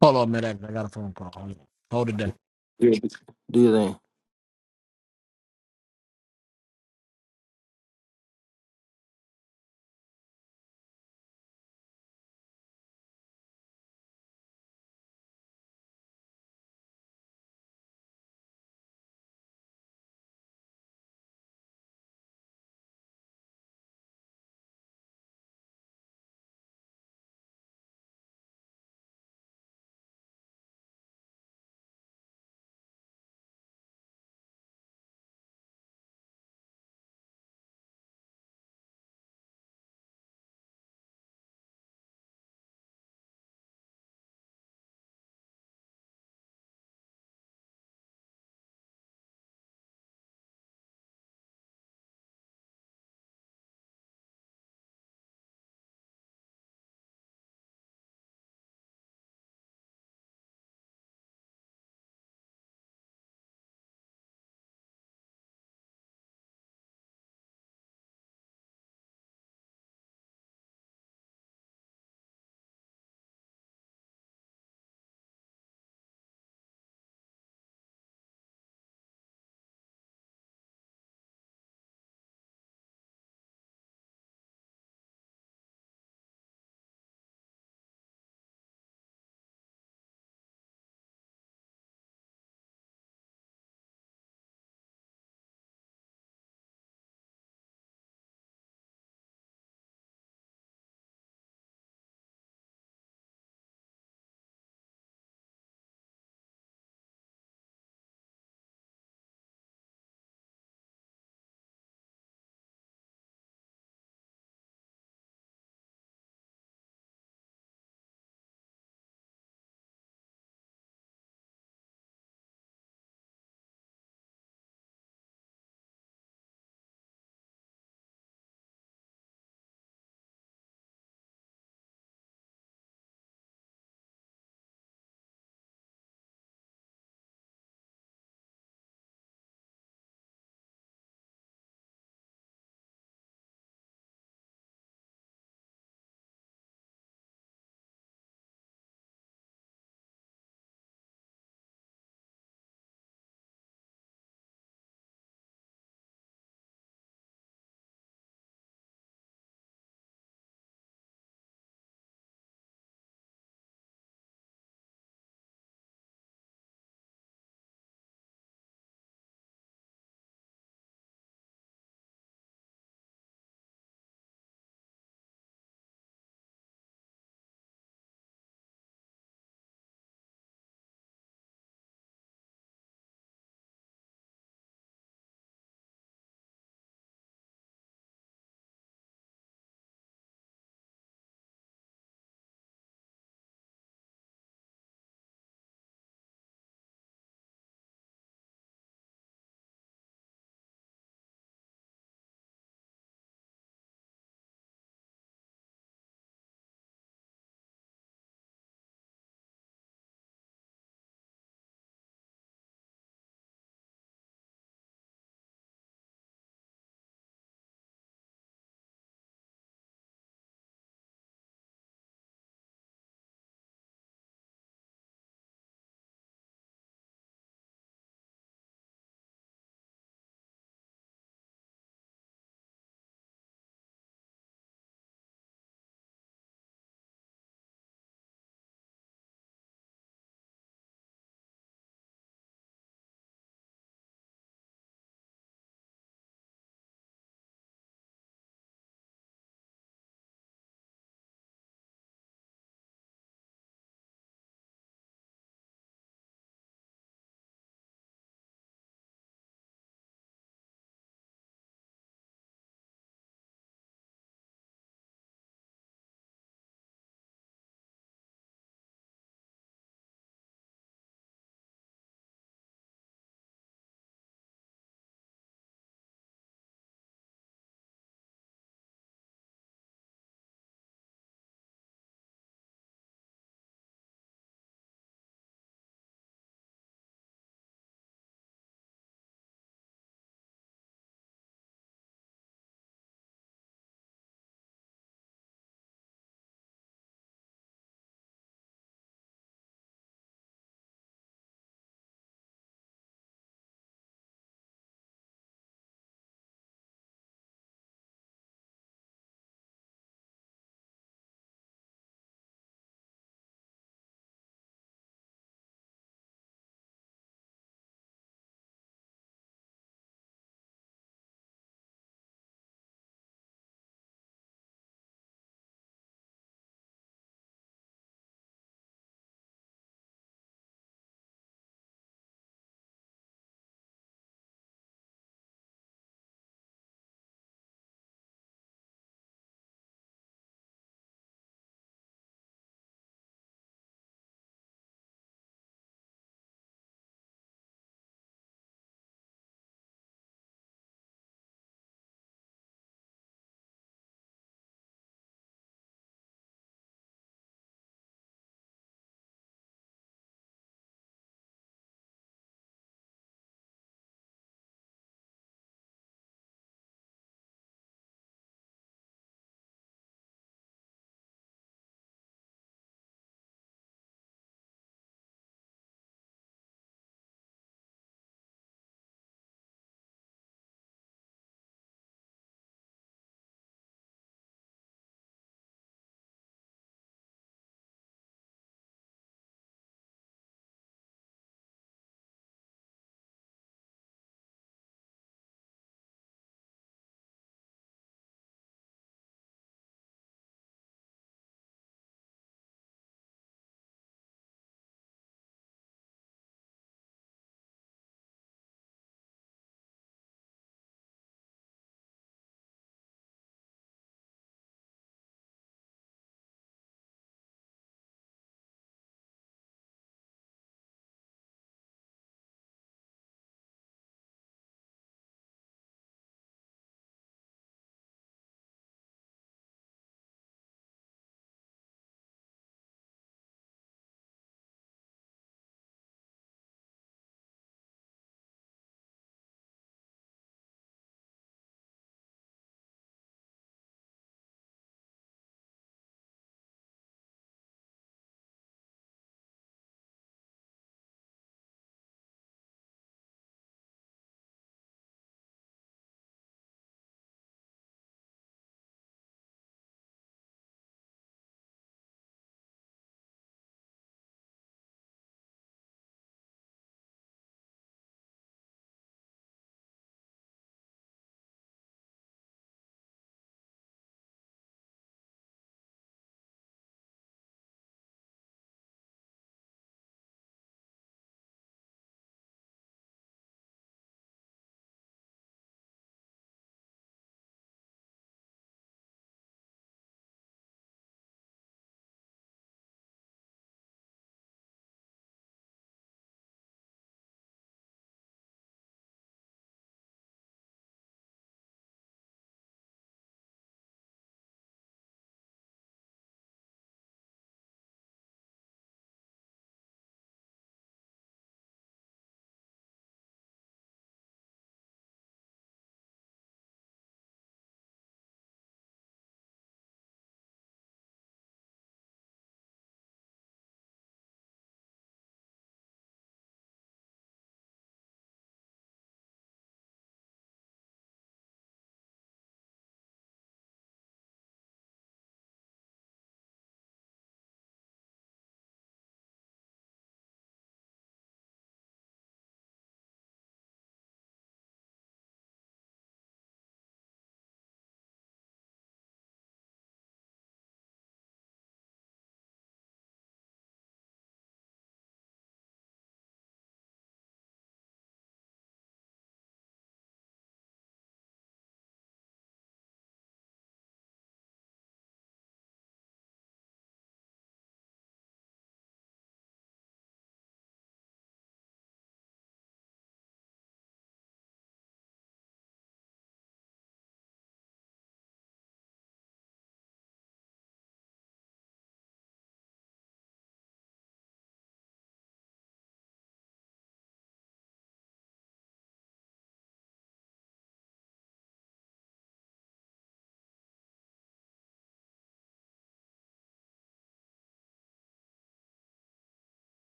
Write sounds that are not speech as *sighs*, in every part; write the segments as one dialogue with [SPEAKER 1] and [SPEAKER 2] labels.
[SPEAKER 1] Hold on, Medak. I got a phone call. Hold, on. Hold it down.
[SPEAKER 2] Do your do your thing.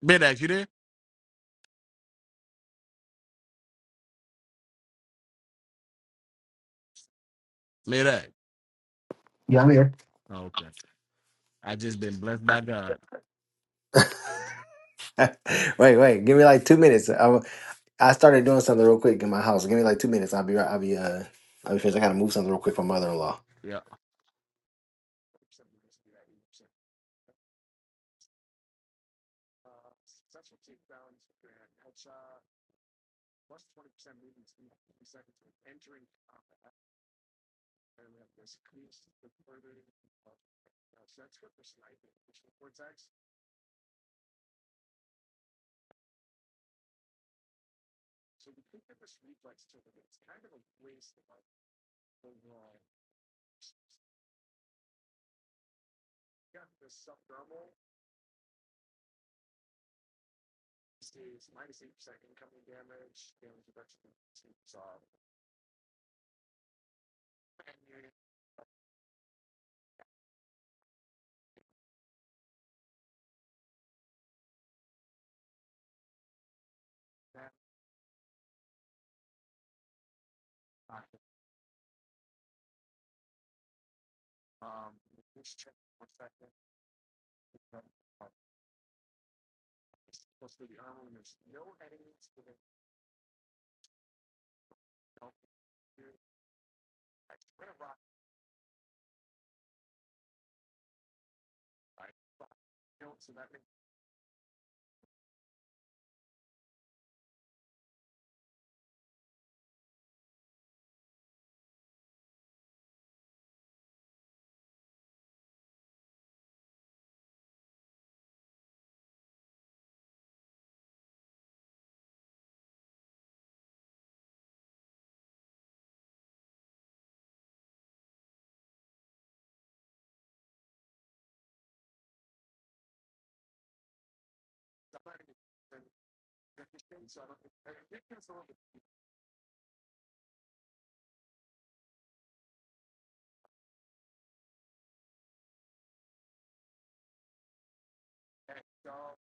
[SPEAKER 1] Medak, you there? Medak.
[SPEAKER 2] Yeah, I'm here.
[SPEAKER 1] Oh, okay. I just been blessed by God.
[SPEAKER 2] *laughs* wait, wait. Give me like two minutes. I, I started doing something real quick in my house. Give me like two minutes. I'll be right. I'll be uh. I'll be finished. I gotta move something real quick for mother in law.
[SPEAKER 1] Yeah. is minus eight percent incoming damage, damage reduction saw. And you that um which check for second. Plus for the armor, there's no enemies within the I spread a rock, right? you know, so that means somebody is deficient, so I don't think I think it's a little bit that dog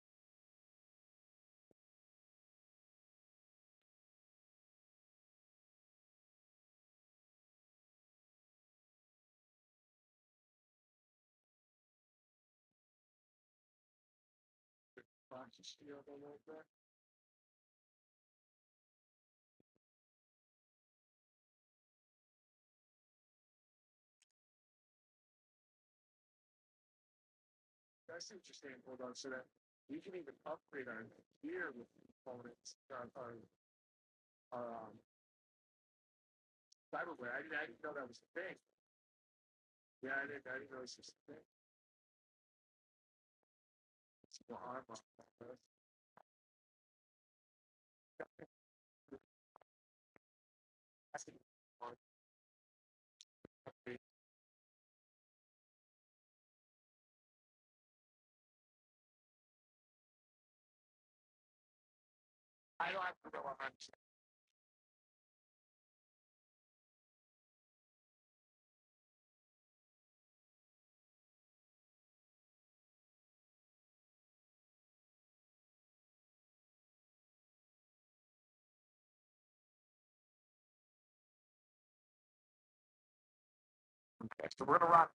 [SPEAKER 1] box of steel a little bit. I see what you're saying, hold on, so that we can even upgrade our gear with components, our, our, our um, cyberware. I didn't, I didn't know that was a thing. Yeah, I didn't. I didn't know it was just a thing. It's more hard, I don't have to go on. So we're gonna rock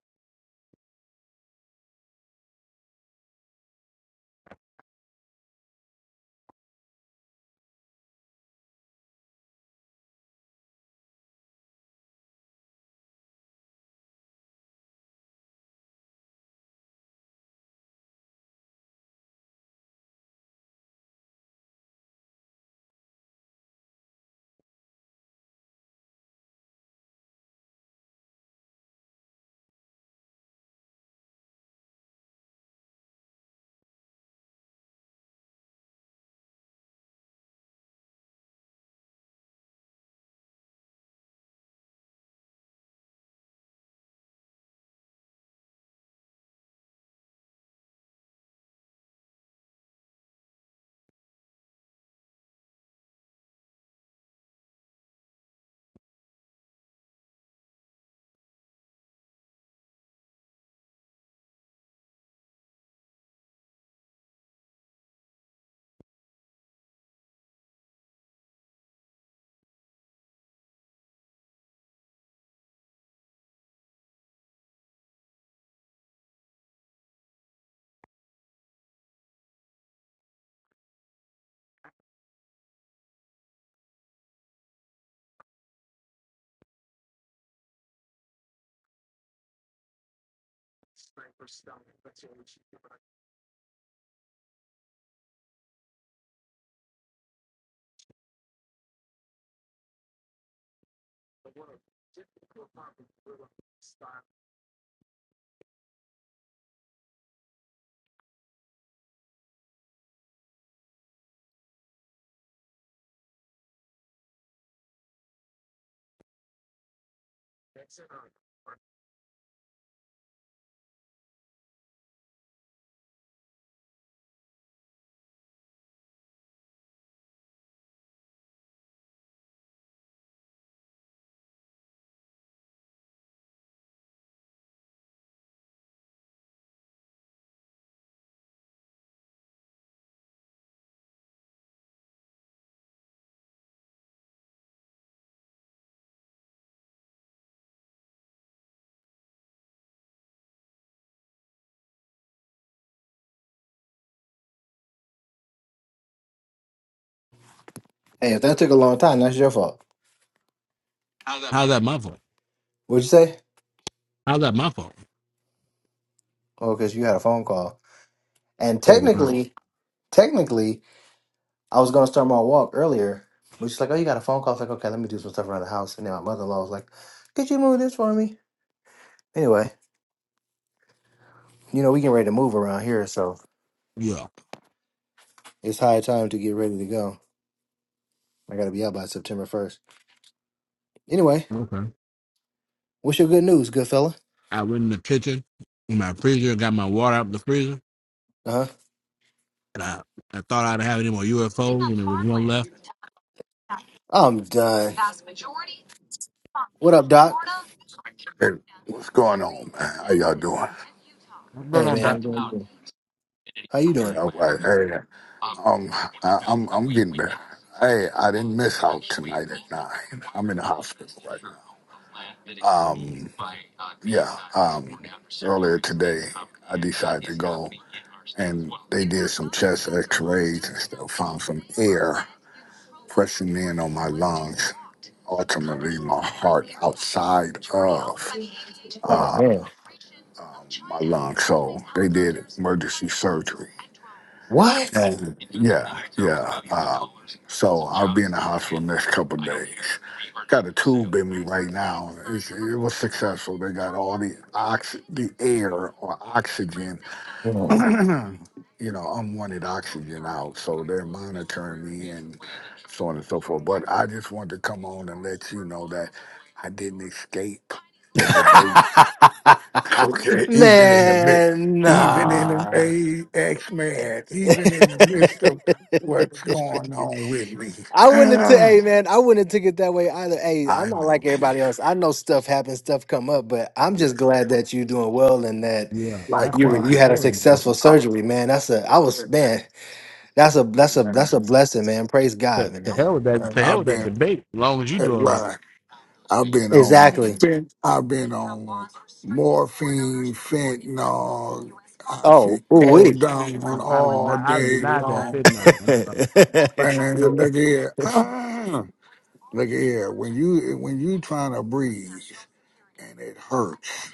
[SPEAKER 1] for stuff. That's what we should.
[SPEAKER 2] Hey, if that took a long time, that's your fault.
[SPEAKER 1] How's that my fault?
[SPEAKER 2] What'd you say?
[SPEAKER 1] How's that my fault?
[SPEAKER 2] Oh, because you had a phone call. And
[SPEAKER 1] Oh wow.
[SPEAKER 2] technically, technically, I was gonna start my walk earlier, but she's like, "Oh, you got a phone call." I was like, "Okay, let me do some stuff around the house." And then my mother in law was like, "Could you move this for me?" Anyway, you know we getting ready to move around here, so
[SPEAKER 1] Yeah.
[SPEAKER 2] it's high time to get ready to go. I gotta be out by September first. Anyway,
[SPEAKER 1] Okay.
[SPEAKER 2] what's your good news, good fella?
[SPEAKER 1] I went in the kitchen in my freezer, got my water out of the freezer,
[SPEAKER 2] Uh huh.
[SPEAKER 1] and I, I thought I'd have any more UFOs and there was one left.
[SPEAKER 2] I'm done. What up, Doc?
[SPEAKER 3] Hey, what's going on, man? How y'all doing?
[SPEAKER 1] I'm good
[SPEAKER 2] Hey,
[SPEAKER 1] on
[SPEAKER 2] man.
[SPEAKER 1] that.
[SPEAKER 2] How you
[SPEAKER 3] Hey,
[SPEAKER 2] doing?
[SPEAKER 3] all right. Hey, um, I, I'm I'm getting better. Hey, I didn't miss out tonight at nine. I'm in the hospital right
[SPEAKER 2] How
[SPEAKER 3] now.
[SPEAKER 2] you doing?
[SPEAKER 3] Um, yeah. Um, earlier today, I decided to go, and they did some chest X-rays and stuff. Found some air pressing in on my lungs. Ultimately, my heart outside of
[SPEAKER 2] Oh
[SPEAKER 3] uh,
[SPEAKER 2] man.
[SPEAKER 3] my lungs. So they did emergency surgery
[SPEAKER 2] What?
[SPEAKER 3] Yeah, yeah. Uh, so I'll be in the hospital next couple of days. Got a tube in me right now. It's, it was successful. They got all the ox, the air or oxygen, *clears throat*
[SPEAKER 2] Oh.
[SPEAKER 3] you know, unwanted oxygen out. So they're monitoring me and so on and so forth. But I just wanted to come on and let you know that I didn't escape the debate. *laughs*
[SPEAKER 2] *laughs*
[SPEAKER 3] Okay, even in the midst,
[SPEAKER 2] man,
[SPEAKER 3] even in the
[SPEAKER 2] nah.
[SPEAKER 3] hey, X Man, even
[SPEAKER 2] *laughs*
[SPEAKER 3] in the midst of what's going on with me,
[SPEAKER 2] I
[SPEAKER 3] *clears throat*
[SPEAKER 2] wouldn't have. T-
[SPEAKER 3] I
[SPEAKER 2] hey, man, I wouldn't have took it that way either. Hey, I'm not
[SPEAKER 3] know,
[SPEAKER 2] like everybody
[SPEAKER 3] Chief.
[SPEAKER 2] else. I know stuff happens, stuff come up, but I'm
[SPEAKER 3] Yeah,
[SPEAKER 2] just glad that you're doing well and that
[SPEAKER 1] Yeah, that's the
[SPEAKER 2] you were,
[SPEAKER 1] most
[SPEAKER 3] likewise.
[SPEAKER 2] you had a
[SPEAKER 1] important man.
[SPEAKER 2] successful
[SPEAKER 3] Oh,
[SPEAKER 2] surgery, man. That's a. I was man. That's a that's a
[SPEAKER 3] man,
[SPEAKER 2] that's a blessing, man. Praise God,
[SPEAKER 1] To, to
[SPEAKER 2] man.
[SPEAKER 1] hell with that
[SPEAKER 3] man,
[SPEAKER 1] to hell
[SPEAKER 3] I've
[SPEAKER 1] with that
[SPEAKER 3] been
[SPEAKER 1] debate, as long as you
[SPEAKER 3] hey,
[SPEAKER 1] do it right.
[SPEAKER 3] right. I've been on
[SPEAKER 2] Exactly.
[SPEAKER 3] fent. I've been on morphine, fentanyl,
[SPEAKER 2] Oh, ooh wee.
[SPEAKER 1] I
[SPEAKER 3] oxycodone
[SPEAKER 1] I'd have
[SPEAKER 3] all
[SPEAKER 1] denied I'd have
[SPEAKER 3] day
[SPEAKER 1] denied that
[SPEAKER 3] long.
[SPEAKER 1] fitting
[SPEAKER 2] *laughs*
[SPEAKER 1] on.
[SPEAKER 3] Man,
[SPEAKER 2] yeah.
[SPEAKER 3] look here. Ah, look here. When you when you trying to breathe and it hurts,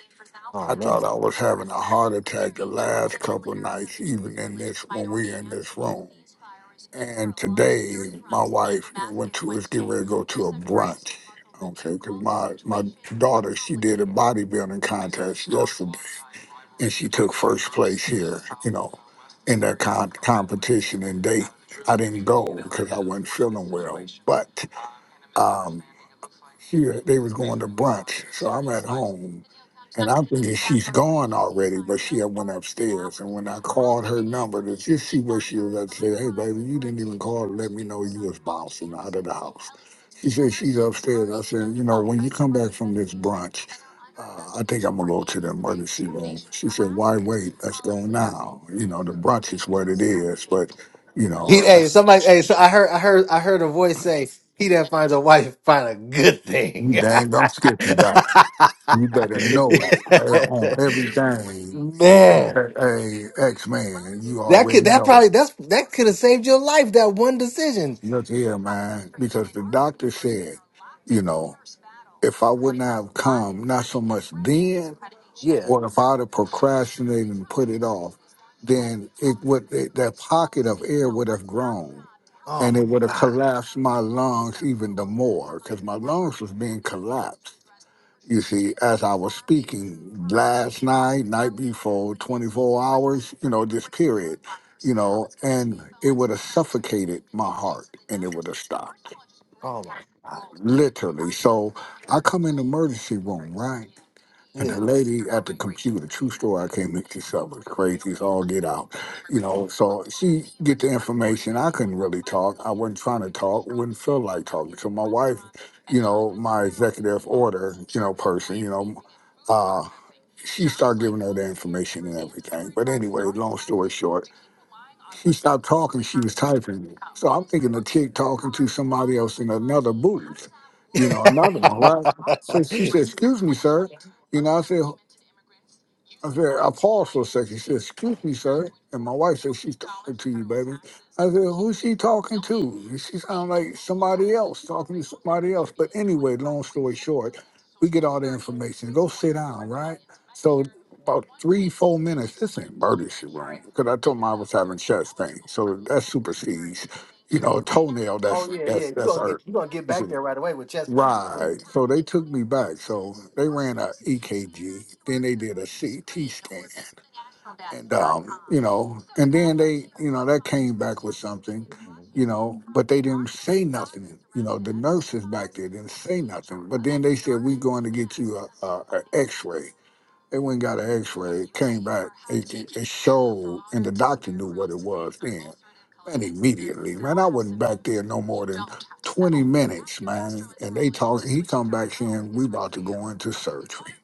[SPEAKER 2] Oh
[SPEAKER 3] I thought
[SPEAKER 2] man.
[SPEAKER 3] I was having a heart attack the last couple of nights, even in this when we in this room. And today, my wife went to was getting ready to go to a brunch. Okay, because my my daughter she did a bodybuilding contest yesterday and she took first place here, you know, in that con- competition. And they, I didn't go because I wasn't feeling well. But um, she they was going to brunch, so I'm at home, and I'm thinking she's gone already. But she had went upstairs, and when I called her number to just see where she was, I said, "Hey, baby, you didn't even call to let me know you was bouncing out of the house." She said she's upstairs. I said, "You know, when you come back from this brunch, uh, I think I'm gonna go to the emergency room. She said, "Why wait? Let's go now." You know, the brunch is what it is, but you
[SPEAKER 2] He,
[SPEAKER 3] know,
[SPEAKER 2] hey, somebody. Hey, so I heard I heard I heard a voice say, "He that finds a wife find a good thing."
[SPEAKER 3] You
[SPEAKER 2] *laughs*
[SPEAKER 3] dang, I'm Skippy, doctor. You better know it uh, on everything.
[SPEAKER 2] man,
[SPEAKER 3] Hey, X Man, you
[SPEAKER 2] that could
[SPEAKER 3] already
[SPEAKER 2] that
[SPEAKER 3] know.
[SPEAKER 2] probably that's that could have saved your life. That one decision.
[SPEAKER 3] Look here, man, because the doctor said, you know, if I wouldn't have come, not so much then,
[SPEAKER 2] Yeah.
[SPEAKER 3] or if I'd have procrastinated and put it off, then it would it, that pocket of air would have grown,
[SPEAKER 2] Oh
[SPEAKER 3] and
[SPEAKER 2] my
[SPEAKER 3] it would have
[SPEAKER 2] god.
[SPEAKER 3] collapsed my lungs even the more, because my lungs was being collapsed You see, as I was speaking last night, night before, 24 hours, you know, this period, you know, and it would have suffocated my heart and it would have stopped,
[SPEAKER 2] Oh my god.
[SPEAKER 3] literally. So I come in the emergency room, right? And the lady at the computer, true story, I can't make this up. It's crazy. It's all get out. You know, so she get the information. I couldn't really talk. I wasn't trying to talk. Wouldn't feel like talking. So my wife, you know, my executive order, you know, person, you know, uh, she started giving her the information and everything. But anyway,
[SPEAKER 2] Yeah.
[SPEAKER 3] long story short, she stopped talking. She was typing. it. So I'm thinking the chick talking to somebody else in another booth, you know, another one, right? So
[SPEAKER 2] yeah. *laughs*
[SPEAKER 3] she said, "Excuse me, sir." You know, I said, I said, I paused for a second. She said, Excuse me, sir. And my wife said, She's talking to you, baby. I said, Who's she talking to? And she sounded like somebody else, talking to somebody else. But anyway, long story short, we get all the information. Go sit down, right? So about three, four minutes, this ain't birdie she wrong. Because I told him I was having chest pain. So that supersedes, you know, a toenail
[SPEAKER 2] Oh
[SPEAKER 3] that's
[SPEAKER 2] yeah, yeah.
[SPEAKER 3] that's
[SPEAKER 2] You're
[SPEAKER 3] that's
[SPEAKER 2] gonna get
[SPEAKER 3] hurt.
[SPEAKER 2] you're gonna get back there right away with chest pain.
[SPEAKER 3] Right. So they took me back. So they ran a EKG, then they did a CT scan, and um, you know, and then they, you know, that came back with something, you know, but they didn't say nothing. You know, the nurses back there didn't say nothing. But then they said we going to get you a, a, a X-ray. They went and got an X-ray. It came back. It, it, it showed, and the doctor knew what it was then. Man, immediately, man, I wasn't back there no more than 20 minutes, man. And they talking. He come back saying we about to go into surgery.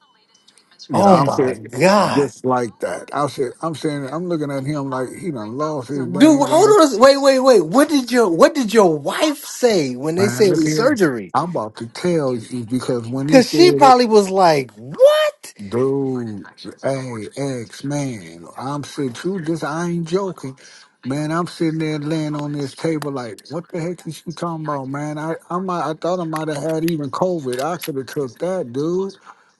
[SPEAKER 3] You know,
[SPEAKER 2] Oh
[SPEAKER 3] I'm
[SPEAKER 2] my
[SPEAKER 3] saying
[SPEAKER 2] god.
[SPEAKER 3] just like that. I said, I'm saying, I'm looking at him like he done lost his dang
[SPEAKER 2] Dude, hold
[SPEAKER 3] mind.
[SPEAKER 2] on. a s- Wait, wait, wait. What did your What did your wife say when they
[SPEAKER 3] man.
[SPEAKER 2] said it's surgery?
[SPEAKER 3] I'm about to tell you because when he
[SPEAKER 2] Cause
[SPEAKER 3] said
[SPEAKER 2] she
[SPEAKER 3] it.
[SPEAKER 2] probably was like, "What?"
[SPEAKER 3] Dude, hey, X, man, I'm sitting too, this, I ain't joking. Man, I'm sitting there laying on this table like, what the heck is she talking about, man? I, I might, I thought I might have had even COVID. I could have took that, dude.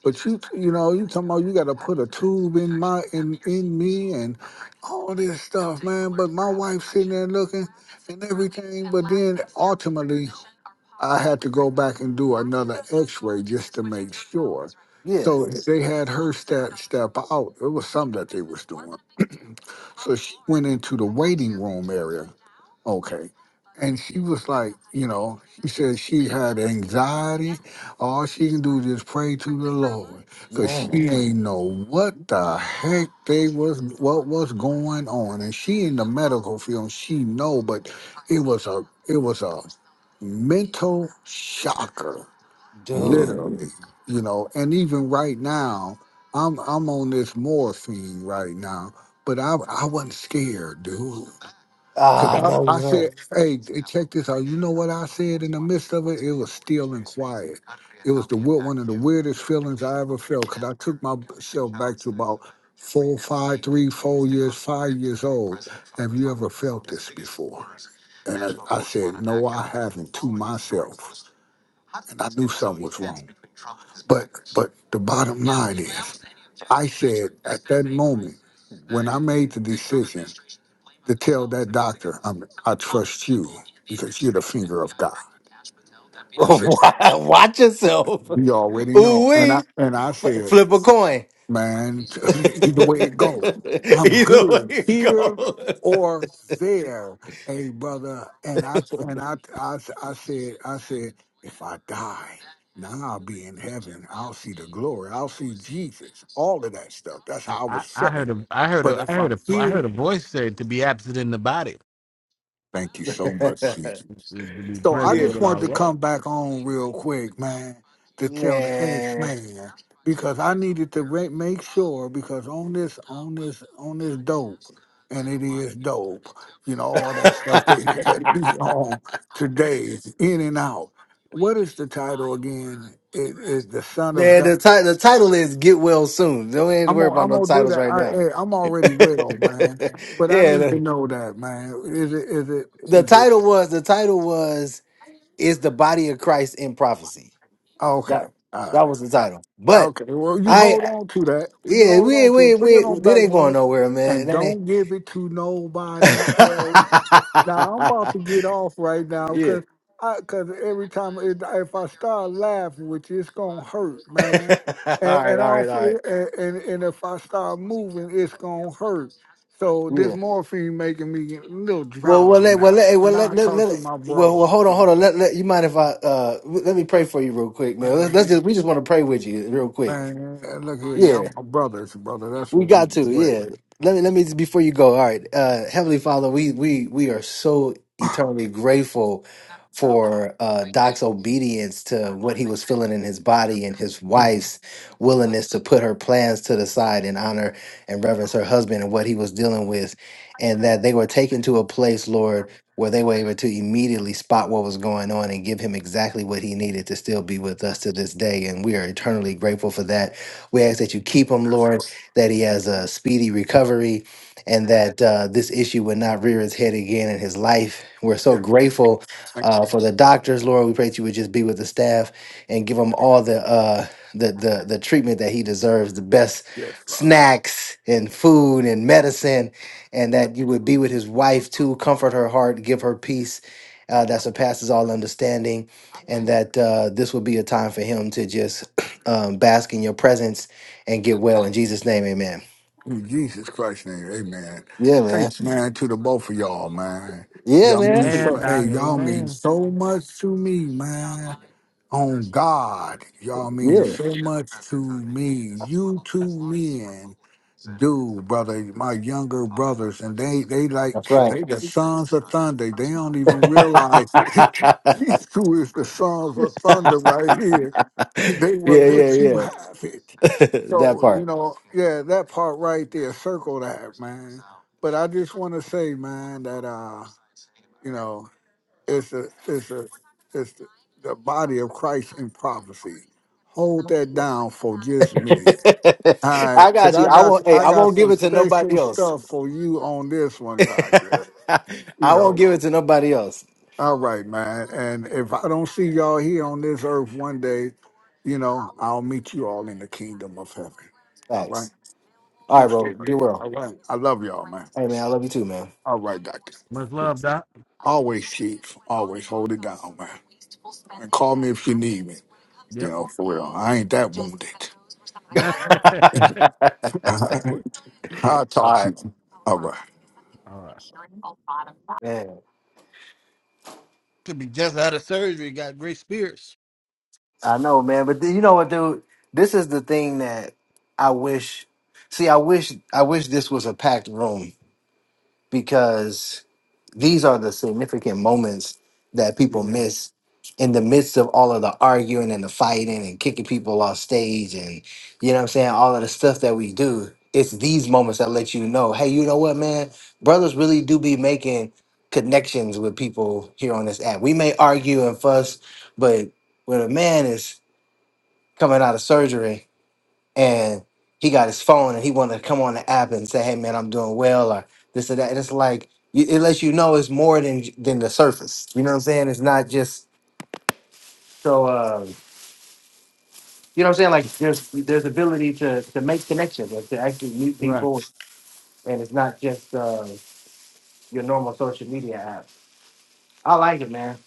[SPEAKER 3] But you, you know, you talking about you got to put a tube in my, in, in me and all this stuff, man. But my wife sitting there looking and everything. But then ultimately, I had to go back and do another X-ray just to make sure.
[SPEAKER 2] Yeah,
[SPEAKER 3] So they had her step step out. It was something that they was doing. So she went into the waiting room area. Okay. And she was like, you know, she said she had anxiety. All she can do is just pray to the Lord. Cause
[SPEAKER 2] man,
[SPEAKER 3] she ain't know what the heck they was what was going on. And she in the medical field, she know, but it was a it was a mental shocker
[SPEAKER 2] dude.
[SPEAKER 3] literally you know and even right now i'm i'm on this morphine right now but i i wasn't scared dude
[SPEAKER 2] Ah,
[SPEAKER 3] because
[SPEAKER 2] no,
[SPEAKER 3] I, I
[SPEAKER 2] no.
[SPEAKER 3] said hey d- check this out you know what i said in the midst of it it was still and quiet it was the weir- one of the weirdest feelings i ever felt because i took myself back to about four five three four years five years old have you ever felt this before and i, I said no i haven't to myself and I knew something was wrong. But but the bottom line is, I said at that moment when I made the decision to tell that doctor, I'm, I trust you because you're the finger of God.
[SPEAKER 2] *laughs*
[SPEAKER 3] I said,
[SPEAKER 2] Watch yourself.
[SPEAKER 3] we already
[SPEAKER 2] Ooh,
[SPEAKER 3] know, and I
[SPEAKER 2] wee.
[SPEAKER 3] and I said
[SPEAKER 2] flip a coin.
[SPEAKER 3] man.
[SPEAKER 2] *laughs* Either
[SPEAKER 3] *laughs* Either way it goes, I'm good
[SPEAKER 2] way it
[SPEAKER 3] here
[SPEAKER 2] goes.
[SPEAKER 3] or there, hey brother. And I and I I I said I said if I die. Now I'll be in heaven. I'll see the glory. I'll see Jesus. All of that stuff. That's
[SPEAKER 1] I,
[SPEAKER 3] how I
[SPEAKER 1] I
[SPEAKER 3] was
[SPEAKER 1] I heard
[SPEAKER 3] feeling.
[SPEAKER 1] a I heard
[SPEAKER 3] But
[SPEAKER 1] a I
[SPEAKER 3] if
[SPEAKER 1] heard
[SPEAKER 3] I'm
[SPEAKER 1] a I heard
[SPEAKER 3] here,
[SPEAKER 1] a voice say to be absent in the body
[SPEAKER 3] thank you so much, Jesus.
[SPEAKER 1] is to be
[SPEAKER 2] *laughs*
[SPEAKER 3] So I
[SPEAKER 2] yeah.
[SPEAKER 1] present
[SPEAKER 3] just
[SPEAKER 1] with our
[SPEAKER 3] wanted to
[SPEAKER 1] Lord.
[SPEAKER 3] come back on real quick, man, to tell the ex
[SPEAKER 2] Man.
[SPEAKER 3] man because I needed to re- make sure because on this on this on this dope and it is dope, you know all that
[SPEAKER 2] *laughs*
[SPEAKER 3] stuff that *laughs* that be on today, in and out. What is the title again? It is the Son of
[SPEAKER 2] Man,
[SPEAKER 3] God.
[SPEAKER 2] the title the title is Get Well Soon. Don't need to
[SPEAKER 3] I'm
[SPEAKER 2] worry
[SPEAKER 3] gonna
[SPEAKER 2] about
[SPEAKER 3] I'm
[SPEAKER 2] no
[SPEAKER 3] gonna do
[SPEAKER 2] titles
[SPEAKER 3] that.
[SPEAKER 2] right
[SPEAKER 3] I,
[SPEAKER 2] now.
[SPEAKER 3] hey, I'm
[SPEAKER 2] *laughs* yeah,
[SPEAKER 3] already well, man, but I need to
[SPEAKER 2] the,
[SPEAKER 3] know that, man. Is it is it
[SPEAKER 2] the
[SPEAKER 3] is it?
[SPEAKER 2] title was the title was Is the Body of Christ in Prophecy?
[SPEAKER 3] Oh, okay.
[SPEAKER 2] That
[SPEAKER 3] All right.
[SPEAKER 2] that was the
[SPEAKER 3] All
[SPEAKER 2] title.
[SPEAKER 3] right.
[SPEAKER 2] But
[SPEAKER 3] Okay. Well, you
[SPEAKER 2] I
[SPEAKER 3] hold on to that. You
[SPEAKER 2] yeah,
[SPEAKER 3] hold
[SPEAKER 2] we
[SPEAKER 3] on
[SPEAKER 2] ain't-
[SPEAKER 3] to
[SPEAKER 2] we
[SPEAKER 3] it.
[SPEAKER 2] ain't-
[SPEAKER 3] Put
[SPEAKER 2] we
[SPEAKER 3] it on
[SPEAKER 2] ain't- it
[SPEAKER 3] back
[SPEAKER 2] ain't going
[SPEAKER 3] burner,
[SPEAKER 2] nowhere, man.
[SPEAKER 3] and don't give it to nobody else. Now I'm
[SPEAKER 2] That
[SPEAKER 3] about
[SPEAKER 2] ain't
[SPEAKER 3] to get off right now
[SPEAKER 2] *laughs* yeah.
[SPEAKER 3] because I because every time it, if I start laughing with you, it's gonna hurt,
[SPEAKER 2] *laughs*
[SPEAKER 3] man.
[SPEAKER 2] all
[SPEAKER 3] And
[SPEAKER 2] right,
[SPEAKER 3] and I
[SPEAKER 2] all right,
[SPEAKER 3] don't
[SPEAKER 2] all right.
[SPEAKER 3] feel and, and and if I start moving, it's gonna hurt. So this
[SPEAKER 2] Yeah.
[SPEAKER 3] morphine making me a little
[SPEAKER 2] Well, well,
[SPEAKER 3] drowsy
[SPEAKER 2] let, well,
[SPEAKER 3] now,
[SPEAKER 2] let, hey, well,
[SPEAKER 3] and
[SPEAKER 2] let,
[SPEAKER 3] I
[SPEAKER 2] let,
[SPEAKER 3] talk to
[SPEAKER 2] let,
[SPEAKER 3] my
[SPEAKER 2] well, well,
[SPEAKER 3] bros.
[SPEAKER 2] hold on, hold on. Let, let, you mind if I, uh, w- let me pray for you real quick, man. Let's,
[SPEAKER 3] man.
[SPEAKER 2] let's just, we just want to pray with you real quick.
[SPEAKER 3] Man, eh, look here, y'all
[SPEAKER 2] Yeah.
[SPEAKER 3] my brothers, brother. That's
[SPEAKER 2] We
[SPEAKER 3] what we
[SPEAKER 2] got
[SPEAKER 3] do.
[SPEAKER 2] to,
[SPEAKER 3] Right.
[SPEAKER 2] yeah. Let me let me before you go. All right, uh, Heavenly Father, we we we are so
[SPEAKER 3] *clears throat*
[SPEAKER 2] eternally grateful for uh, Doc's obedience to what he was feeling in his body and his
[SPEAKER 3] Mm.
[SPEAKER 2] wife's willingness to put her plans to the side and honor and reverence her husband and what he was dealing with, and that they were taken to a place, Lord where they were able to immediately spot what was going on and give him exactly what he needed to still be with us to this day. And we are eternally grateful for that. We ask that you keep him, Lord, that he has a speedy recovery and that uh, this issue would not rear its head again in his life. We're so
[SPEAKER 3] yes,
[SPEAKER 2] grateful
[SPEAKER 3] thank
[SPEAKER 2] uh, for the doctors, Lord. We pray that you would just be with the staff and give them all the uh, the the the treatment that he deserves, the best
[SPEAKER 3] you. Yes, Father.
[SPEAKER 2] snacks and food and medicine, and that you would be with his wife too, comfort her heart, give her peace uh, that surpasses all understanding, and that uh, this would be a time for him to just *clears throat* um, bask in your presence and get well. In Jesus' name, Amen.
[SPEAKER 3] In Jesus Christ's name, amen.
[SPEAKER 2] Yeah, man.
[SPEAKER 3] Thanks, man, to the both of y'all, man.
[SPEAKER 2] Yeah,
[SPEAKER 3] Y'all mean so
[SPEAKER 2] man.
[SPEAKER 1] Amen,
[SPEAKER 3] hey,
[SPEAKER 1] Doc.
[SPEAKER 3] y'all mean
[SPEAKER 1] Amen.
[SPEAKER 3] so much to me, man. On God, y'all mean
[SPEAKER 2] Yeah,
[SPEAKER 3] so much to me. You two men do, brother. My younger brothers, and they they like
[SPEAKER 2] that's right.
[SPEAKER 3] they the sons of thunder. They don't even realize it. *laughs* These two is the sons of thunder right here. They
[SPEAKER 2] *laughs*
[SPEAKER 3] will
[SPEAKER 2] yeah, yeah,
[SPEAKER 3] let you
[SPEAKER 2] yeah.
[SPEAKER 3] have it.
[SPEAKER 2] *laughs* that
[SPEAKER 3] So
[SPEAKER 2] part.
[SPEAKER 3] you know, yeah, that part right there, circle that, man. But I just want to say, man, that uh, you know, it's a it's a it's the, the body of Christ in prophecy. Hold that down for just a
[SPEAKER 2] *laughs*
[SPEAKER 3] minute. All right,
[SPEAKER 2] I
[SPEAKER 3] cause
[SPEAKER 2] got you.
[SPEAKER 3] I
[SPEAKER 2] I
[SPEAKER 3] got
[SPEAKER 2] won't. Hey,
[SPEAKER 3] I
[SPEAKER 2] I
[SPEAKER 3] got
[SPEAKER 2] won't give
[SPEAKER 3] some
[SPEAKER 2] it to
[SPEAKER 3] special
[SPEAKER 2] nobody else.
[SPEAKER 3] stuff for you on this one,
[SPEAKER 2] *laughs*
[SPEAKER 3] Doctor.
[SPEAKER 2] I
[SPEAKER 3] You
[SPEAKER 2] won't
[SPEAKER 3] know.
[SPEAKER 2] give it to nobody else.
[SPEAKER 3] All right, man. And if I don't see y'all here on this earth one day, you know, I'll meet you all in the kingdom of heaven. All right.
[SPEAKER 2] Thanks. All right,
[SPEAKER 3] True
[SPEAKER 2] bro.
[SPEAKER 3] statement.
[SPEAKER 2] Get well.
[SPEAKER 3] All right. I love y'all, man.
[SPEAKER 2] Hey, man. I love you too, man.
[SPEAKER 3] All right, Doctor.
[SPEAKER 1] Much love,
[SPEAKER 2] Peace.
[SPEAKER 1] Doc.
[SPEAKER 3] Always chief. Always hold it down, man. And call me if you need me. You
[SPEAKER 1] Yep.
[SPEAKER 3] know, for real. I ain't that wounded.
[SPEAKER 1] *laughs* All
[SPEAKER 2] *laughs*
[SPEAKER 3] *laughs* I'll
[SPEAKER 2] All
[SPEAKER 3] talk to
[SPEAKER 2] right,
[SPEAKER 3] you. All right.
[SPEAKER 1] right.
[SPEAKER 2] man.
[SPEAKER 1] Could be just out of surgery, got great spirits.
[SPEAKER 2] I know, man. But you know what, dude? This is the thing that I wish. See, I wish. I wish this was a packed room because These are the significant moments that people
[SPEAKER 1] Yeah.
[SPEAKER 2] miss in the midst of all of the arguing and the fighting and kicking people off stage and you know what I'm saying, all of the stuff that we do. It's these moments that let you know, hey, you know what, man? Brothers really do be making connections with people here on this app. We may argue and fuss, but when a man is coming out of surgery and he got his phone and he wanted to come on the app and say, "Hey man, I'm doing well," or this or that. And it's like you- it lets you know it's more than than the surface. You know what I'm saying? It's not just so. Uh, you know what I'm saying? Like there's there's ability to to make connections and to actually meet
[SPEAKER 1] Right.
[SPEAKER 2] people, and it's not just uh, your normal social media app. I like it, man.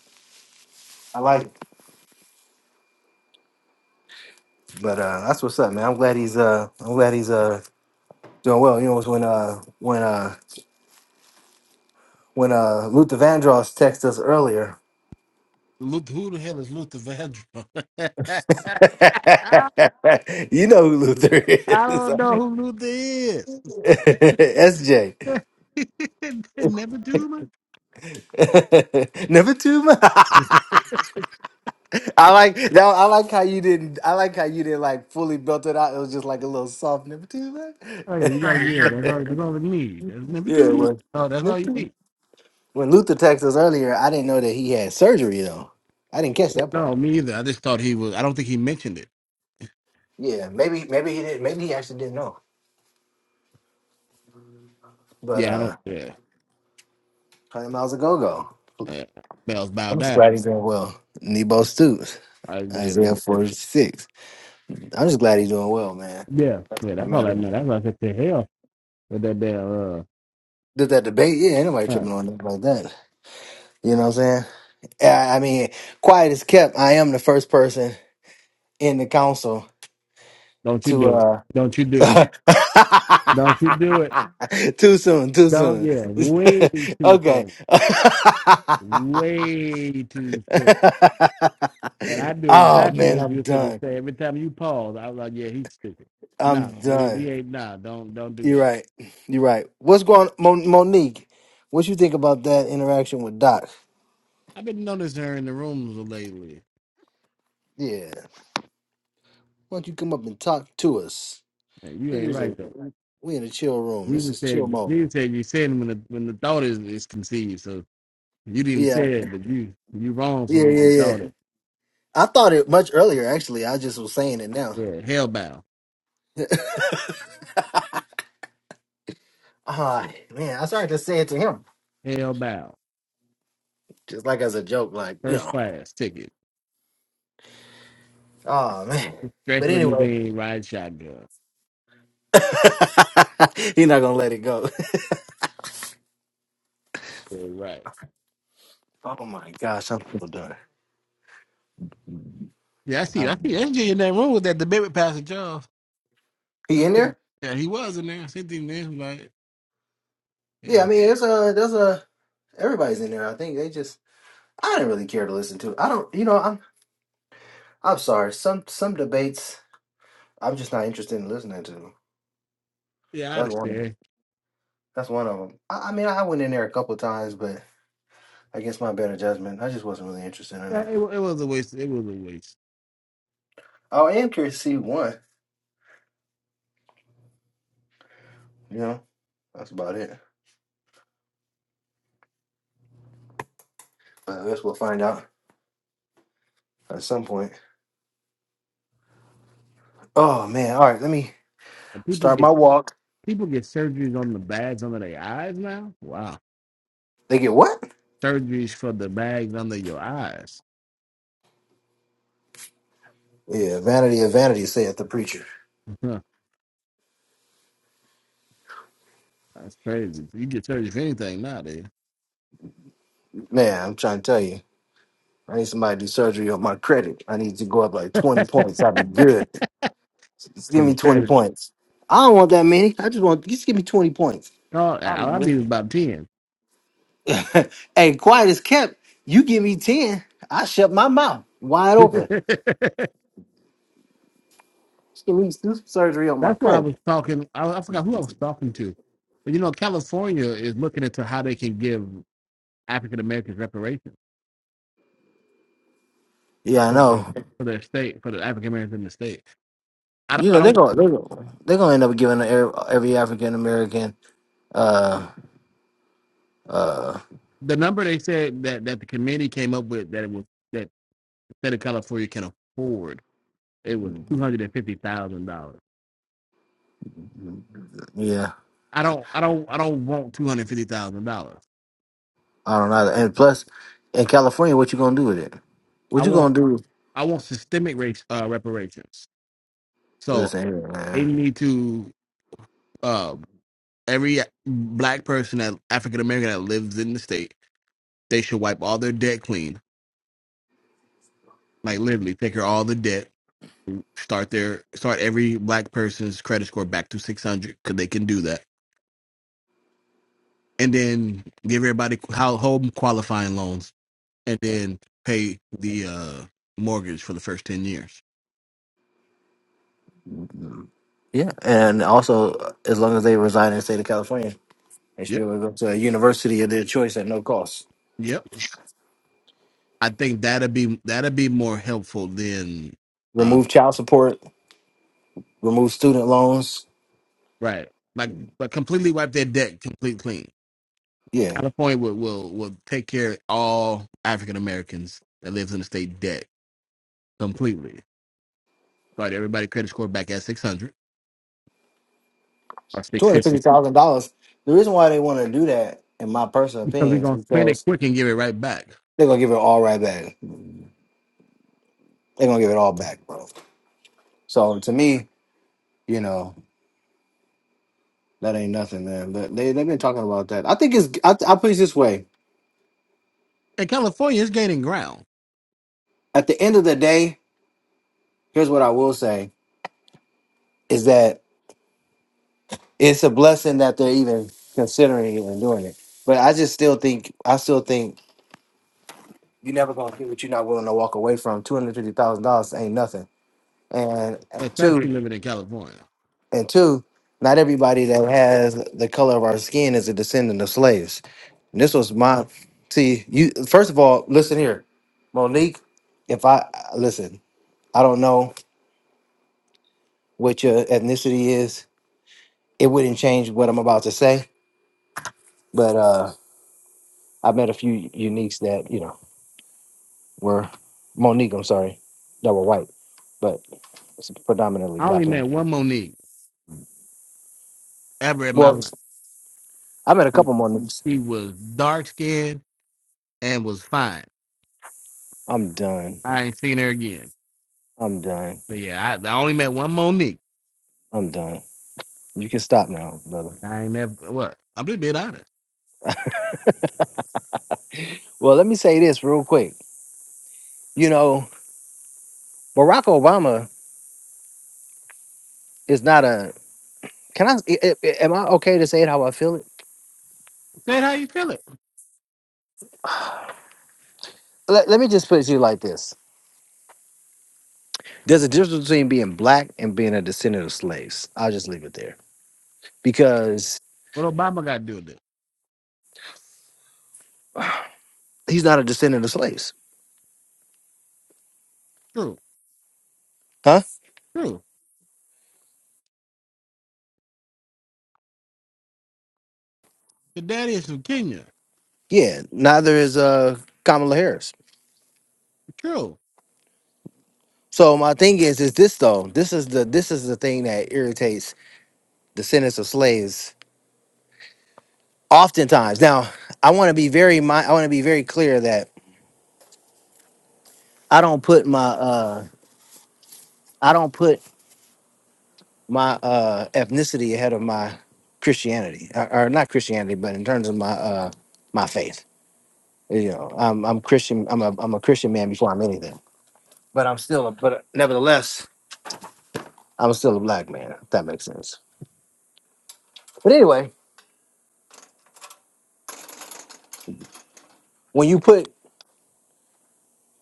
[SPEAKER 2] I like it. But uh, that's what's up, man. I'm glad he's uh I'm glad he's uh doing well. You know, it was when uh when uh when uh Luther Vandross texted us earlier
[SPEAKER 1] Luther, who the hell is Luther Vandross? *laughs* I,
[SPEAKER 2] *laughs* you know who Luther
[SPEAKER 1] I
[SPEAKER 2] is.
[SPEAKER 1] don't know who Luther is.
[SPEAKER 2] *laughs* SJ.
[SPEAKER 1] *laughs* Never do much.
[SPEAKER 2] *laughs* Number two. *laughs* man. I like now. I like how you didn't. I like how you didn't like fully built it out. It was just like a little soft number two, man.
[SPEAKER 1] Oh yeah, you
[SPEAKER 2] *laughs*
[SPEAKER 1] gotta yeah. That's all. That's all we need. That's Never
[SPEAKER 2] yeah,
[SPEAKER 1] do much.
[SPEAKER 2] when
[SPEAKER 1] oh, that's
[SPEAKER 2] number
[SPEAKER 1] all you
[SPEAKER 2] two.
[SPEAKER 1] need.
[SPEAKER 2] when Luther texted us earlier, I didn't know that he had surgery though. I didn't catch that
[SPEAKER 1] No,
[SPEAKER 2] part.
[SPEAKER 1] me either. I just thought he was. I don't think he mentioned it.
[SPEAKER 2] Yeah, maybe maybe he didn't. Maybe he actually didn't know. But
[SPEAKER 1] Yeah, I don't.
[SPEAKER 2] uh,
[SPEAKER 1] Yeah,
[SPEAKER 2] one hundred miles a go go.
[SPEAKER 1] yeah. Bells bow
[SPEAKER 2] I'm just
[SPEAKER 1] down.
[SPEAKER 2] glad he's doing well. Nebo Stoops,
[SPEAKER 1] I did.
[SPEAKER 2] Isaiah 46. I'm just glad he's doing well, man.
[SPEAKER 1] Yeah,
[SPEAKER 2] That's
[SPEAKER 1] yeah.
[SPEAKER 2] what
[SPEAKER 1] That's all I
[SPEAKER 2] matters.
[SPEAKER 1] know. That's all I said to hell with that damn.
[SPEAKER 2] Did that debate? Yeah, ain't nobody
[SPEAKER 1] Uh, uh,
[SPEAKER 2] tripping on nothing like that. You know what I'm saying? Yeah, I mean, quiet is kept. I am the first person in the council
[SPEAKER 1] don't you
[SPEAKER 2] to
[SPEAKER 1] do it?
[SPEAKER 2] uh
[SPEAKER 1] Don't you do it?
[SPEAKER 2] *laughs*
[SPEAKER 1] Don't you do it?
[SPEAKER 2] too soon, too
[SPEAKER 1] Don't.
[SPEAKER 2] soon.
[SPEAKER 1] Yeah, way
[SPEAKER 2] *laughs*
[SPEAKER 1] too
[SPEAKER 2] okay.
[SPEAKER 1] soon. Way too soon. And I
[SPEAKER 2] *laughs*
[SPEAKER 1] do
[SPEAKER 2] oh
[SPEAKER 1] exactly
[SPEAKER 2] man,
[SPEAKER 1] what
[SPEAKER 2] I'm
[SPEAKER 1] you're gonna
[SPEAKER 2] done.
[SPEAKER 1] say. Every time you pause, I was like, yeah, he's stupid.
[SPEAKER 2] I'm
[SPEAKER 1] Nah, we,
[SPEAKER 2] done.
[SPEAKER 1] we ain't. Nah, don't don't do
[SPEAKER 2] You're
[SPEAKER 1] that.
[SPEAKER 2] right. You're right. What's going on, Mon- Monique? What you think about that interaction with Doc?
[SPEAKER 1] I've been noticing her in the rooms lately.
[SPEAKER 2] Yeah. Why don't you come up and talk to us?
[SPEAKER 1] Hey, you
[SPEAKER 2] This
[SPEAKER 1] ain't
[SPEAKER 2] is a-
[SPEAKER 1] right though.
[SPEAKER 2] we in a chill room. This
[SPEAKER 1] You
[SPEAKER 2] is chill
[SPEAKER 1] said
[SPEAKER 2] mode.
[SPEAKER 1] you said you said when the when the thought is, is conceived. So You didn't
[SPEAKER 2] Yeah,
[SPEAKER 1] say it, but you you wrong for
[SPEAKER 2] yeah,
[SPEAKER 1] what you
[SPEAKER 2] yeah, yeah.
[SPEAKER 1] thought it.
[SPEAKER 2] I thought it much earlier, actually. I just was saying it now.
[SPEAKER 1] Yeah, hell bound,
[SPEAKER 2] Ah, man, I started to say it to him,
[SPEAKER 1] hell hellbound,
[SPEAKER 2] just like as a joke, like, you
[SPEAKER 1] first
[SPEAKER 2] know.
[SPEAKER 1] class ticket,
[SPEAKER 2] Oh, man.
[SPEAKER 1] stretch
[SPEAKER 2] But anyway,
[SPEAKER 1] limousine, ride shotgun.
[SPEAKER 2] *laughs* he's not going to let it go.
[SPEAKER 1] Yeah, right.
[SPEAKER 2] *laughs* oh, my gosh, I'm so done.
[SPEAKER 1] Yeah, I see. I see
[SPEAKER 2] Um,
[SPEAKER 1] SJ in that room with that debate with Pastor Charles.
[SPEAKER 2] He in there?
[SPEAKER 1] Yeah, he was in there. Sitting there, i like,
[SPEAKER 2] Yeah, I
[SPEAKER 1] yeah,
[SPEAKER 2] mean, there's a, there's a, everybody's in there. I think they just, I didn't really care to listen to it. I don't, you know, I'm, I'm sorry. Some, some debates. I'm just not interested in listening to.
[SPEAKER 1] yeah, I
[SPEAKER 2] That's one. of-
[SPEAKER 1] understand.
[SPEAKER 2] That's one of them. I, I mean, I went in there a couple times, but against my better judgment, I just wasn't really interested in
[SPEAKER 1] Yeah,
[SPEAKER 2] it.
[SPEAKER 1] it, wa- it was a waste. It was a waste.
[SPEAKER 2] Oh, I am curious to see one. You know, that's about it. But I guess we'll find out at some point. Oh man! All right, let me
[SPEAKER 1] And people
[SPEAKER 2] start
[SPEAKER 1] get
[SPEAKER 2] my walk.
[SPEAKER 1] people get surgeries on the bags under their eyes now. Wow,
[SPEAKER 2] They get what?
[SPEAKER 1] surgeries for the bags under your eyes.
[SPEAKER 2] Yeah, vanity of vanity, saith the preacher.
[SPEAKER 1] *laughs* That's crazy. You get surgery for anything nowadays.
[SPEAKER 2] Man, I'm trying to tell you, I need somebody to do surgery on my credit. I need to go up like 20 points. I'd be
[SPEAKER 1] *laughs*
[SPEAKER 2] good. Just give me
[SPEAKER 1] Some
[SPEAKER 2] 20 points. I don't want that many. I just want just give me 20 points.
[SPEAKER 1] No, I I needed about 10.
[SPEAKER 2] *laughs* hey, quiet as kept. You give me 10, I shut my mouth wide open.
[SPEAKER 1] *laughs* That's
[SPEAKER 2] At least do some surgery on my
[SPEAKER 1] why I
[SPEAKER 2] credit.
[SPEAKER 1] was talking. I, I forgot who I was talking to. But you know, California is looking into how they can give African Americans reparations
[SPEAKER 2] Yeah, I
[SPEAKER 1] for their,
[SPEAKER 2] know.
[SPEAKER 1] for their state, for the African Americans in the state. I,
[SPEAKER 2] You
[SPEAKER 1] I
[SPEAKER 2] know they're
[SPEAKER 1] don't,
[SPEAKER 2] gonna they're gonna, they're gonna end up giving every, every African American. Uh, uh,
[SPEAKER 1] the number they said that, that the committee came up with that it was, that the state of California can afford, it was $250,000.
[SPEAKER 2] yeah,
[SPEAKER 1] I don't, I don't, I don't want $250,000.
[SPEAKER 2] I don't know. And plus, in California, what you gonna do with it?
[SPEAKER 1] I
[SPEAKER 2] What you
[SPEAKER 1] want,
[SPEAKER 2] gonna do?
[SPEAKER 1] I want systemic race uh, reparations. So
[SPEAKER 2] Listen, here,
[SPEAKER 1] they
[SPEAKER 2] man.
[SPEAKER 1] need to, Uh, every black person that African American that lives in the state, they should wipe all their debt clean. Like literally, take care of all the debt. Start their start every black person's credit score back to six hundred because they can do that, and then give everybody how home qualifying loans, and then pay the uh, mortgage for the first ten years.
[SPEAKER 2] Yeah, and also, as long as they reside in the state of California, they should be
[SPEAKER 1] Yep,
[SPEAKER 2] able to go to a university of their choice at no cost.
[SPEAKER 1] yep. I think that'd be that'd be more helpful than uh,
[SPEAKER 2] Remove child support remove student loans.
[SPEAKER 1] right, like like completely wipe their debt complete clean.
[SPEAKER 2] Yeah,
[SPEAKER 1] California will will, will take care of all African Americans that lives in the state debt completely. Start everybody credit score back at six hundred or six
[SPEAKER 2] two hundred
[SPEAKER 1] fifty
[SPEAKER 2] fifty thousand dollars. The reason why they want to do that, in my personal
[SPEAKER 1] because
[SPEAKER 2] opinion,
[SPEAKER 1] we're
[SPEAKER 2] is
[SPEAKER 1] gonna spend it
[SPEAKER 2] because
[SPEAKER 1] quick and give it right back.
[SPEAKER 2] they're gonna give it all right back. They're gonna give it all back, bro. So to me, you know, that ain't nothing, man. But they they've been talking about that. I think it's. I, I put it this way:
[SPEAKER 1] And California is gaining ground,
[SPEAKER 2] at the end of the day, here's what I will say: is that it's a blessing that they're even considering it and doing it. But I just still think I still think you're never gonna get what you're not willing to walk away from. Two hundred fifty thousand dollars ain't nothing. And two,
[SPEAKER 1] especially living in California.
[SPEAKER 2] And two, not everybody that has the color of our skin is a descendant of slaves. And this was my see, you first of all, listen here. Monique, if I listen, I don't know what your ethnicity is. It wouldn't change what I'm about to say. But uh I met a few uniques that, you know, were Monique, I'm sorry, that were white, but it's predominantly
[SPEAKER 1] I only
[SPEAKER 2] black
[SPEAKER 1] met
[SPEAKER 2] men.
[SPEAKER 1] one Monique ever in my
[SPEAKER 2] Well,
[SPEAKER 1] life.
[SPEAKER 2] I met a
[SPEAKER 1] She,
[SPEAKER 2] couple Moniques.
[SPEAKER 1] she was dark skinned and was fine.
[SPEAKER 2] I'm done.
[SPEAKER 1] I ain't seen her again.
[SPEAKER 2] I'm done.
[SPEAKER 1] But yeah, I, I only met one Monique.
[SPEAKER 2] I'm done. You can stop now, brother.
[SPEAKER 1] I ain't never what. I'm just being honest.
[SPEAKER 2] Well, let me say this real quick. You know, Barack Obama is not a. Can I? I- I- Am I okay to say it how I feel it?
[SPEAKER 1] Say how you feel it.
[SPEAKER 2] *sighs* Let, let me just put it to you like this: There's a difference between being black and being a descendant of slaves. I'll just leave it there because
[SPEAKER 1] What Obama got to do with this?
[SPEAKER 2] he's not a descendant of slaves,
[SPEAKER 1] True,
[SPEAKER 2] huh?
[SPEAKER 1] true. Your daddy is from Kenya.
[SPEAKER 2] Yeah. Neither is uh Kamala Harris.
[SPEAKER 1] True.
[SPEAKER 2] So my thing is, is this though? This is the this is the thing that irritates descendants of slaves oftentimes. Now, I want to be very mi- I want to be very clear that I don't put my uh I don't put my uh ethnicity ahead of my Christianity or, or not Christianity, but in terms of my uh my faith. You know, I'm I'm Christian. I'm a I'm a Christian man before I'm anything. But I'm still a but nevertheless I'm still a black man. If that makes sense. But anyway, when you put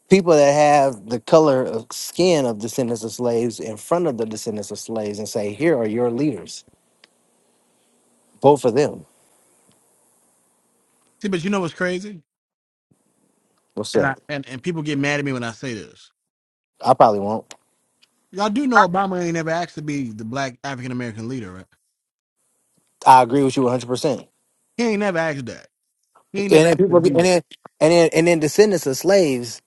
[SPEAKER 2] people that have the color of skin of descendants of slaves in front of the descendants of slaves and say, here are your leaders, vote for them.
[SPEAKER 1] See, but you know what's crazy?
[SPEAKER 2] What's
[SPEAKER 1] And I
[SPEAKER 2] up?
[SPEAKER 1] and, and people get mad at me when I say this.
[SPEAKER 2] I probably won't.
[SPEAKER 1] Y'all do know Obama ain't never asked to be the black African American leader, right?
[SPEAKER 2] I agree with you 100%.
[SPEAKER 1] He ain't never asked that. He ain't
[SPEAKER 2] And
[SPEAKER 1] never asked
[SPEAKER 2] then
[SPEAKER 1] to
[SPEAKER 2] people, be,
[SPEAKER 1] be
[SPEAKER 2] and
[SPEAKER 1] that.
[SPEAKER 2] then and then and then descendants of slaves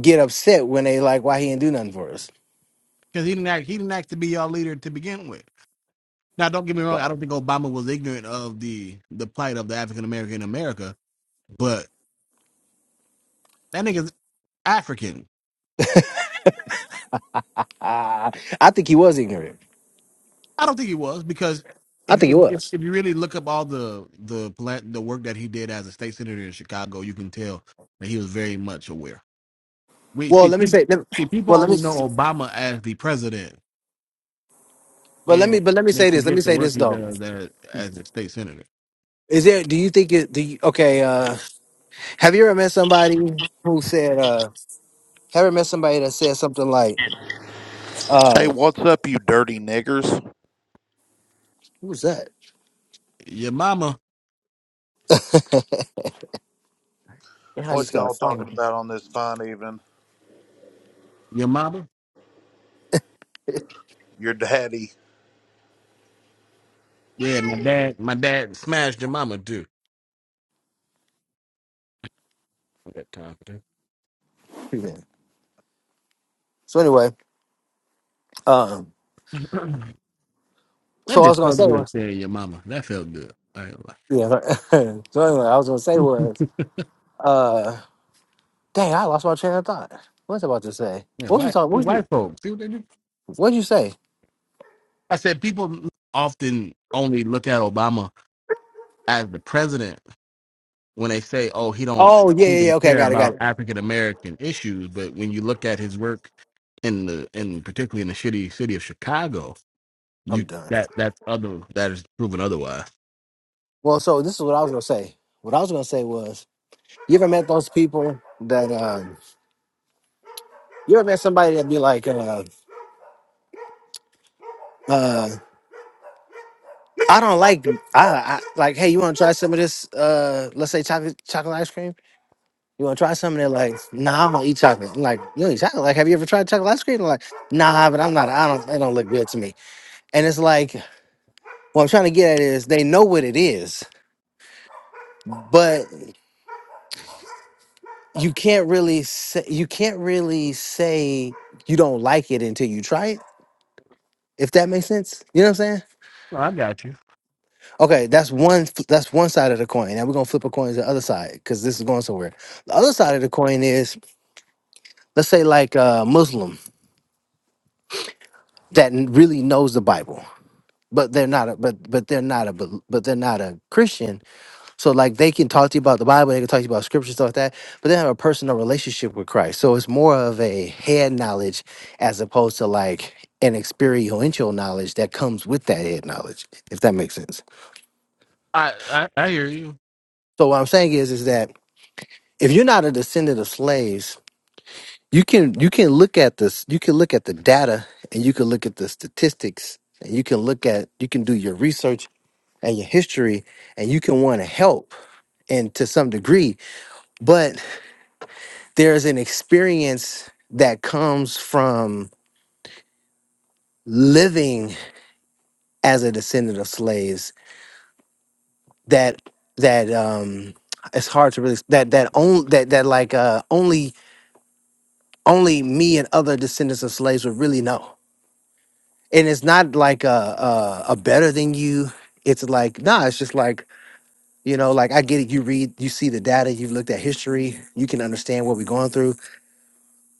[SPEAKER 2] get upset when they like, why he didn't do nothing for us?
[SPEAKER 1] Because he didn't act, he didn't ask to be y'all leader to begin with. Now don't get me wrong, I don't think Obama was ignorant of the the plight of the African American in America, but that nigga's African.
[SPEAKER 2] Ah, I think he was ignorant.
[SPEAKER 1] I don't think he was because
[SPEAKER 2] I
[SPEAKER 1] if
[SPEAKER 2] think he
[SPEAKER 1] if if
[SPEAKER 2] was.
[SPEAKER 1] if you really look up all the the plant the work that he did as a state senator in Chicago, you can tell that he was very much aware. We
[SPEAKER 2] Well,
[SPEAKER 1] see
[SPEAKER 2] let me
[SPEAKER 1] pe-
[SPEAKER 2] say. Let,
[SPEAKER 1] see people
[SPEAKER 2] well, let
[SPEAKER 1] only
[SPEAKER 2] me.
[SPEAKER 1] know Obama as the president,
[SPEAKER 2] But let me.
[SPEAKER 1] and
[SPEAKER 2] But let me
[SPEAKER 1] they
[SPEAKER 2] say this. Let me
[SPEAKER 1] forget the
[SPEAKER 2] say
[SPEAKER 1] work
[SPEAKER 2] this
[SPEAKER 1] he
[SPEAKER 2] though.
[SPEAKER 1] does as, as a state senator.
[SPEAKER 2] Is there? Do you think it? Do you, okay. Uh, have you ever met somebody who said? Uh, have you ever met somebody that said something like,
[SPEAKER 4] Hey,
[SPEAKER 2] uh,
[SPEAKER 4] what's up, you dirty niggers?
[SPEAKER 2] "Who was that?"
[SPEAKER 1] Your mama,
[SPEAKER 2] Man, I
[SPEAKER 4] What
[SPEAKER 2] just got a
[SPEAKER 4] y'all talking
[SPEAKER 2] phone.
[SPEAKER 4] about on this fine evening?
[SPEAKER 1] your mama,
[SPEAKER 4] Your daddy.
[SPEAKER 1] yeah, my dad, my dad smashed your mama too. That time, dude.
[SPEAKER 2] *laughs* So anyway, um,
[SPEAKER 1] *clears throat* that
[SPEAKER 2] so I
[SPEAKER 1] just
[SPEAKER 2] was gonna
[SPEAKER 1] felt
[SPEAKER 2] say
[SPEAKER 1] good
[SPEAKER 2] was
[SPEAKER 1] saying your mama. That felt good. I ain't gonna lie.
[SPEAKER 2] yeah. *laughs* so anyway, I was gonna say was. uh, Dang, I lost my train of thought. What was I about to say?
[SPEAKER 1] Man,
[SPEAKER 2] What was we
[SPEAKER 1] white,
[SPEAKER 2] talking? What was you,
[SPEAKER 1] white folks, see what they do?
[SPEAKER 2] what'd you say?
[SPEAKER 1] I said people often only look at Obama as the president when they say, "Oh, he don't
[SPEAKER 2] Oh yeah,
[SPEAKER 1] he
[SPEAKER 2] yeah, yeah.
[SPEAKER 1] didn't
[SPEAKER 2] Okay, I
[SPEAKER 1] care
[SPEAKER 2] got it, got
[SPEAKER 1] about
[SPEAKER 2] it.
[SPEAKER 1] African American issues." But when you look at his work in the in particularly in the shitty city of Chicago, you
[SPEAKER 2] I'm done.
[SPEAKER 1] that that's other that is proven otherwise.
[SPEAKER 2] Well, so this is what I was gonna say. What I was gonna say was, you ever met those people that um, you ever met somebody that be like, uh, uh, I don't like, I, I like, hey, you want to try some of this? Uh, let's say chocolate chocolate ice cream. You want to try something? They're like, nah, I don't eat chocolate. I'm like, you don't eat chocolate? Like, have you ever tried chocolate ice cream? They're like, nah, but I'm not. I don't. It don't look good to me. And it's like, What I'm trying to get at is they know what it is, but you can't really say you can't really say you don't like it until you try it. If that makes sense, you know what I'm saying?
[SPEAKER 1] Well, I got you.
[SPEAKER 2] Okay, that's one f- that's one side of the coin. Now we're gonna flip a coin to the other side because this is going somewhere. The other side of the coin is let's say like a Muslim that n- really knows the Bible, but they're not a but but they're not a bel- but they're not a Christian So like they can talk to you about the Bible, they can talk to you about scripture, stuff like that, but they have a personal relationship with Christ. So it's more of a head knowledge as opposed to like an experiential knowledge that comes with that head knowledge, if that makes sense.
[SPEAKER 1] I, I I hear you.
[SPEAKER 2] So what I'm saying is is that if you're not a descendant of slaves, you can you can look at this, you can look at the data and you can look at the statistics and you can look at you can do your research and your history and you can want to help and to some degree, but there's an experience that comes from living as a descendant of slaves that that um it's hard to really that that only that that like uh only only me and other descendants of slaves would really know and it's not like a a, a better than you it's like nah it's just like you know like i get it you read you see the data you've looked at history you can understand what we're going through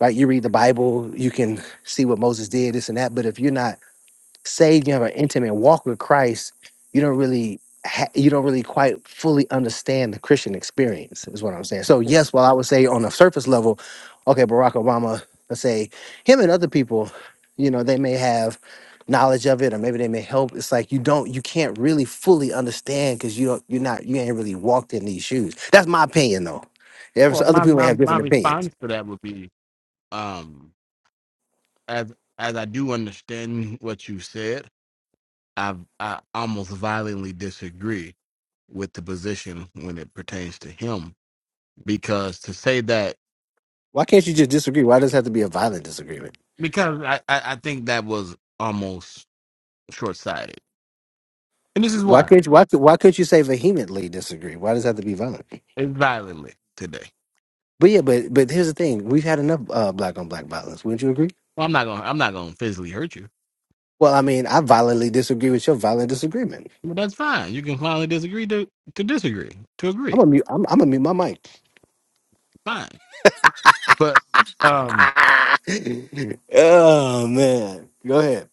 [SPEAKER 2] right you read the bible you can see what moses did this and that but if you're not saved, you have an intimate walk with Christ, you don't really ha- you don't really quite fully understand the Christian experience. Is what I'm saying. So yes, while I would say on a surface level, okay, Barack Obama, let's say him and other people, you know, they may have knowledge of it or maybe they may help it's like you don't you can't really fully understand because you don't you're not you ain't really walked in these shoes that's my opinion though There's
[SPEAKER 1] Well,
[SPEAKER 2] other
[SPEAKER 1] my
[SPEAKER 2] people may
[SPEAKER 1] my
[SPEAKER 2] have
[SPEAKER 1] my
[SPEAKER 2] different opinions
[SPEAKER 1] response to that would be, um, as as I do understand what you said, I I almost violently disagree with the position when it pertains to him because to say that
[SPEAKER 2] why can't you just disagree why does it have to be a violent disagreement
[SPEAKER 1] because I I, I think that was almost short sighted and this is
[SPEAKER 2] Why
[SPEAKER 1] why
[SPEAKER 2] could why could- why could you say vehemently disagree? Why does it have to be violent?
[SPEAKER 1] it's violently today.
[SPEAKER 2] But yeah, but but here's the thing: we've had enough uh, black on black violence. Wouldn't you agree?
[SPEAKER 1] Well, I'm not gonna I'm not gonna physically hurt you,
[SPEAKER 2] Well, I mean, I violently disagree with your violent disagreement.
[SPEAKER 1] but that's fine. You can finally disagree to to disagree to agree,
[SPEAKER 2] I'm gonna mute. I'm, I'm gonna mute my mic.
[SPEAKER 1] fine. But um,
[SPEAKER 2] *laughs* oh man, go ahead.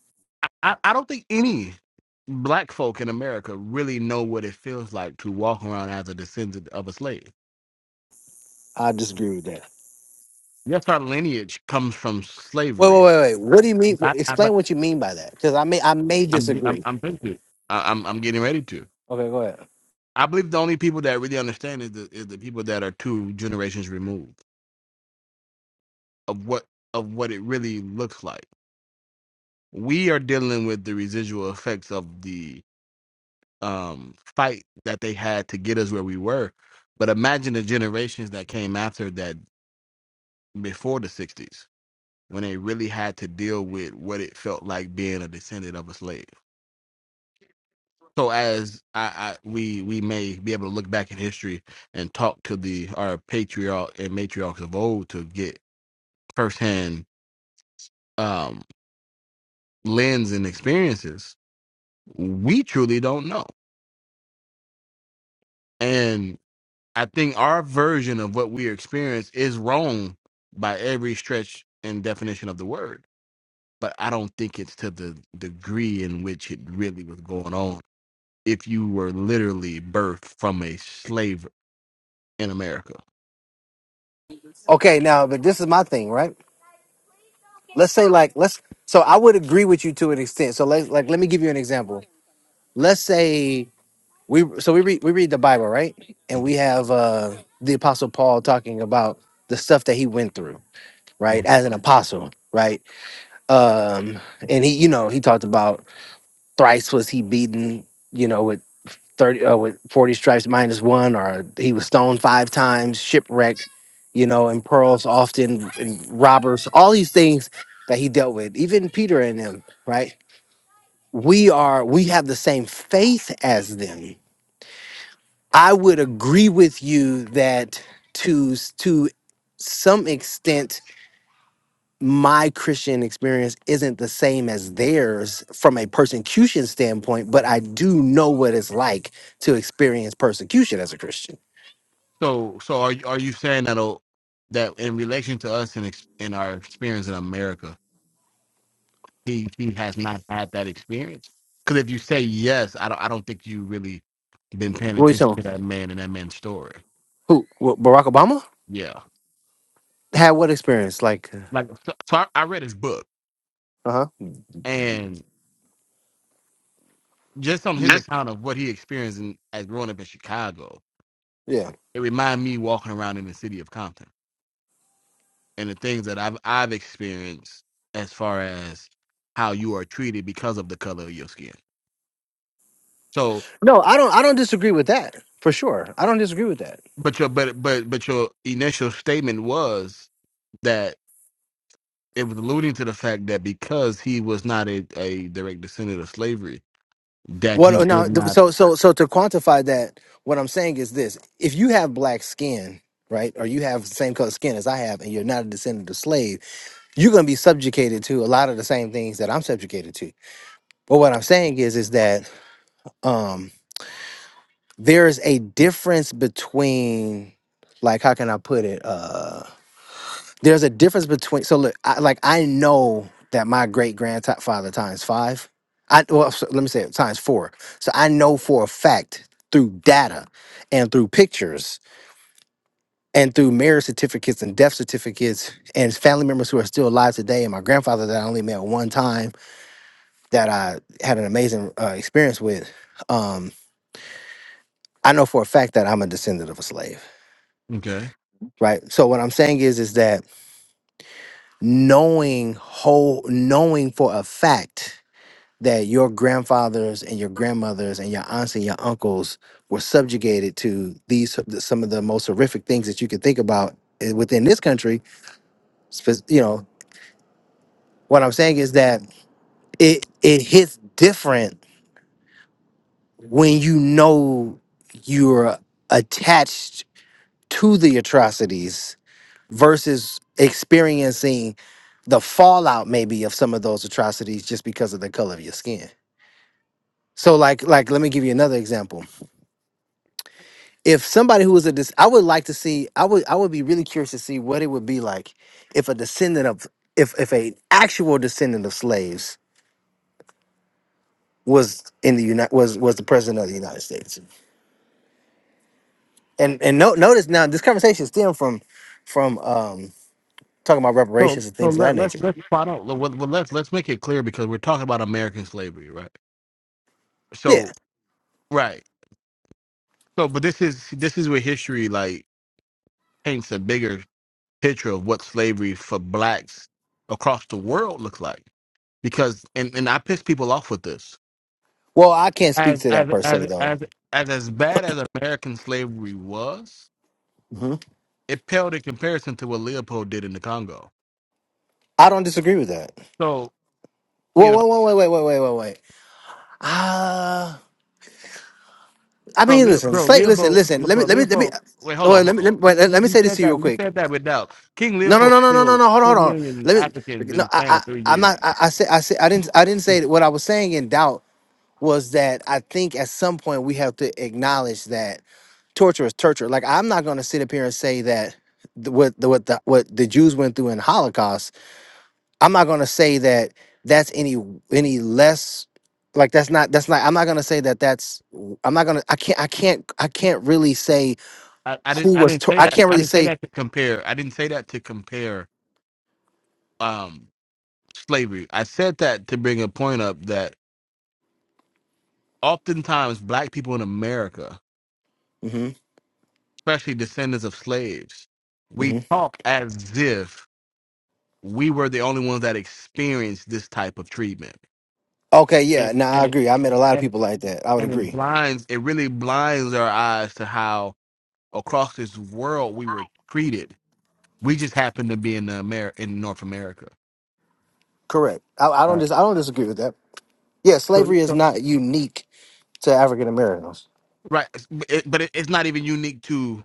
[SPEAKER 1] I I don't think any black folk in America really know what it feels like to walk around as a descendant of a slave
[SPEAKER 2] I disagree with that.
[SPEAKER 1] Yes, our lineage comes from
[SPEAKER 2] Wait, wait,
[SPEAKER 1] slavery.
[SPEAKER 2] wait, wait. What do you mean?
[SPEAKER 1] But,
[SPEAKER 2] wh-
[SPEAKER 1] I,
[SPEAKER 2] Explain
[SPEAKER 1] but
[SPEAKER 2] what you mean by that, because I may I may
[SPEAKER 1] I'm, I'm,
[SPEAKER 2] disagree.
[SPEAKER 1] I'm thinking. I, I'm, I'm getting ready to.
[SPEAKER 2] Okay, go ahead.
[SPEAKER 1] I believe the only people that really understand is the, is the people that are two generations removed of what of what it really looks like. We are dealing with the residual effects of the um, fight that they had to get us where we were. But imagine the generations that came after that, before the '60s, when they really had to deal with what it felt like being a descendant of a slave. so as I, I we we may be able to look back in history and talk to the our patriarch and matriarchs of old to get firsthand um lens and experiences we truly don't know and i think our version of what we experience is wrong by every stretch and definition of the word but i don't think it's to the degree in which it really was going on if you were literally birthed from a slave in america
[SPEAKER 2] Okay, now, but this is my thing, right? Let's say like let's. So I would agree with you to an extent. So let like let me give you an example. let's say we so we read we read the Bible, right? And
[SPEAKER 1] Mhm,
[SPEAKER 2] we have uh the apostle Paul talking about the stuff that he went through, right?
[SPEAKER 1] mhm.
[SPEAKER 2] As an apostle, right? Um and he you know, he talked about thrice was he beaten, you know, with 30 uh, with 40 stripes minus 1 or he was stoned 5 times, shipwrecked, you know, and pearls often and robbers, all these things that he dealt with. Even Peter and them, right? We are we have the same faith as them I would agree with you that to to some extent my Christian experience isn't the same as theirs from a persecution standpoint, but I do know what it's like to experience persecution as a Christian.
[SPEAKER 1] So, so are you, are you saying that will that in relation to us and ex- in our experience in America, he he has not had that experience? Because if you say yes, I don't I don't think you really been paying
[SPEAKER 2] What are you
[SPEAKER 1] attention to
[SPEAKER 2] talking?
[SPEAKER 1] that man and that man's story.
[SPEAKER 2] Who? What, Barack Obama
[SPEAKER 1] Yeah,
[SPEAKER 2] had what experience? Like,
[SPEAKER 1] like so, so I, I read his book
[SPEAKER 2] uh huh.
[SPEAKER 1] just on his account of what he experienced in, as growing up in Chicago,
[SPEAKER 2] Yeah.
[SPEAKER 1] it reminded me walking around in the city of Compton and the things that I've I've experienced as far as how you are treated because of the color of your skin. So,
[SPEAKER 2] No, I don't. I don't disagree with that for sure. I don't disagree with that.
[SPEAKER 1] but your but but but your initial statement was that it was alluding to the fact that because he was not a, a direct descendant of slavery, that
[SPEAKER 2] What
[SPEAKER 1] he
[SPEAKER 2] uh, now?
[SPEAKER 1] did
[SPEAKER 2] th-
[SPEAKER 1] not.
[SPEAKER 2] So so so to quantify that, what I'm saying is this: if you have black skin, right, or you have the same color skin as I have, and you're not a descendant of slave, you're going to be subjugated to a lot of the same things that I'm subjugated to. But what I'm saying is, is that um, there is a difference between, like, how can I put it? uh, There's a difference between so look, I, like I know that my great grandfather times five. I well, so let me say it times four. So I know for a fact through data and through pictures and through marriage certificates and death certificates and family members who are still alive today and my grandfather that I only met one time that I had an amazing uh, experience with. Um, I know for a fact that I'm a descendant of a slave,
[SPEAKER 1] Okay.
[SPEAKER 2] right? So what I'm saying is, is that knowing whole, knowing for a fact that your grandfathers and your grandmothers and your aunts and your uncles were subjugated to these some of the most horrific things that you could think about eh, within this country Spe- you know what i'm saying is that it it hits different when you know you're attached to the atrocities versus experiencing the fallout maybe of some of those atrocities just because of the color of your skin so like like let me give you another example if somebody who was a dis- I would like to see I would I would be really curious to see what it would be like if a descendant of if if a actual descendant of slaves was in the United was was the president of the United States. And and no, notice now this conversation stemmed from from um talking about
[SPEAKER 1] So
[SPEAKER 2] reparations and
[SPEAKER 1] so
[SPEAKER 2] things of that
[SPEAKER 1] let let's
[SPEAKER 2] nature.
[SPEAKER 1] let's spot out. Well, well, let's let's make it clear because we're talking about American slavery, right?
[SPEAKER 2] Yeah.
[SPEAKER 1] So Right. So, but this is this is where history like paints a bigger picture of what slavery for blacks across the world looks like. Because and and I piss people off with this.
[SPEAKER 2] Well, I can't
[SPEAKER 1] As
[SPEAKER 2] speak to that person
[SPEAKER 1] as
[SPEAKER 2] though.
[SPEAKER 1] as as, as bad as American slavery was,
[SPEAKER 2] hmm
[SPEAKER 1] it paled in comparison to what Leopold did in the Congo.
[SPEAKER 2] I don't disagree with that.
[SPEAKER 1] So you
[SPEAKER 2] Whoa,
[SPEAKER 1] know,
[SPEAKER 2] whoa, whoa, wait, wait, wait, wait, wait, wait. Uh I
[SPEAKER 1] bro,
[SPEAKER 2] mean,
[SPEAKER 1] Leo,
[SPEAKER 2] listen,
[SPEAKER 1] bro,
[SPEAKER 2] slave. Listen,
[SPEAKER 1] Leopold,
[SPEAKER 2] listen. Let me,
[SPEAKER 1] bro,
[SPEAKER 2] let me, let me.
[SPEAKER 1] Leopold. Wait, hold on,
[SPEAKER 2] Well, let me,
[SPEAKER 1] hold
[SPEAKER 2] let me,
[SPEAKER 1] on.
[SPEAKER 2] wait, let
[SPEAKER 1] You,
[SPEAKER 2] let me
[SPEAKER 1] you
[SPEAKER 2] say this
[SPEAKER 1] said
[SPEAKER 2] to you
[SPEAKER 1] that
[SPEAKER 2] real
[SPEAKER 1] you
[SPEAKER 2] quick
[SPEAKER 1] said that without King
[SPEAKER 2] No, no,
[SPEAKER 1] Leopold
[SPEAKER 2] no, no, no, no,
[SPEAKER 1] killed
[SPEAKER 2] no. Hold on,
[SPEAKER 1] ten
[SPEAKER 2] hold on.
[SPEAKER 1] million
[SPEAKER 2] Let me. okay,
[SPEAKER 1] Africans in
[SPEAKER 2] No,
[SPEAKER 1] the span
[SPEAKER 2] I,
[SPEAKER 1] of three
[SPEAKER 2] I, I'm
[SPEAKER 1] years.
[SPEAKER 2] not. I, I said, I said, I didn't, I didn't
[SPEAKER 1] Mm.
[SPEAKER 2] say what I was saying in doubt was that I think at some point we have to acknowledge that torture is torture. Like I'm not going to sit up here and say that the, what the what the what the Jews went through in Holocaust. I'm not going to say that that's any any less. Like that's not that's not. I'm not going to say that that's. I'm not going to. I can't. I can't. I can't really say
[SPEAKER 1] I, I didn't
[SPEAKER 2] who
[SPEAKER 1] I
[SPEAKER 2] was.
[SPEAKER 1] didn't
[SPEAKER 2] Tor-
[SPEAKER 1] say
[SPEAKER 2] I
[SPEAKER 1] that
[SPEAKER 2] can't
[SPEAKER 1] I
[SPEAKER 2] really
[SPEAKER 1] didn't say
[SPEAKER 2] say.
[SPEAKER 1] that to compare I didn't say that to compare um slavery. I said that to bring a point up that oftentimes black people in America,
[SPEAKER 2] hmm
[SPEAKER 1] especially descendants of slaves, we talk as if we were the only ones that experienced this type of treatment.
[SPEAKER 2] Okay,
[SPEAKER 1] And
[SPEAKER 2] yeah, now I
[SPEAKER 1] and it
[SPEAKER 2] agree. I met a lot of
[SPEAKER 1] and it
[SPEAKER 2] people like that. I would
[SPEAKER 1] and it
[SPEAKER 2] agree.
[SPEAKER 1] blinds it really blinds our eyes to how across this world we were treated. We just happened to be in the Amer- in North America.
[SPEAKER 2] Correct. I, I don't
[SPEAKER 1] Right.
[SPEAKER 2] dis- I don't disagree with that. Yeah,
[SPEAKER 1] So,
[SPEAKER 2] slavery is
[SPEAKER 1] so
[SPEAKER 2] not unique to African Americans.
[SPEAKER 1] right, it's- but it, but it, it's not even unique to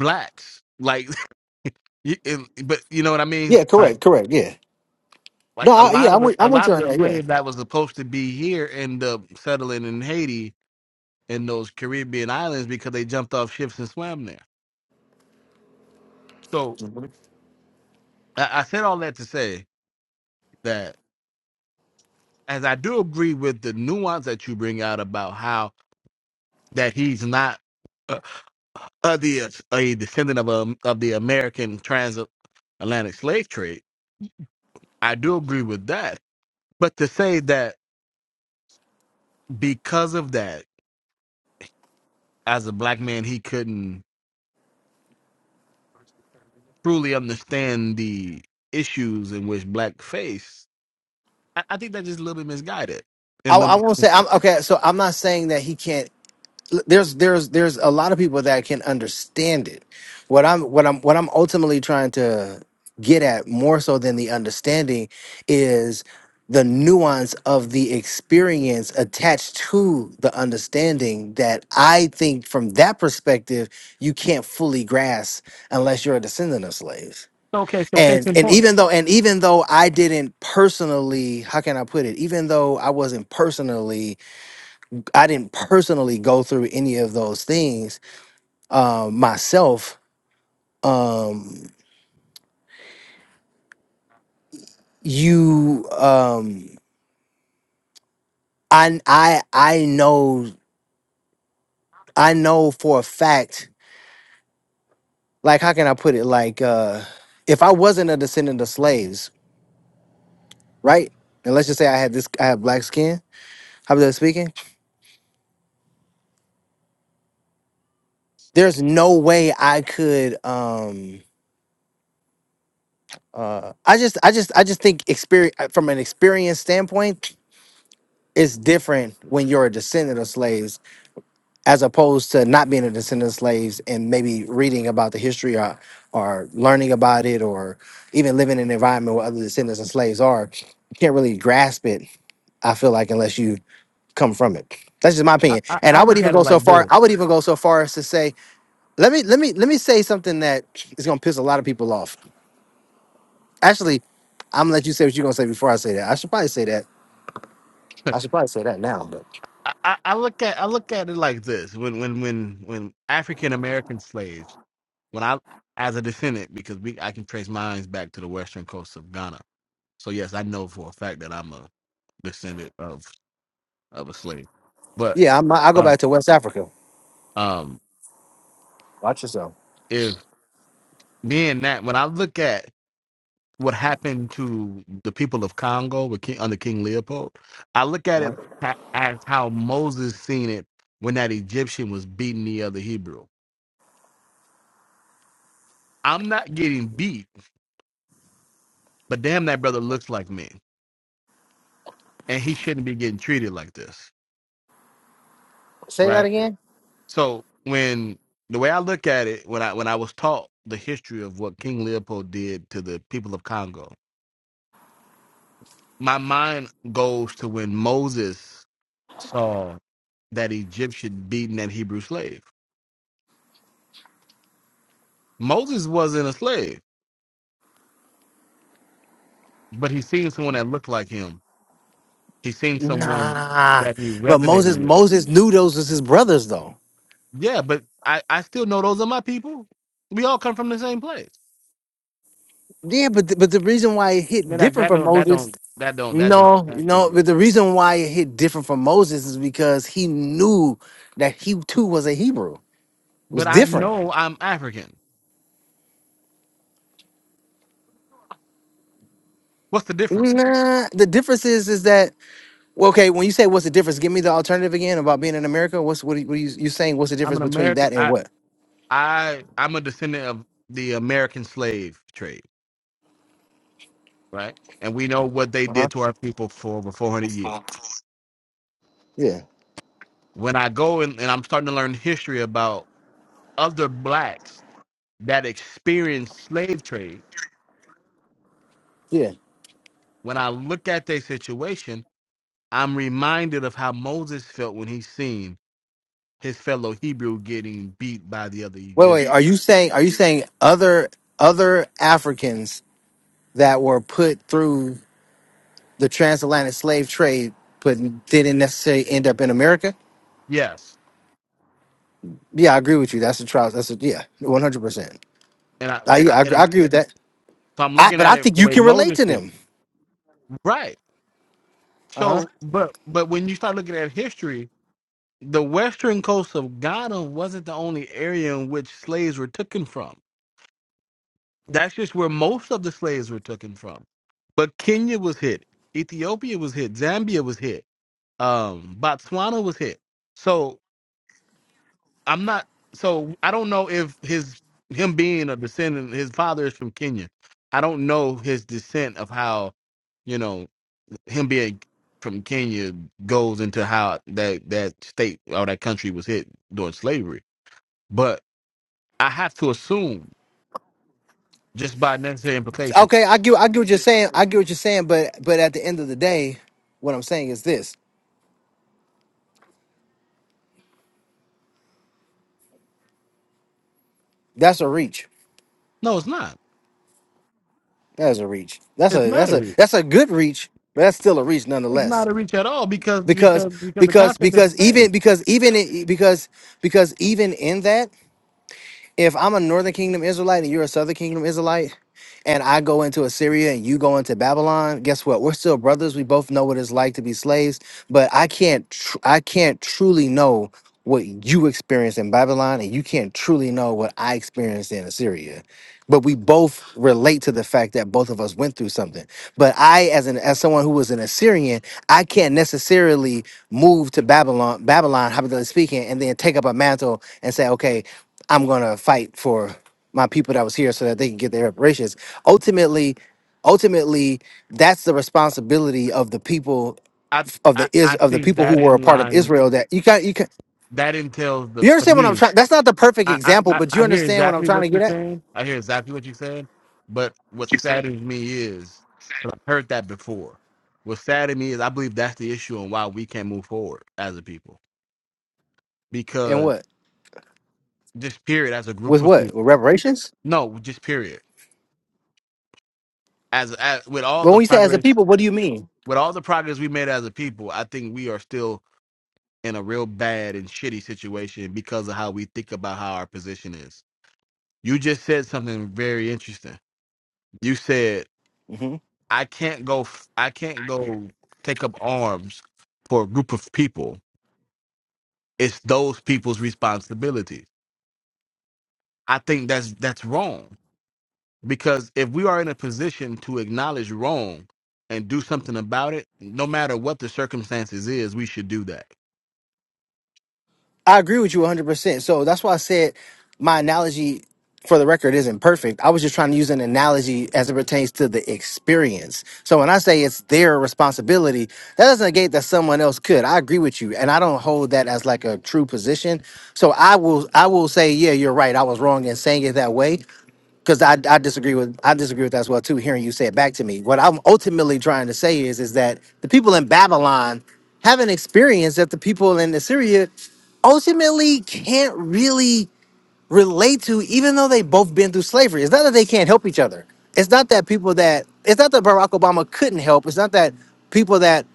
[SPEAKER 1] blacks. Like, *laughs* you- it- but you know what I mean.
[SPEAKER 2] Yeah,
[SPEAKER 1] Like,
[SPEAKER 2] correct, correct. Yeah.
[SPEAKER 1] like
[SPEAKER 2] No,
[SPEAKER 1] a
[SPEAKER 2] I,
[SPEAKER 1] lot
[SPEAKER 2] yeah,
[SPEAKER 1] of
[SPEAKER 2] I'm
[SPEAKER 1] the,
[SPEAKER 2] with,
[SPEAKER 1] a
[SPEAKER 2] I'm with
[SPEAKER 1] lot
[SPEAKER 2] you
[SPEAKER 1] of
[SPEAKER 2] on
[SPEAKER 1] the
[SPEAKER 2] that. Yeah.
[SPEAKER 1] slaves that was supposed to be here end up settling in Haiti in those Caribbean islands because they jumped off ships and swam there. So I, I said all that to say that as I do agree with the nuance that you bring out about how that he's not uh, of the uh, a descendant of um, of the American transatlantic slave trade. I do agree with that, but to say that because of that, as a black man, he couldn't truly understand the issues in which black face, I, I think that's just a little bit misguided
[SPEAKER 2] I,
[SPEAKER 1] and a
[SPEAKER 2] I
[SPEAKER 1] little
[SPEAKER 2] won't say I'm okay. So I'm not saying that he can't. there's there's there's a lot of people that can understand it what i'm what i'm what i'm ultimately trying to get at more so than the understanding is the nuance of the experience attached to the understanding that i think from that perspective you can't fully grasp unless you're a descendant of slaves
[SPEAKER 1] Okay, so case
[SPEAKER 2] and
[SPEAKER 1] in
[SPEAKER 2] and
[SPEAKER 1] point.
[SPEAKER 2] even though and even though i didn't personally how can i put it even though i wasn't personally I didn't personally go through any of those things um, myself. Um, you, um, I, I, I know, I know for a fact. Like, how can I put it? Like, uh, if I wasn't a descendant of slaves, right? And let's just say I had this, I have black skin. How about speaking? There's no way I could. Um, uh, I just, I just, I just think experience from an experience standpoint, it's different when you're a descendant of slaves as opposed to not being a descendant of slaves and maybe reading about the history or, or learning about it or even living in an environment where other descendants of slaves are, you can't really grasp it, I feel like, unless you come from it. That's just my opinion. And I would even go so far, I would even go so far as to say, let me let me let me say something that is gonna piss a lot of people off. Actually, I'm gonna let you say what you're gonna say before I say that. I should probably say that. I should probably say that now, but
[SPEAKER 1] I, I look at I look at it like this when when when when African American slaves when I as a descendant because we I can trace mine back to the western coast of Ghana so yes I know for a fact that I'm a descendant of of a slave but
[SPEAKER 2] yeah, I'm, I go
[SPEAKER 1] Uh,
[SPEAKER 2] back to West Africa.
[SPEAKER 1] um
[SPEAKER 2] Watch yourself.
[SPEAKER 1] if being that when I look at what happened to the people of Congo with King, under King Leopold I look at it ha- as how Moses seen it when that Egyptian was beating the other Hebrew I'm not getting beat, but damn, that brother looks like me, and he shouldn't be getting treated like this,
[SPEAKER 2] Say that
[SPEAKER 1] right?
[SPEAKER 2] again.
[SPEAKER 1] So when the way I look at it, when I when I was taught the history of what King Leopold did to the people of Congo, my mind goes to when Moses saw that Egyptian beating that Hebrew slave. Moses wasn't a slave, but he seen someone that looked like him. He seen someone
[SPEAKER 2] Nah,
[SPEAKER 1] that he
[SPEAKER 2] but
[SPEAKER 1] resonated
[SPEAKER 2] Moses
[SPEAKER 1] with
[SPEAKER 2] Moses knew those was his brothers though.
[SPEAKER 1] Yeah, but I, I still know those are my people. We all come from the same place.
[SPEAKER 2] Yeah, but the, but the reason why it hit
[SPEAKER 1] And like
[SPEAKER 2] different
[SPEAKER 1] that
[SPEAKER 2] for
[SPEAKER 1] don't that
[SPEAKER 2] Moses,
[SPEAKER 1] don't that don't that don't.
[SPEAKER 2] no, no.
[SPEAKER 1] translate
[SPEAKER 2] but
[SPEAKER 1] it.
[SPEAKER 2] the reason why it hit different for Moses is because he knew that he too was a Hebrew. It was
[SPEAKER 1] But I
[SPEAKER 2] different.
[SPEAKER 1] know I'm African. What's the difference?
[SPEAKER 2] Nah, the difference is is that well, okay. When you say what's the difference, give me the alternative again about being in America. What's what are you, what are you you saying? What's the
[SPEAKER 1] I'm
[SPEAKER 2] difference
[SPEAKER 1] an
[SPEAKER 2] between
[SPEAKER 1] American.
[SPEAKER 2] that and
[SPEAKER 1] I
[SPEAKER 2] what?
[SPEAKER 1] I I'm a descendant of the American slave trade, right? And we know what they
[SPEAKER 2] Uh huh.
[SPEAKER 1] did to our people for over 400 years.
[SPEAKER 2] Yeah.
[SPEAKER 1] When I go and, and I'm starting to learn history about other blacks that experienced slave trade,
[SPEAKER 2] Yeah.
[SPEAKER 1] when I look at their situation, I'm reminded of how Moses felt when he seen his fellow Hebrew getting beat by the other
[SPEAKER 2] Wait, wait. Are
[SPEAKER 1] Egyptian.
[SPEAKER 2] you saying are you saying other other Africans? that were put through the transatlantic slave trade, but didn't necessarily end up in America.
[SPEAKER 1] Yes,
[SPEAKER 2] Yeah, I agree with you. That's a trial. That's a yeah, one hundred percent.
[SPEAKER 1] and I
[SPEAKER 2] I
[SPEAKER 1] I-
[SPEAKER 2] I
[SPEAKER 1] and I'm
[SPEAKER 2] I agree with that.
[SPEAKER 1] so I'm
[SPEAKER 2] I,
[SPEAKER 1] looking
[SPEAKER 2] but
[SPEAKER 1] at
[SPEAKER 2] I
[SPEAKER 1] it
[SPEAKER 2] think
[SPEAKER 1] the
[SPEAKER 2] you
[SPEAKER 1] way
[SPEAKER 2] can relate to
[SPEAKER 1] it is.
[SPEAKER 2] them.
[SPEAKER 1] right.
[SPEAKER 2] Uh huh.
[SPEAKER 1] So, but but when you start looking at history, the western coast of Ghana wasn't the only area in which slaves were taken from. That's just where most of the slaves were taken from. But Kenya was hit, Ethiopia was hit, Zambia was hit, um, Botswana was hit. So I'm not. So I don't know if his him being a descendant, his father is from Kenya. I don't know his descent of how, you know, him being from Kenya goes into how that that state or that country was hit during slavery. But I have to assume just by necessary implication.
[SPEAKER 2] Okay, I get I get what you're saying. I get what you're saying. But but at the end of the day, what I'm saying is this: that's a reach.
[SPEAKER 1] No, it's not.
[SPEAKER 2] That's a reach. That's
[SPEAKER 1] It's
[SPEAKER 2] a
[SPEAKER 1] not
[SPEAKER 2] that's
[SPEAKER 1] a
[SPEAKER 2] a
[SPEAKER 1] reach.
[SPEAKER 2] that's a good reach, but that's still a reach
[SPEAKER 1] It's
[SPEAKER 2] nonetheless.
[SPEAKER 1] not a reach at all because
[SPEAKER 2] Because
[SPEAKER 1] because the
[SPEAKER 2] because
[SPEAKER 1] concept is the
[SPEAKER 2] because
[SPEAKER 1] same.
[SPEAKER 2] even because even i- because because even in that. If I'm a Northern Kingdom Israelite and you're a Southern Kingdom Israelite, and I go into Assyria and you go into Babylon, guess what? We're still brothers. We both know what it's like to be slaves, but I can't tr- I can't truly know what you experienced in Babylon and you can't truly know what I experienced in Assyria. But we both relate to the fact that both of us went through something. But I, as an as someone who was an Assyrian, I can't necessarily move to Babylon, Babylon, hypothetically speaking, and then take up a mantle and say, okay, I'm gonna fight for my people that was here so that they can get their reparations. Ultimately, ultimately, that's the responsibility of the people
[SPEAKER 1] I
[SPEAKER 2] of
[SPEAKER 1] I,
[SPEAKER 2] the is
[SPEAKER 1] I
[SPEAKER 2] of the
[SPEAKER 1] think
[SPEAKER 2] people who
[SPEAKER 1] that
[SPEAKER 2] were a
[SPEAKER 1] in
[SPEAKER 2] part of
[SPEAKER 1] line
[SPEAKER 2] Israel. That you can you can
[SPEAKER 1] that entails the
[SPEAKER 2] you
[SPEAKER 1] for
[SPEAKER 2] understand what I'm
[SPEAKER 1] me.
[SPEAKER 2] trying. That's not the perfect
[SPEAKER 1] I, I
[SPEAKER 2] example,
[SPEAKER 1] I
[SPEAKER 2] but you
[SPEAKER 1] I hear
[SPEAKER 2] understand what I'm
[SPEAKER 1] exactly
[SPEAKER 2] trying
[SPEAKER 1] what
[SPEAKER 2] to
[SPEAKER 1] you're
[SPEAKER 2] get at.
[SPEAKER 1] saying. I hear exactly what you're saying. But what saddens me is because 'cause I've heard that before. What saddens me is I believe that's the issue and why we can't move forward as a people
[SPEAKER 2] And
[SPEAKER 1] because
[SPEAKER 2] what
[SPEAKER 1] just period as a group
[SPEAKER 2] with
[SPEAKER 1] of people.
[SPEAKER 2] what with reparations?
[SPEAKER 1] No, just period. As, as with all
[SPEAKER 2] But
[SPEAKER 1] the
[SPEAKER 2] when you say as a
[SPEAKER 1] progress
[SPEAKER 2] people, what do you mean?
[SPEAKER 1] with all the progress we made as a people, I think we are still in a real bad and shitty situation because of how we think about how our position is. You just said something very interesting. You said
[SPEAKER 2] Mm-hmm.
[SPEAKER 1] I can't go f- I can't go take up arms for a group of people. It's those people's responsibility. I think that's that's wrong because if we are in a position to acknowledge wrong and do something about it, no matter what the circumstances is, we should do that.
[SPEAKER 2] I agree with you 100%. So that's why I said my analogy for the record isn't perfect. I was just trying to use an analogy as it pertains to the experience. So when I say it's their responsibility, that doesn't negate that someone else could. I agree with you and I don't hold that as like a true position. So I will I will say yeah, you're right. I was wrong in saying it that way, because I, I disagree with I disagree with that as well too. Hearing you say it back to me, what I'm ultimately trying to say is is that the people in Babylon have an experience that the people in Assyria ultimately can't really relate to, even though they've both been through slavery. It's not that they can't help each other. It's not that people that it's not that Barack Obama couldn't help. It's not that people that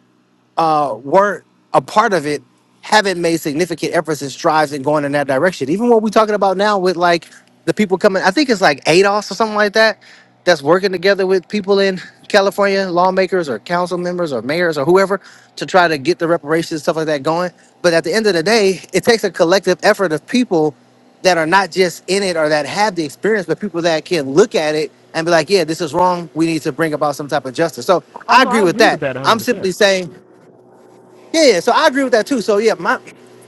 [SPEAKER 2] uh, weren't a part of it haven't made significant efforts and strives in going in that direction. Even what we're talking about now with like the people coming, I think it's like ADOS or something like that, that's working together with people in California, lawmakers or council members or mayors or whoever to try to get the reparations, stuff like that going. But at the end of the day, it takes a collective effort of people that are not just in it or that have the experience, but people that can look at it and be like, yeah, this is wrong. We need to bring about some type of justice. So
[SPEAKER 1] Oh
[SPEAKER 2] I
[SPEAKER 1] no,
[SPEAKER 2] agree
[SPEAKER 1] I
[SPEAKER 2] with
[SPEAKER 1] agree with
[SPEAKER 2] that.
[SPEAKER 1] that
[SPEAKER 2] I'm
[SPEAKER 1] 100%.
[SPEAKER 2] simply saying yeah, yeah. So I agree with that too. So yeah, my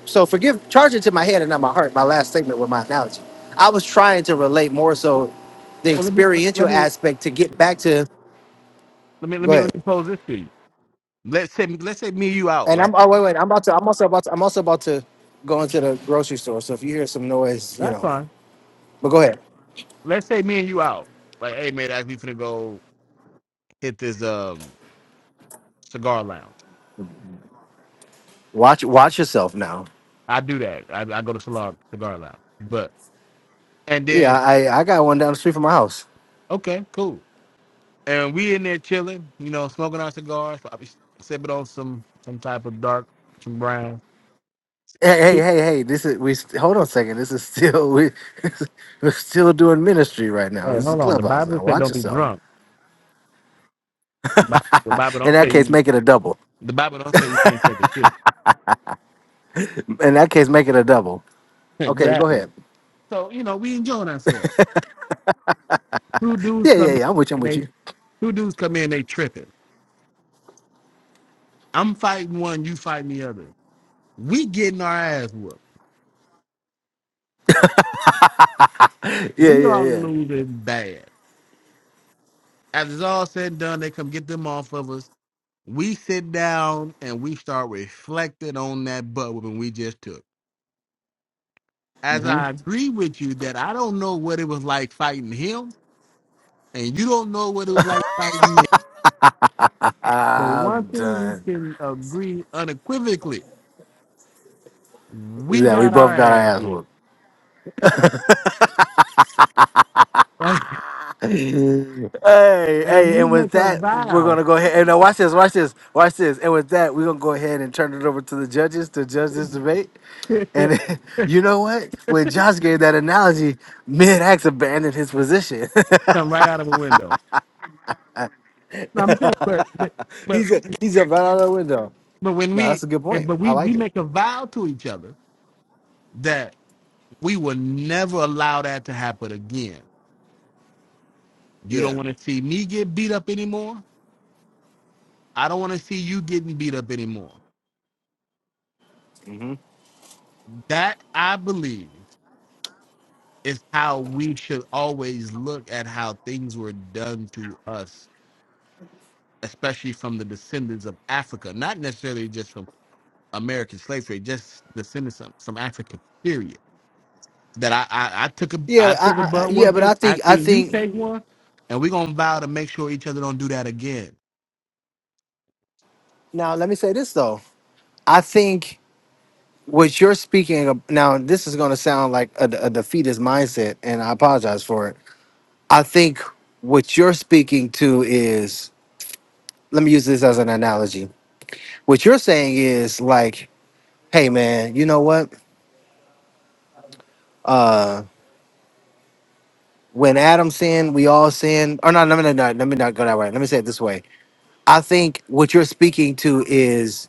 [SPEAKER 2] so forgive charge it to my head and not my heart. My last statement with my analogy. I was trying to relate more so the
[SPEAKER 1] Well, let me let,
[SPEAKER 2] experiential
[SPEAKER 1] let me
[SPEAKER 2] aspect to get back to
[SPEAKER 1] let me let
[SPEAKER 2] go
[SPEAKER 1] me
[SPEAKER 2] ahead.
[SPEAKER 1] let me pose this to you. Let's say let's say me and you out,
[SPEAKER 2] And I'm
[SPEAKER 1] right?
[SPEAKER 2] oh wait, wait, I'm about to I'm also about to I'm also about to go into the grocery store. So if you hear some noise, you
[SPEAKER 1] That's
[SPEAKER 2] know.
[SPEAKER 1] fine.
[SPEAKER 2] But go ahead.
[SPEAKER 1] Let's say me and you out. Like, hey man, I- we finna go hit this um cigar lounge.
[SPEAKER 2] Watch watch yourself now.
[SPEAKER 1] I do that. I, I go to cigar cigar lounge. But and
[SPEAKER 2] Yeah,
[SPEAKER 1] then
[SPEAKER 2] I I got one down the street from my house.
[SPEAKER 1] okay, cool. And we in there chilling, you know, smoking our cigars, probably sipping on some some type of dark, some brown.
[SPEAKER 2] Hey, hey, hey, hey, this is we st- hold on a second. This is still we *laughs* we're still doing ministry right now.
[SPEAKER 1] Hey,
[SPEAKER 2] This is
[SPEAKER 1] hold on. The
[SPEAKER 2] clubhouse
[SPEAKER 1] Bible
[SPEAKER 2] now.
[SPEAKER 1] said
[SPEAKER 2] Watch
[SPEAKER 1] don't be
[SPEAKER 2] yourself.
[SPEAKER 1] drunk. The Bible, the Bible
[SPEAKER 2] In
[SPEAKER 1] don't
[SPEAKER 2] that
[SPEAKER 1] say
[SPEAKER 2] case,
[SPEAKER 1] you.
[SPEAKER 2] make it a double.
[SPEAKER 1] The Bible don't say you can't take a sip. *laughs*
[SPEAKER 2] In that case, make it a double. Okay, go
[SPEAKER 1] Exactly.
[SPEAKER 2] ahead.
[SPEAKER 1] So you know, we enjoying ourselves. Two dudes
[SPEAKER 2] Yeah,
[SPEAKER 1] come
[SPEAKER 2] yeah,
[SPEAKER 1] in
[SPEAKER 2] yeah. I'm with you. I'm
[SPEAKER 1] and
[SPEAKER 2] with
[SPEAKER 1] they
[SPEAKER 2] you.
[SPEAKER 1] two dudes come in they tripping. I'm fighting one, you fighting the other. We getting our ass whooped.
[SPEAKER 2] Yeah,
[SPEAKER 1] We
[SPEAKER 2] yeah,
[SPEAKER 1] are
[SPEAKER 2] yeah.
[SPEAKER 1] losing bad. After it's all said and done, they come get them off of us. We sit down and we start reflecting on that butt whooping we just took. As I agree with you that I don't know what it was like fighting him, and you don't know what it was like fighting me. But one
[SPEAKER 2] I'm
[SPEAKER 1] thing
[SPEAKER 2] done.
[SPEAKER 1] we can agree unequivocally, we
[SPEAKER 2] Yeah, we
[SPEAKER 1] got our
[SPEAKER 2] both got our
[SPEAKER 1] ass
[SPEAKER 2] ass
[SPEAKER 1] whooped.
[SPEAKER 2] whooped.
[SPEAKER 1] *laughs*
[SPEAKER 2] Hey,
[SPEAKER 1] and
[SPEAKER 2] hey,
[SPEAKER 1] we
[SPEAKER 2] and with
[SPEAKER 1] make a
[SPEAKER 2] that, we're
[SPEAKER 1] vow
[SPEAKER 2] gonna go ahead and now watch this, watch this, watch this. And with that, we're gonna go ahead and turn it over to the judges to judge this debate.
[SPEAKER 1] *laughs*
[SPEAKER 2] And *laughs* you know what? When Josh gave that analogy, mid-ax abandoned his position.
[SPEAKER 1] come right out of a window. No, I'm saying, but but
[SPEAKER 2] *laughs*
[SPEAKER 1] but
[SPEAKER 2] he's he's up right out of the window.
[SPEAKER 1] but when
[SPEAKER 2] No,
[SPEAKER 1] we
[SPEAKER 2] that's a good
[SPEAKER 1] and
[SPEAKER 2] point.
[SPEAKER 1] but
[SPEAKER 2] I
[SPEAKER 1] we we
[SPEAKER 2] like it.
[SPEAKER 1] make a vow to each other that we will never allow that to happen again. You don't
[SPEAKER 2] Yeah.
[SPEAKER 1] want to see me get beat up anymore. I don't want to see you getting beat up anymore. That I believe is how we should always look at how things were done to us, especially from the descendants of Africa, not necessarily just from American slave trade, just descendants some some African period. That I, I, I took a
[SPEAKER 2] Yeah,
[SPEAKER 1] I
[SPEAKER 2] I,
[SPEAKER 1] took a
[SPEAKER 2] I,
[SPEAKER 1] butt
[SPEAKER 2] yeah, but I
[SPEAKER 1] whooping. I
[SPEAKER 2] think I
[SPEAKER 1] seen you
[SPEAKER 2] think
[SPEAKER 1] take one, and we're gonna vow to make sure each other don't do that again.
[SPEAKER 2] Now, let me say this though. I think what you're speaking of now, this is going to sound like a, a defeatist mindset, and I apologize for it. I think what you're speaking to is, let me use this as an analogy. What you're saying is like, hey man, you know what? When Adam sinned, we all sinned. Or no, no, no, no, let me not go that way. Let me say it this way. I think what you're speaking to is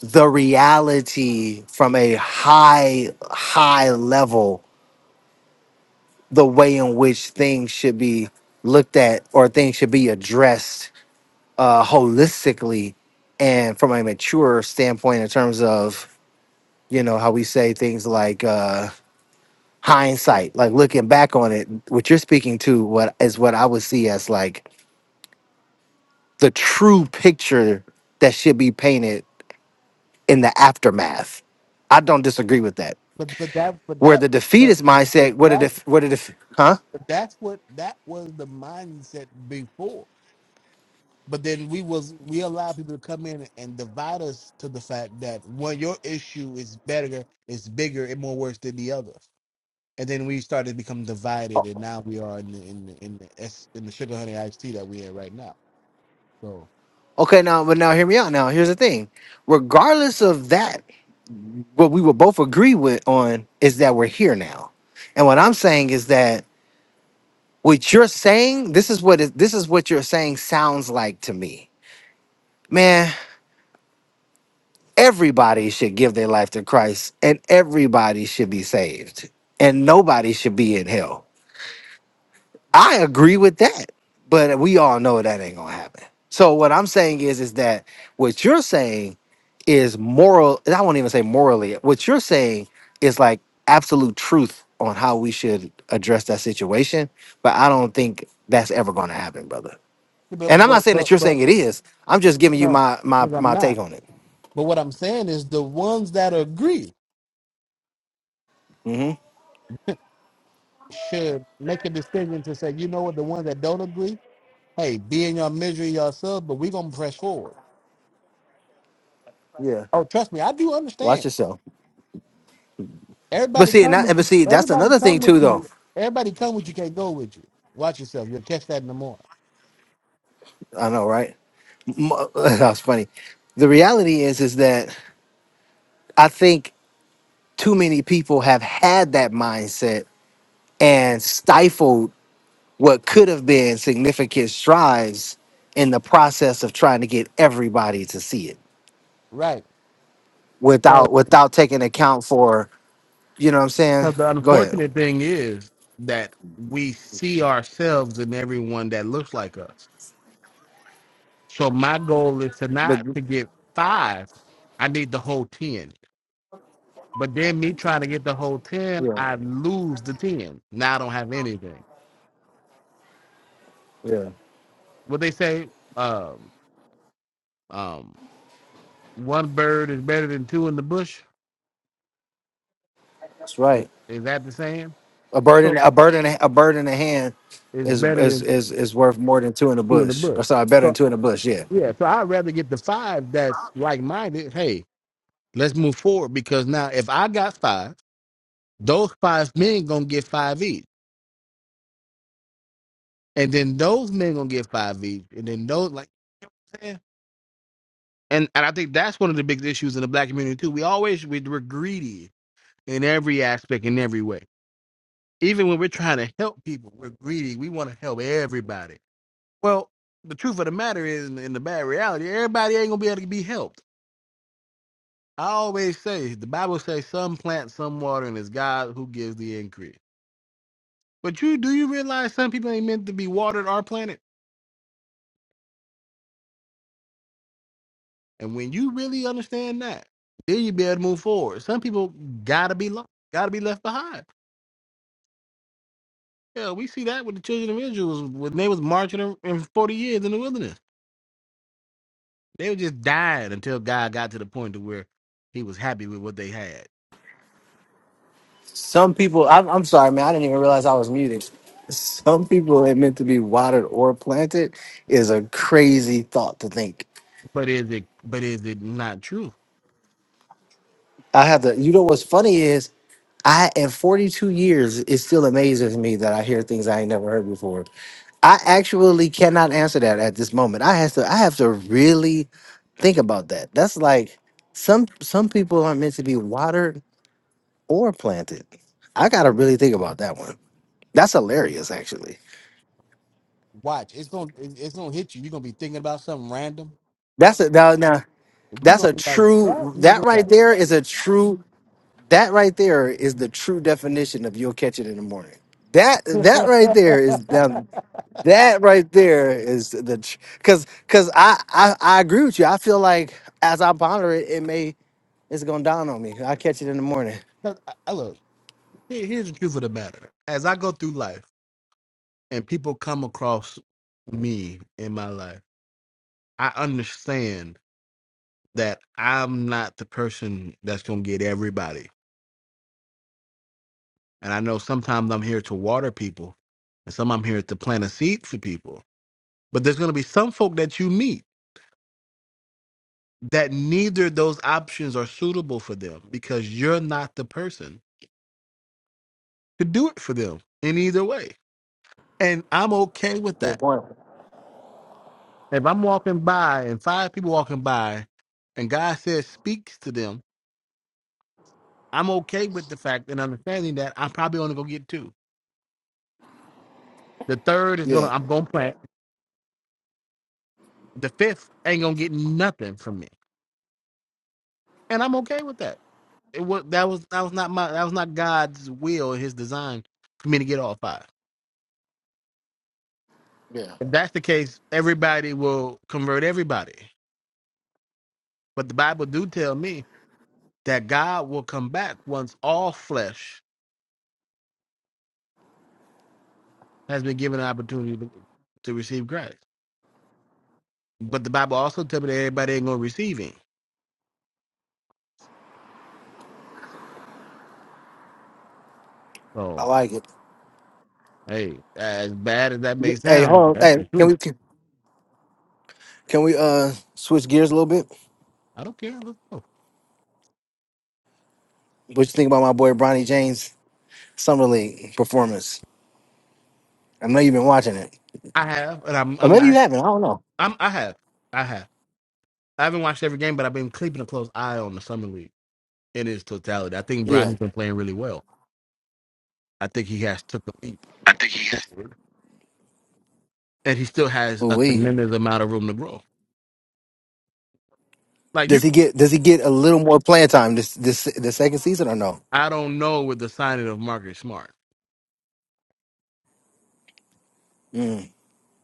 [SPEAKER 2] the reality from a high, high level the way in which things should be looked at or things should be addressed uh, holistically and from a mature standpoint in terms of you know how we say things like uh, hindsight like looking back on it what you're speaking to what is what i would see as like the true picture that should be painted in the aftermath i don't disagree with that
[SPEAKER 1] But but that but
[SPEAKER 2] where
[SPEAKER 1] that
[SPEAKER 2] the
[SPEAKER 1] but
[SPEAKER 2] defeatist
[SPEAKER 1] but
[SPEAKER 2] mindset where the
[SPEAKER 1] that
[SPEAKER 2] def- where the def- huh
[SPEAKER 1] but that's what that was the mindset before. but then we was we allow people to come in and divide us to the fact that one your issue is better is bigger and more worse than the other and then we started to become divided and now we are in the in the in the, S, in the sugar honey iced tea that we're in right now so
[SPEAKER 2] Okay, now, but now hear me out. Now, here's the thing. Regardless of that, what we will both agree with on is that we're here now. And what I'm saying is that what you're saying, this is what it, this is what you're saying sounds like to me. Man, everybody should give their life to Christ and everybody should be saved and nobody should be in hell. I agree with that, but we all know that ain't gonna happen. So what I'm saying is, is that what you're saying is moral. and I won't even say morally. What you're saying is like absolute truth on how we should address that situation. But I don't think that's ever gonna happen, brother.
[SPEAKER 1] but
[SPEAKER 2] And I'm not
[SPEAKER 1] but
[SPEAKER 2] saying that
[SPEAKER 1] but,
[SPEAKER 2] you're
[SPEAKER 1] but
[SPEAKER 2] saying it is. I'm just giving you
[SPEAKER 1] no
[SPEAKER 2] my my
[SPEAKER 1] because i'm
[SPEAKER 2] my
[SPEAKER 1] not
[SPEAKER 2] take on it.
[SPEAKER 1] but what i'm saying is the ones that agree should make a decision to say you know what the ones that don't agree hey be in your misery yourself but we're gonna press forward
[SPEAKER 2] Yeah,
[SPEAKER 1] oh trust me i do
[SPEAKER 2] watch
[SPEAKER 1] understand
[SPEAKER 2] yourself. But
[SPEAKER 1] Everybody
[SPEAKER 2] see, and
[SPEAKER 1] come
[SPEAKER 2] that,
[SPEAKER 1] with
[SPEAKER 2] but
[SPEAKER 1] you.
[SPEAKER 2] see, that's
[SPEAKER 1] Everybody
[SPEAKER 2] another
[SPEAKER 1] come
[SPEAKER 2] thing
[SPEAKER 1] with
[SPEAKER 2] too, though.
[SPEAKER 1] you. Everybody come with you can't go with you. Watch yourself. You'll catch that in the morning.
[SPEAKER 2] I know, right? Mo- *laughs* That's funny. The reality is, is that I think too many people have had that mindset and stifled what could have been significant strides in the process of trying to get everybody to see it
[SPEAKER 1] Right. Because, 'cause
[SPEAKER 2] without without taking account for you know what I'm saying.
[SPEAKER 1] the
[SPEAKER 2] Go ahead,
[SPEAKER 1] unfortunate thing is that we see ourselves in everyone that looks like us. So my goal is to
[SPEAKER 2] but
[SPEAKER 1] not to get five. I need the whole ten. But then me trying to get the whole ten,
[SPEAKER 2] yeah,
[SPEAKER 1] I lose the ten. Now I don't have anything.
[SPEAKER 2] yeah,
[SPEAKER 1] What they say, um, um, one bird is better than two in the bush.
[SPEAKER 2] that's right.
[SPEAKER 1] Is that the saying?
[SPEAKER 2] A bird
[SPEAKER 1] So
[SPEAKER 2] in a bird in a, a bird in the hand
[SPEAKER 1] is
[SPEAKER 2] is
[SPEAKER 1] better
[SPEAKER 2] is
[SPEAKER 1] than
[SPEAKER 2] is is worth more than two in the
[SPEAKER 1] two in the
[SPEAKER 2] bush.
[SPEAKER 1] bush.
[SPEAKER 2] Or sorry, better than
[SPEAKER 1] So
[SPEAKER 2] two in the bush. yeah.
[SPEAKER 1] yeah, so I'd rather get the five that's like minded. Hey, let's move forward because now if I got five, those five men gonna get five each, and then those men gonna get five each, and then those like yeah. and and I think that's one of the big issues in the black community too. We always we- we're greedy in every aspect in every way. Even when we're trying to help people, we're greedy. We want to help everybody. Well, the truth of the matter is, in the bad reality, everybody ain't gonna be able to be helped I always say the Bible says some plant, some water, and it's God who gives the increase. But you do you realize some people ain't meant to be watered our planet? And when you really understand that, then you be able to move forward. Some people gotta be lost, gotta be left behind. Yeah, we see that with the children of Israel when they was marching in in forty years in the wilderness. They were just dying until God got to the point to where he was happy with what they had.
[SPEAKER 2] Some people, I'm, I'm sorry, man. I didn't even realize I was muted. Some people ain't meant to be watered or planted is a crazy thought to think.
[SPEAKER 1] But is it but is it not true?
[SPEAKER 2] I have to, you know, what's funny is I, in 42 years, it still amazes me that I hear things I ain't never heard before. I actually cannot answer that at this moment. I have to, I have to really think about that. That's like some, some people aren't meant to be watered or planted. I got to really think about that one. That's hilarious, actually.
[SPEAKER 1] Watch, it's gonna it- it's gonna hit you. You're gonna be thinking about something random,
[SPEAKER 2] That's a now, now
[SPEAKER 1] If you
[SPEAKER 2] that's
[SPEAKER 1] gonna
[SPEAKER 2] a
[SPEAKER 1] be like that,
[SPEAKER 2] true
[SPEAKER 1] nigga,
[SPEAKER 2] that right
[SPEAKER 1] right?
[SPEAKER 2] there is a true that right there is the true definition of you'll catch it in the morning. That that right there is
[SPEAKER 1] *laughs*
[SPEAKER 2] now that right there is the because because I, I I agree with you. I feel like as I ponder it, it may it's gonna dawn on me. I catch it in the morning.
[SPEAKER 1] 'Cause I, I look. here- Here's the truth of the matter. As I go through life, and people come across me in my life, I understand that I'm not the person that's gonna get everybody. And I know sometimes I'm here to water people, and some I'm here to plant a seed for people. But there's gonna be some folk that you meet that neither of those options are suitable for them because you're not the person to do it for them in either way And I'm okay with
[SPEAKER 2] Good
[SPEAKER 1] that.
[SPEAKER 2] point.
[SPEAKER 1] If I'm walking by and five people walking by and God says speaks to them, I'm okay with the fact and understanding that I'm probably only gonna get two. The third is gonna
[SPEAKER 2] Yeah,
[SPEAKER 1] I'm gonna plant. The fifth ain't gonna get nothing from me. And I'm okay with that. It was that was that was not my that was not God's will, his design for me to get all five.
[SPEAKER 2] yeah,
[SPEAKER 1] If that's the case, everybody will convert everybody. But the Bible do tell me that God will come back once all flesh has been given an opportunity to receive Christ. But the Bible also tells me that everybody ain't gonna receive him.
[SPEAKER 2] I
[SPEAKER 1] So
[SPEAKER 2] like it.
[SPEAKER 1] hey, as bad as that may
[SPEAKER 2] Hey,
[SPEAKER 1] sound,
[SPEAKER 2] hold on.
[SPEAKER 1] that's
[SPEAKER 2] Hey,
[SPEAKER 1] the
[SPEAKER 2] can
[SPEAKER 1] truth.
[SPEAKER 2] we can, can we uh switch gears a little bit?
[SPEAKER 1] I don't care. Let's go.
[SPEAKER 2] What you think about my boy Bronny James summer league performance? I know you've been watching it,
[SPEAKER 1] I have, and I'm
[SPEAKER 2] or
[SPEAKER 1] I'm
[SPEAKER 2] maybe you
[SPEAKER 1] I-
[SPEAKER 2] haven't. I don't know.
[SPEAKER 1] I'm I have I have. I haven't watched every game, but I've been keeping a close eye on the summer league in its totality. I think
[SPEAKER 2] Yeah.
[SPEAKER 1] Brownie's been playing really well. I think he has took a leap, and he still has
[SPEAKER 2] Ooh
[SPEAKER 1] a
[SPEAKER 2] wee.
[SPEAKER 1] tremendous amount of room to grow. Like
[SPEAKER 2] Does
[SPEAKER 1] you,
[SPEAKER 2] he get Does he get a little more playing time this this the second season or no?
[SPEAKER 1] I don't know with the signing of Marcus Smart
[SPEAKER 2] Mm.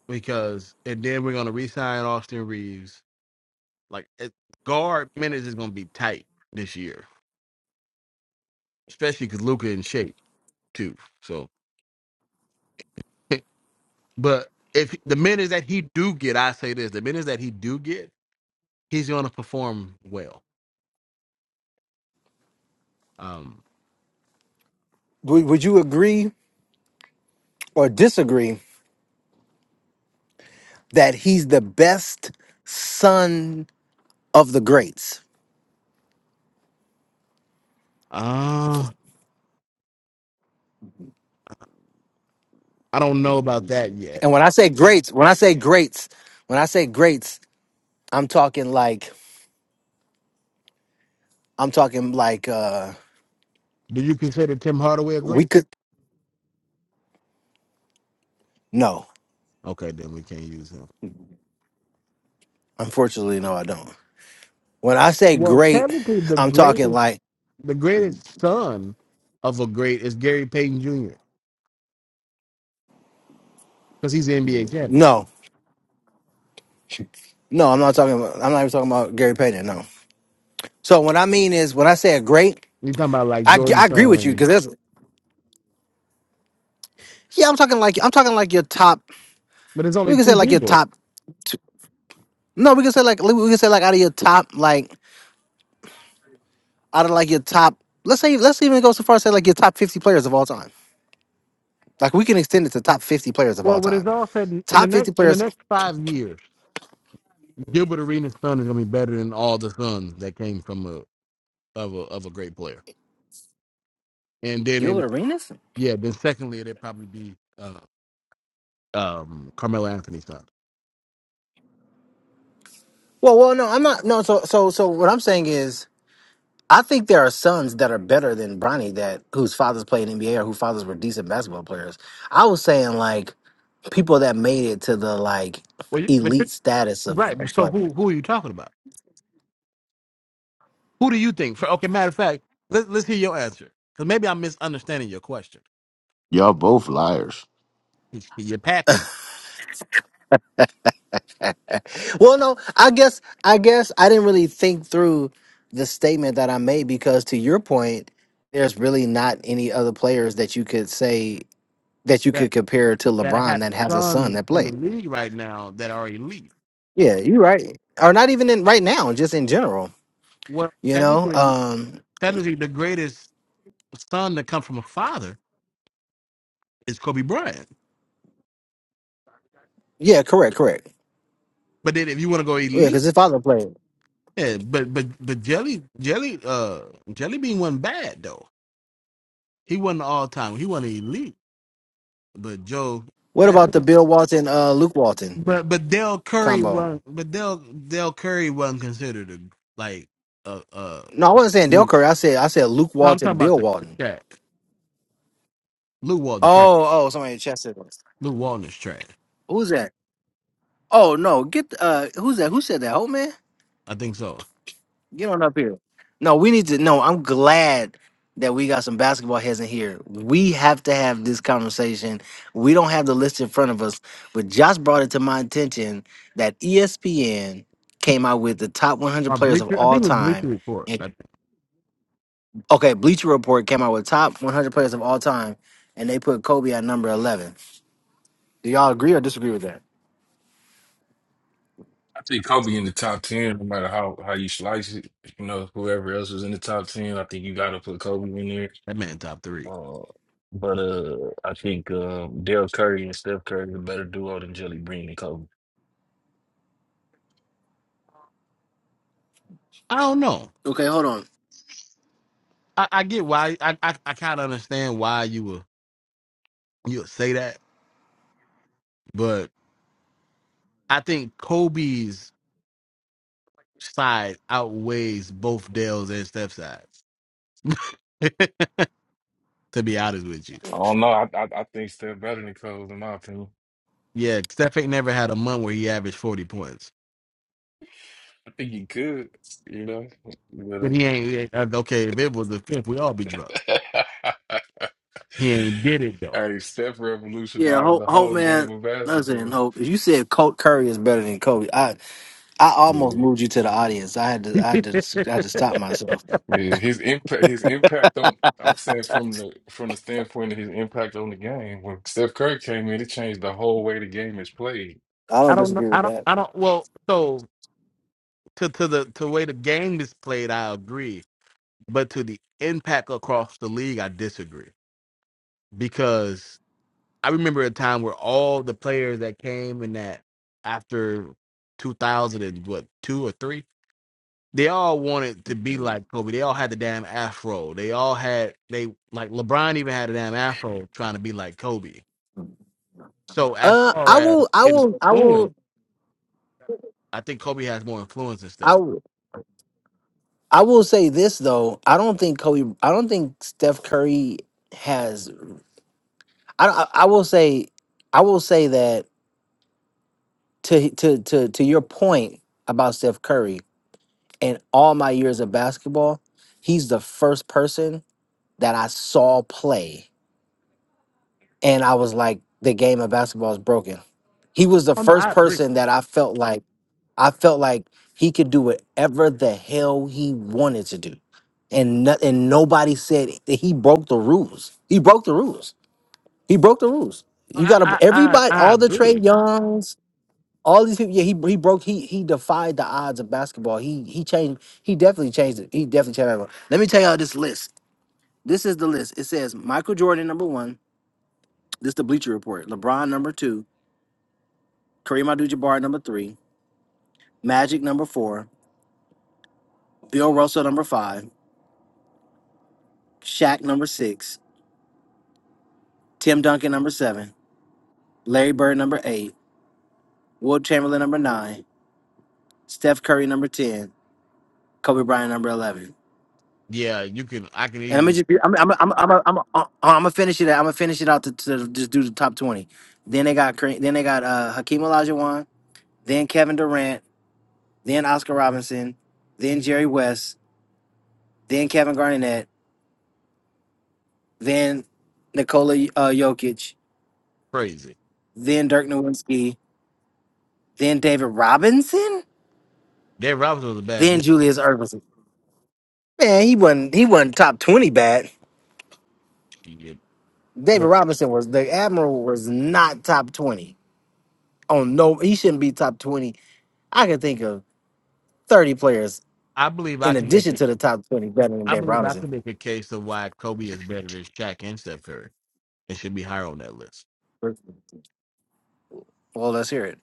[SPEAKER 1] because, and then we're gonna re-sign Austin Reeves Like it, guard minutes is gonna be tight this year, especially because Luca in shape too. So, *laughs* but if the minutes that he do get, I say this: the minutes that he do get, he's gonna perform well. Um,
[SPEAKER 2] Would Would you agree or disagree that he's the best son of the greats?
[SPEAKER 1] uh, I don't know about that yet.
[SPEAKER 2] And when I say greats, when I say greats, when I say greats, I'm talking like I'm talking like uh
[SPEAKER 1] Do you consider Tim Hardaway a
[SPEAKER 2] we
[SPEAKER 1] great?
[SPEAKER 2] could no.
[SPEAKER 1] Okay, then we can't use him.
[SPEAKER 2] Unfortunately, no, I don't. When I say
[SPEAKER 1] Well,
[SPEAKER 2] great, I'm talking
[SPEAKER 1] greatest,
[SPEAKER 2] like
[SPEAKER 1] the greatest son of a great is Gary Payton Jr. because he's the NBA champion.
[SPEAKER 2] no, no, I'm not talking about. I'm not even talking about Gary Payton. No, So what I mean is, when I say a great,
[SPEAKER 1] You're talking about like
[SPEAKER 2] I, g- I
[SPEAKER 1] Jordan's
[SPEAKER 2] agree with you
[SPEAKER 1] son,
[SPEAKER 2] because there's yeah, I'm talking like I'm talking like your top.
[SPEAKER 1] but it's
[SPEAKER 2] We
[SPEAKER 1] only
[SPEAKER 2] can say
[SPEAKER 1] two
[SPEAKER 2] like your
[SPEAKER 1] people.
[SPEAKER 2] top. Two, no, we can say like we can say like out of your top like out of like your top. Let's say let's even go so far as say like your top 50 players of all time. Like we can extend it to top 50 players of
[SPEAKER 1] Well,
[SPEAKER 2] all
[SPEAKER 1] what it's
[SPEAKER 2] time.
[SPEAKER 1] all said in in the
[SPEAKER 2] Top
[SPEAKER 1] next
[SPEAKER 2] 50
[SPEAKER 1] in the
[SPEAKER 2] players.
[SPEAKER 1] next five years, Gilbert Arenas' son is gonna be better than all the sons that came from a of a of a great player. And then in,
[SPEAKER 2] Gilbert Arenas?
[SPEAKER 1] yeah, then secondly, it'd probably be uh, um, Carmelo Anthony's son.
[SPEAKER 2] Well, well, no, I'm not. No, so so so what I'm saying is. I think there are sons that are better than Bronny that whose fathers played NBA or whose fathers were decent basketball players. I was saying like people that made it to the like
[SPEAKER 1] Well, you,
[SPEAKER 2] elite status of,
[SPEAKER 1] right.
[SPEAKER 2] of
[SPEAKER 1] So
[SPEAKER 2] like
[SPEAKER 1] who who are you talking about? Who do you think? For okay, matter of fact, let, let's hear your answer because maybe I'm misunderstanding your question.
[SPEAKER 5] Y'all both liars.
[SPEAKER 1] You're happy
[SPEAKER 2] well no i guess i guess i didn't really think through the statement that i made because to your point there's really not any other players that you could say that you
[SPEAKER 1] that
[SPEAKER 2] could compare to
[SPEAKER 1] that I
[SPEAKER 2] lebron
[SPEAKER 1] have
[SPEAKER 2] that has a son
[SPEAKER 1] sons
[SPEAKER 2] that
[SPEAKER 1] in the
[SPEAKER 2] played
[SPEAKER 1] league right now that are elite.
[SPEAKER 2] yeah you're right or not even in right now just in general
[SPEAKER 1] Well,
[SPEAKER 2] you know
[SPEAKER 1] technically,
[SPEAKER 2] um
[SPEAKER 1] technically, the greatest son that comes from a father is Kobe Bryant.
[SPEAKER 2] yeah correct correct
[SPEAKER 1] But then if you want to go
[SPEAKER 2] yeah
[SPEAKER 1] elite,
[SPEAKER 2] because his father played
[SPEAKER 1] yeah, but but but Jelly Jelly uh Jelly Bean wasn't bad though. He wasn't all time. He wasn't elite. But Joe,
[SPEAKER 2] what
[SPEAKER 1] eh.
[SPEAKER 2] about the bill walton uh luke walton
[SPEAKER 1] but but Dell Curry
[SPEAKER 2] combo
[SPEAKER 1] was but Dell Dell Curry wasn't considered a like a uh
[SPEAKER 2] no i wasn't saying dale
[SPEAKER 1] elite.
[SPEAKER 2] curry i said i said luke
[SPEAKER 1] No, I'm talking
[SPEAKER 2] walton
[SPEAKER 1] about
[SPEAKER 2] bill
[SPEAKER 1] the the
[SPEAKER 2] walton
[SPEAKER 1] cat. Lou Walton trash.
[SPEAKER 2] Oh, oh, somebody chested us.
[SPEAKER 1] Lou Walton is trash.
[SPEAKER 2] Who's that? Oh no, get uh who's that? Who said that? Hope man?
[SPEAKER 1] I think so.
[SPEAKER 2] Get on up here. No, we need to no, I'm glad that we got some basketball heads in here. We have to have this conversation. We don't have the list in front of us, but Josh brought it to my attention that ESPN came out with the top 100 players of all
[SPEAKER 1] Bleacher
[SPEAKER 2] time.
[SPEAKER 1] Report.
[SPEAKER 2] And
[SPEAKER 1] I,
[SPEAKER 2] okay, Bleacher Report came out with top 100 players of all time, and they put Kobe at number 11. Do y'all agree or disagree with that?
[SPEAKER 6] I think Kobe in the top ten, no matter how how you slice it. You know, whoever else was in the top ten, I think you got to put Kobe in there.
[SPEAKER 1] that man top three.
[SPEAKER 6] Uh, but uh, I think um, Dale Curry and Steph Curry are a better duo than Jelly Bean and Kobe.
[SPEAKER 1] I don't know.
[SPEAKER 2] Okay, hold on.
[SPEAKER 1] I, I get why. I I, I kind of understand why you would you would say that, but I think Kobe's side outweighs both Dale's and Steph's sides. *laughs* to be honest with you,
[SPEAKER 6] I don't know. I, I I think Steph better than Kobe, in my opinion.
[SPEAKER 1] yeah, Steph ain't never had a month where he averaged forty points.
[SPEAKER 6] I think he could, you know.
[SPEAKER 1] But he
[SPEAKER 6] But
[SPEAKER 1] ain't he ain't- uh, okay. If it was the fifth, we all be drunk.
[SPEAKER 6] uh,
[SPEAKER 1] He ain't did it
[SPEAKER 6] *laughs*
[SPEAKER 1] though.
[SPEAKER 6] hey, Steph
[SPEAKER 2] Yeah,
[SPEAKER 6] revolutionized
[SPEAKER 2] Hope,
[SPEAKER 6] the
[SPEAKER 2] Hope,
[SPEAKER 6] whole game
[SPEAKER 2] man.
[SPEAKER 6] of
[SPEAKER 2] Listen,
[SPEAKER 6] basketball.
[SPEAKER 2] Hope. If you said Colt Curry is better than Kobe, I, I almost
[SPEAKER 6] Yeah.
[SPEAKER 2] moved you to the audience. I had to, I had to, I had to stop myself.
[SPEAKER 6] Yeah, his impact, his impact on, I'm saying from the from the standpoint of his impact on the game. When Steph Curry came in, it changed the whole way the game is played.
[SPEAKER 2] I
[SPEAKER 1] I
[SPEAKER 2] don't
[SPEAKER 1] don't know.
[SPEAKER 2] disagree
[SPEAKER 1] I
[SPEAKER 2] with
[SPEAKER 1] don't.
[SPEAKER 2] that.
[SPEAKER 1] I don't. Well, so to to the to the way the game is played, I agree. But to the impact across the league, I disagree because I remember a time where all the players that came in that after 2000 and what two or three, they all wanted to be like Kobe. They all had the damn afro. They all had they like LeBron even had a damn afro trying to be like Kobe. So as
[SPEAKER 2] Uh,
[SPEAKER 1] far
[SPEAKER 2] I
[SPEAKER 1] as
[SPEAKER 2] will, I will, I
[SPEAKER 1] influence,
[SPEAKER 2] will,
[SPEAKER 1] I think Kobe has more influence and
[SPEAKER 2] I
[SPEAKER 1] stuff.
[SPEAKER 2] will, I will say this though. I don't think Kobe. I don't think Steph Curry has. I, I, I will say, I will say that to to to to your point about Steph Curry and all my years of basketball, he's the first person that I saw play and I was like, the game of basketball is broken. He was the
[SPEAKER 1] Oh no,
[SPEAKER 2] first
[SPEAKER 1] I agree.
[SPEAKER 2] person that I felt like I felt like he could do whatever the hell he wanted to do, and no, and nobody said that he broke the rules. He broke the rules. He broke the rules.
[SPEAKER 1] No,
[SPEAKER 2] You
[SPEAKER 1] I
[SPEAKER 2] got to
[SPEAKER 1] I I,
[SPEAKER 2] everybody,
[SPEAKER 1] I
[SPEAKER 2] all the Trey
[SPEAKER 1] agree.
[SPEAKER 2] Youngs, all these people. Yeah, he he broke. He he defied the odds of basketball. He he changed. He definitely changed it. He definitely changed it. Let me tell y'all this list. This is the list. It says Michael Jordan number one. This is the Bleacher Report. LeBron number two. Kareem Abdul-Jabbar number three, Magic number four, Bill Russell number five, Shaq number six, Tim Duncan number seven, Larry Bird number eight, Will Chamberlain number nine, Steph Curry number ten, Kobe Bryant number eleven.
[SPEAKER 1] Yeah, you can. I can
[SPEAKER 2] And let me
[SPEAKER 1] easily
[SPEAKER 2] just be, I'm I'm I'm I'm I'm uh, uh, I'm gonna finish it. I'm gonna finish it out to, to just do the top twenty. Then they got Kareem- then they got uh, Hakeem Olajuwon, then Kevin Durant, then Oscar Robinson, then Jerry West, then Kevin Garnett, then Nikola uh, Jokic,
[SPEAKER 1] praise it.
[SPEAKER 2] then Dirk Nowitzki, then David Robinson,
[SPEAKER 1] Dave Robinson was a bad boy,
[SPEAKER 2] then Julius Erving. Man, he wasn't he wasn't top twenty bad.
[SPEAKER 1] shit,
[SPEAKER 2] David
[SPEAKER 1] but
[SPEAKER 2] Robinson was the Admiral was not top twenty. On no, he shouldn't be top twenty. I can think of thirty players
[SPEAKER 1] I believe I
[SPEAKER 2] in
[SPEAKER 1] can make
[SPEAKER 2] addition
[SPEAKER 1] it.
[SPEAKER 2] to the top twenty better than
[SPEAKER 1] I
[SPEAKER 2] David
[SPEAKER 1] believe I
[SPEAKER 2] Robinson.
[SPEAKER 1] can make a case of why Kobe is better than Shaq and Steph Curry and should be higher on that list.
[SPEAKER 2] Well, let's hear it.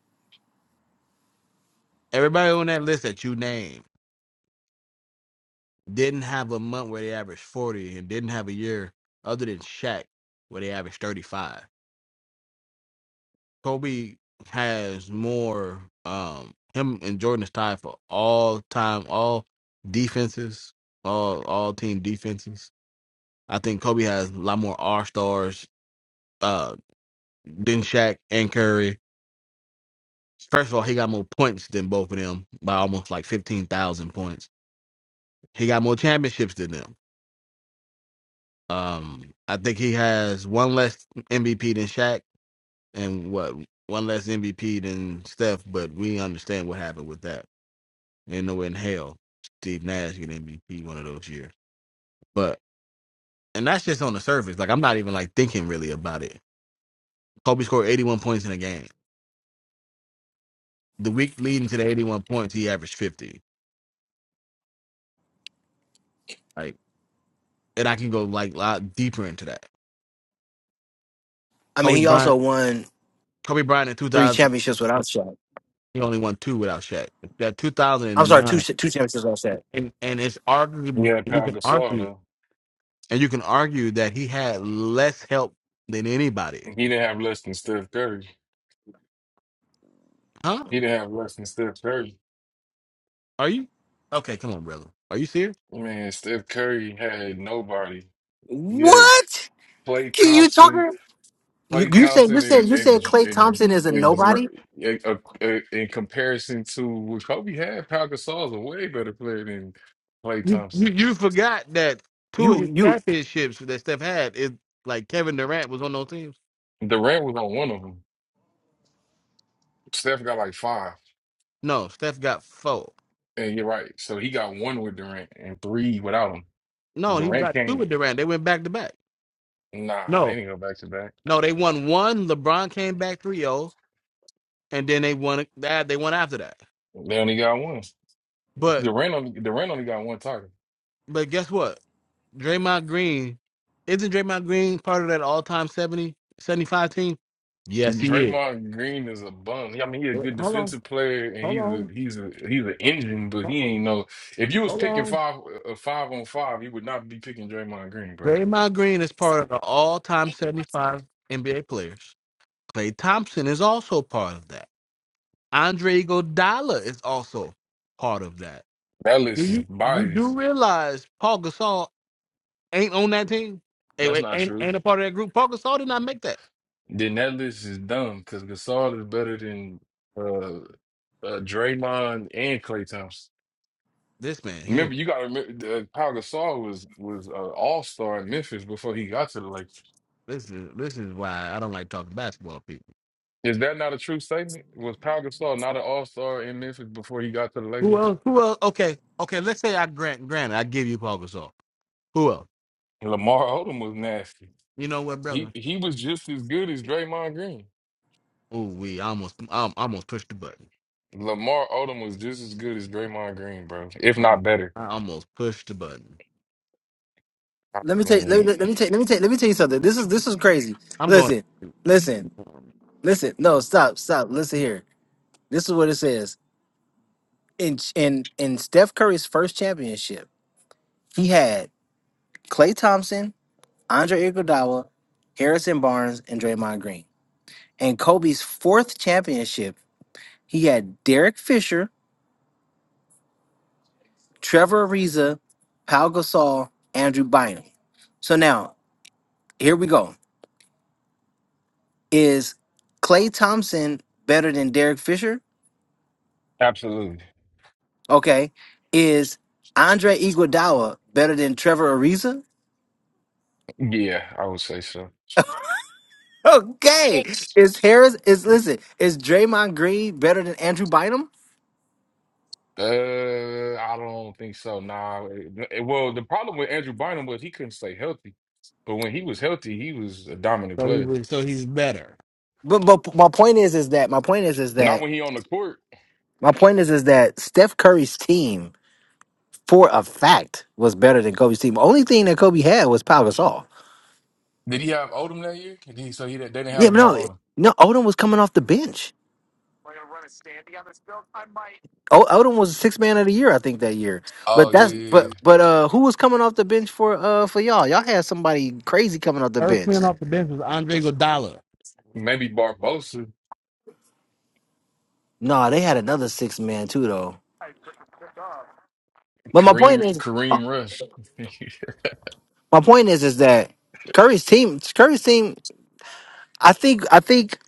[SPEAKER 1] Everybody on that list that you named didn't have a month where they averaged 40 and didn't have a year other than Shaq where they averaged 35. Kobe has more, um, him and Jordan is tied for all time, all defenses, all, all team defenses. I think Kobe has a lot more R stars, uh, than Shaq and Curry. First of all, he got more points than both of them by almost like fifteen thousand points. He got more championships than them. Um, I think he has one less MVP than Shaq, and what one less MVP than Steph. But we understand what happened with that. Ain't no way in hell Steve Nash get MVP one of those years. But and that's just on the surface. Like I'm not even like thinking really about it. Kobe scored 81 points in a game. The week leading to the 81 points, he averaged 50. Like, and I can go like a lot deeper into that.
[SPEAKER 2] I mean,
[SPEAKER 1] Kobe
[SPEAKER 2] he
[SPEAKER 1] Bryant
[SPEAKER 2] also won
[SPEAKER 1] Kobe Bryant in
[SPEAKER 2] three
[SPEAKER 1] 2000,
[SPEAKER 2] championships without Shaq.
[SPEAKER 1] he only won two without Shaq. That 2009,
[SPEAKER 2] I'm
[SPEAKER 1] and
[SPEAKER 2] sorry, two
[SPEAKER 1] nine,
[SPEAKER 2] sh- two championships without Shaq.
[SPEAKER 1] and and it's
[SPEAKER 6] He
[SPEAKER 1] arguably
[SPEAKER 6] had
[SPEAKER 1] you
[SPEAKER 6] Pau
[SPEAKER 1] can
[SPEAKER 6] Gasol
[SPEAKER 1] argue
[SPEAKER 6] though.
[SPEAKER 1] and you can argue that he had less help than anybody.
[SPEAKER 6] He didn't have less than Steph Curry.
[SPEAKER 1] Huh?
[SPEAKER 6] He didn't have less than Steph Curry.
[SPEAKER 1] Are you okay? Come on, brother. Are you serious?
[SPEAKER 6] Man, Steph Curry had nobody. He had
[SPEAKER 2] What?
[SPEAKER 6] Klay
[SPEAKER 2] Can you
[SPEAKER 6] Thompson,
[SPEAKER 2] talking? You
[SPEAKER 6] Klay
[SPEAKER 2] you said you
[SPEAKER 6] Thompson,
[SPEAKER 2] said
[SPEAKER 6] and
[SPEAKER 2] you
[SPEAKER 6] and
[SPEAKER 2] said Clay
[SPEAKER 6] and.
[SPEAKER 2] Thompson is a
[SPEAKER 6] And
[SPEAKER 2] nobody.
[SPEAKER 6] Dr- in, uh, uh, in comparison to what Kobe had, Pau Gasol is a way better player than Klay
[SPEAKER 1] You you,
[SPEAKER 6] Thompson.
[SPEAKER 1] you forgot that two of
[SPEAKER 2] You
[SPEAKER 1] his
[SPEAKER 2] you.
[SPEAKER 1] championships that Steph had is like Kevin Durant was on those teams.
[SPEAKER 6] Durant was on one of them. Steph got like five,
[SPEAKER 1] No, Steph got four.
[SPEAKER 6] and you're right. So he got one with Durant and three without him.
[SPEAKER 1] No, he
[SPEAKER 6] Durant
[SPEAKER 1] got two
[SPEAKER 6] can't.
[SPEAKER 1] with Durant. They went back to back.
[SPEAKER 6] Nah, they
[SPEAKER 1] No,
[SPEAKER 6] didn't go back to back.
[SPEAKER 1] no, they won one. LeBron came back three zero, and then they won that. They won after that.
[SPEAKER 6] They only got one.
[SPEAKER 1] But
[SPEAKER 6] Durant only Durant only got one target.
[SPEAKER 1] But guess what? Draymond Green isn't Draymond Green part of that all time 75 team? Yes, he is.
[SPEAKER 6] Draymond Green is a bum. I mean, he's a
[SPEAKER 1] Wait,
[SPEAKER 6] good
[SPEAKER 1] Hold on,
[SPEAKER 6] defensive player, and
[SPEAKER 1] hold
[SPEAKER 6] he's a
[SPEAKER 1] on,
[SPEAKER 6] he's a he's an engine, but he ain't no. If you was
[SPEAKER 1] hold
[SPEAKER 6] picking
[SPEAKER 1] on.
[SPEAKER 6] five a five on five, you would not be picking Draymond Green, bro.
[SPEAKER 1] Draymond Green is part of the all time 75 NBA players. Klay Thompson is also part of that. Andre Iguodala is also part of that.
[SPEAKER 6] That
[SPEAKER 1] Do
[SPEAKER 6] list is
[SPEAKER 1] you you do
[SPEAKER 6] biased.
[SPEAKER 1] realize Paul Gasol ain't on that team? Hey,
[SPEAKER 6] That's
[SPEAKER 1] wait,
[SPEAKER 6] not
[SPEAKER 1] ain't
[SPEAKER 6] true.
[SPEAKER 1] ain't a part of that group. Paul Gasol did not make that.
[SPEAKER 6] Then that list is dumb because Gasol is better than uh, uh Draymond and Clay Thompson.
[SPEAKER 1] This man here,
[SPEAKER 6] Remember, you got to remember uh, Pau Gasol was was uh, All Star in Memphis before he got to the Lakers.
[SPEAKER 1] this is this is why I don't like talking basketball.
[SPEAKER 6] Is that not a true statement? Was Pau Gasol not an All Star in Memphis before he got to the
[SPEAKER 1] Who
[SPEAKER 6] Lakers?
[SPEAKER 1] else? Who else? Okay, okay. Let's say I grant, granted, I give you Paul Gasol. Who else?
[SPEAKER 6] Lamar Odom was nasty.
[SPEAKER 1] You know what,
[SPEAKER 6] He
[SPEAKER 1] brother?
[SPEAKER 6] he was just as good as Draymond Green.
[SPEAKER 1] Oh, we almost, um, almost pushed the button.
[SPEAKER 6] Lamar Odom was just as good as Draymond Green, bro, if
[SPEAKER 1] Almost-
[SPEAKER 6] not better.
[SPEAKER 1] I almost pushed the button.
[SPEAKER 6] I
[SPEAKER 2] let me take let me
[SPEAKER 6] mean,
[SPEAKER 2] let me take let me take let me tell you something. This is this is crazy.
[SPEAKER 1] I'm going.
[SPEAKER 2] Listen, listen, listen. No, stop, stop. Listen here. This is what it says. In in in Steph Curry's first championship, he had Klay Thompson, Andre Iguodala, Harrison Barnes, and Draymond Green. And Kobe's fourth championship, he had Derek Fisher, Trevor Ariza, Pau Gasol, Andrew Bynum. So now here we go. Is Klay Thompson better than Derek Fisher?
[SPEAKER 6] absolutely.
[SPEAKER 2] Okay, is Andre Iguodala better than Trevor Ariza? *laughs*
[SPEAKER 6] Yeah, I would say so.
[SPEAKER 2] Okay, is Harris is listen is Draymond Green better than Andrew Bynum?
[SPEAKER 6] Uh, I don't think so. Nah. It- it- well, the problem with Andrew Bynum was he couldn't stay healthy. But when he was healthy, he was a dominant
[SPEAKER 1] So he
[SPEAKER 6] player.
[SPEAKER 1] was. So he's better.
[SPEAKER 2] But but my point is is that my point is is
[SPEAKER 6] Not
[SPEAKER 2] that
[SPEAKER 6] when he on the court.
[SPEAKER 2] my point is is that Steph Curry's team for a fact was better than Kobe's team. Only thing that Kobe had was Pau Gasol.
[SPEAKER 6] Did he have Odom that year? Did he, so he didn't- they didn't have
[SPEAKER 2] Yeah, but
[SPEAKER 6] Lamar
[SPEAKER 2] no,
[SPEAKER 6] Odom.
[SPEAKER 2] no Odom was coming off the bench. O- Odom was six man of the year I think that year.
[SPEAKER 6] Oh
[SPEAKER 2] But
[SPEAKER 6] yeah,
[SPEAKER 2] that's
[SPEAKER 6] yeah.
[SPEAKER 2] but but uh who was coming off the bench for uh for y'all? Y'all had somebody crazy coming off the
[SPEAKER 1] First
[SPEAKER 2] bench.
[SPEAKER 1] man off the bench was Andre Iguodala.
[SPEAKER 6] yeah. Maybe Barbosa,
[SPEAKER 2] No, they had another six man too though. But my
[SPEAKER 6] Kareem,
[SPEAKER 2] point is
[SPEAKER 6] Kareem Rush. *laughs*
[SPEAKER 2] my point is is that Curry's team Curry's team I think I think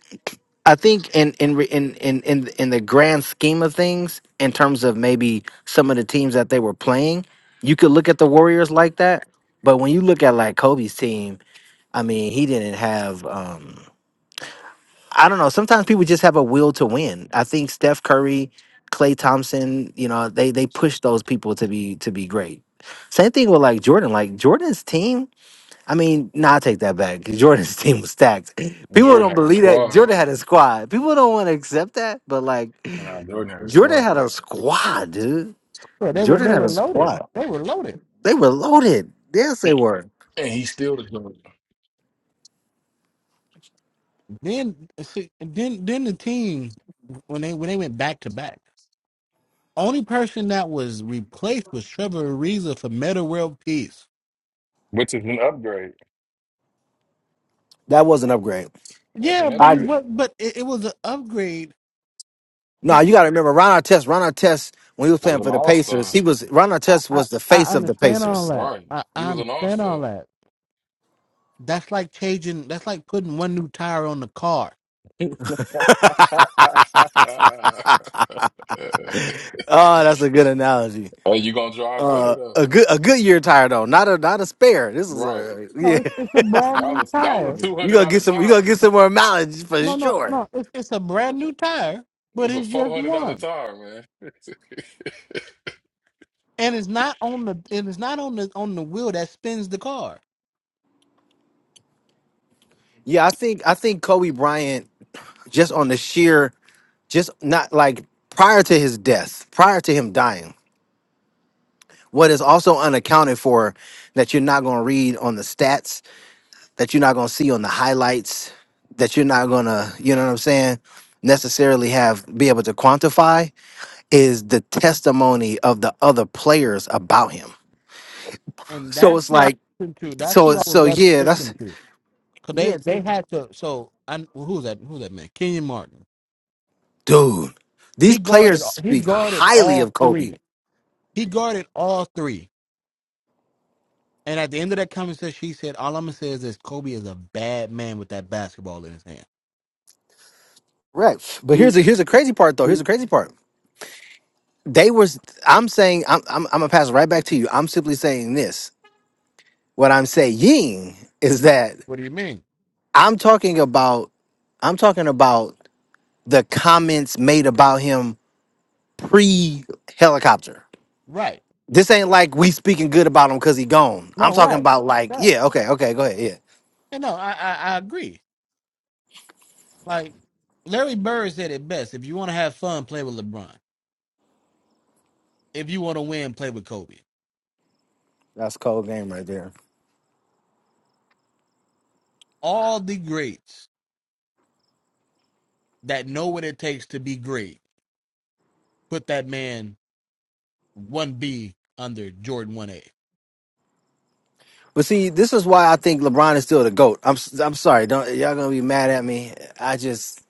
[SPEAKER 2] I think in in re- in in in, in the grand scheme of things in terms of maybe some of the teams that they were playing, you could look at the Warriors like that, but when you look at like Kobe's team, I mean, he didn't have um I don't know. Sometimes people just have a will to win. I think Steph Curry, Clay Thompson, you know, they they push those people to be to be great. Same thing with like Jordan. Like Jordan's team. I mean, nah, I take that back. *laughs* Jordan's team was stacked. People
[SPEAKER 6] Jordan
[SPEAKER 2] don't
[SPEAKER 6] had a
[SPEAKER 2] believe that
[SPEAKER 6] squad.
[SPEAKER 2] Jordan had a squad. People don't want to accept that, but like
[SPEAKER 6] Nah, Jordan had a
[SPEAKER 2] Jordan
[SPEAKER 6] squad.
[SPEAKER 2] had a squad, dude.
[SPEAKER 1] Yeah, they were.
[SPEAKER 2] Jordan
[SPEAKER 1] They
[SPEAKER 2] had
[SPEAKER 1] were
[SPEAKER 2] a
[SPEAKER 1] loaded.
[SPEAKER 2] squad.
[SPEAKER 1] They were loaded.
[SPEAKER 2] They were loaded. Yes, they were.
[SPEAKER 6] And he still the Jordan,
[SPEAKER 1] Then, see, then, then the team when they when they went back to back. Only person that was replaced was Trevor Ariza for Meta World Peace.
[SPEAKER 6] which is an upgrade.
[SPEAKER 2] That was an upgrade.
[SPEAKER 6] That's
[SPEAKER 1] Yeah,
[SPEAKER 6] an
[SPEAKER 1] but it
[SPEAKER 6] upgrade.
[SPEAKER 1] was but it, it was an upgrade.
[SPEAKER 2] No,
[SPEAKER 1] But
[SPEAKER 2] you got to remember Ron Artest. Ron Artest, when he was
[SPEAKER 6] Was
[SPEAKER 2] playing
[SPEAKER 6] an
[SPEAKER 2] for the
[SPEAKER 6] all
[SPEAKER 2] Pacers,
[SPEAKER 6] star.
[SPEAKER 2] he was Ron
[SPEAKER 1] I,
[SPEAKER 2] Artest
[SPEAKER 1] I
[SPEAKER 2] was the
[SPEAKER 1] I
[SPEAKER 2] face of the
[SPEAKER 1] understand all
[SPEAKER 2] Pacers.
[SPEAKER 1] that.
[SPEAKER 6] Right.
[SPEAKER 1] I,
[SPEAKER 6] He
[SPEAKER 1] I
[SPEAKER 6] was an all
[SPEAKER 1] understand all
[SPEAKER 6] star.
[SPEAKER 1] that. That's like changing. That's like putting one new tire on the car.
[SPEAKER 6] *laughs*
[SPEAKER 2] *laughs*
[SPEAKER 6] Hey,
[SPEAKER 2] oh, that's a good analogy.
[SPEAKER 6] you gonna drive better
[SPEAKER 2] Uh,
[SPEAKER 6] though,
[SPEAKER 2] a good a good year tire though, not a not a spare. This is
[SPEAKER 6] right?
[SPEAKER 2] a
[SPEAKER 1] No,
[SPEAKER 2] yeah. *laughs*
[SPEAKER 1] it's it's a brand
[SPEAKER 6] That
[SPEAKER 1] new
[SPEAKER 6] was a, that was
[SPEAKER 1] tire.
[SPEAKER 6] a two
[SPEAKER 2] You
[SPEAKER 6] hundred
[SPEAKER 2] gonna
[SPEAKER 6] dollar
[SPEAKER 2] get some. You gonna
[SPEAKER 6] tire.
[SPEAKER 2] get some more mileage for
[SPEAKER 1] No, no,
[SPEAKER 2] sure.
[SPEAKER 1] no. It's it's a brand new tire, but
[SPEAKER 6] It's a
[SPEAKER 1] it's
[SPEAKER 6] four
[SPEAKER 1] just
[SPEAKER 6] hundred dollar
[SPEAKER 1] one,
[SPEAKER 6] tire, man. *laughs*
[SPEAKER 1] and it's not on the and it's not on the on the wheel that spins the car.
[SPEAKER 2] Yeah, I think I think Kobe Bryant just on the sheer just not like prior to his death, prior to him dying. What is also unaccounted for that you're not gonna read on the stats that you're not going to see on the highlights that you're not going to you know what i'm saying necessarily have be able to quantify is the testimony of the other players about him
[SPEAKER 1] And
[SPEAKER 2] so
[SPEAKER 1] that's
[SPEAKER 2] it's
[SPEAKER 1] who I
[SPEAKER 2] like
[SPEAKER 1] listen to. That's who
[SPEAKER 2] so
[SPEAKER 1] I would
[SPEAKER 2] so
[SPEAKER 1] rather
[SPEAKER 2] yeah
[SPEAKER 1] listen
[SPEAKER 2] that's
[SPEAKER 1] to. Cause they
[SPEAKER 2] yeah
[SPEAKER 1] they
[SPEAKER 2] dude
[SPEAKER 1] had to. So I who's that? Who's that man? Kenyon Martin. He
[SPEAKER 2] these
[SPEAKER 1] guarded.
[SPEAKER 2] players
[SPEAKER 1] He
[SPEAKER 2] speak
[SPEAKER 1] guarded
[SPEAKER 2] highly
[SPEAKER 1] all
[SPEAKER 2] of kobe
[SPEAKER 1] three. He guarded all three. And at the end of that conversation, she said, All I'm gonna say is this Kobe is a bad man with that basketball in his hand.
[SPEAKER 2] right but
[SPEAKER 1] You,
[SPEAKER 2] here's a here's a crazy part though here's
[SPEAKER 1] you,
[SPEAKER 2] the crazy part they was i'm saying i'm i'm, I'm gonna pass it right back to you i'm simply saying this what i'm saying is that
[SPEAKER 1] what do you mean?
[SPEAKER 2] i'm talking about i'm talking about the comments made about him pre helicopter.
[SPEAKER 1] Right.
[SPEAKER 2] This ain't like we speaking good about him because he gone. I'm
[SPEAKER 1] No,
[SPEAKER 2] talking
[SPEAKER 1] right.
[SPEAKER 2] about like,
[SPEAKER 1] Right.
[SPEAKER 2] yeah, okay, okay, go ahead, yeah.
[SPEAKER 1] And no, I, I, I agree. Like Larry Bird said it best. If you want to have fun, play with LeBron. If you want to win, play with Kobe.
[SPEAKER 2] That's cold game right there.
[SPEAKER 1] All the greats that know what it takes to be great put that man one B under Jordan one A
[SPEAKER 2] But see, this is why I think LeBron is still the goat. I'm s- I'm sorry, don't y'all gonna be mad at me. I just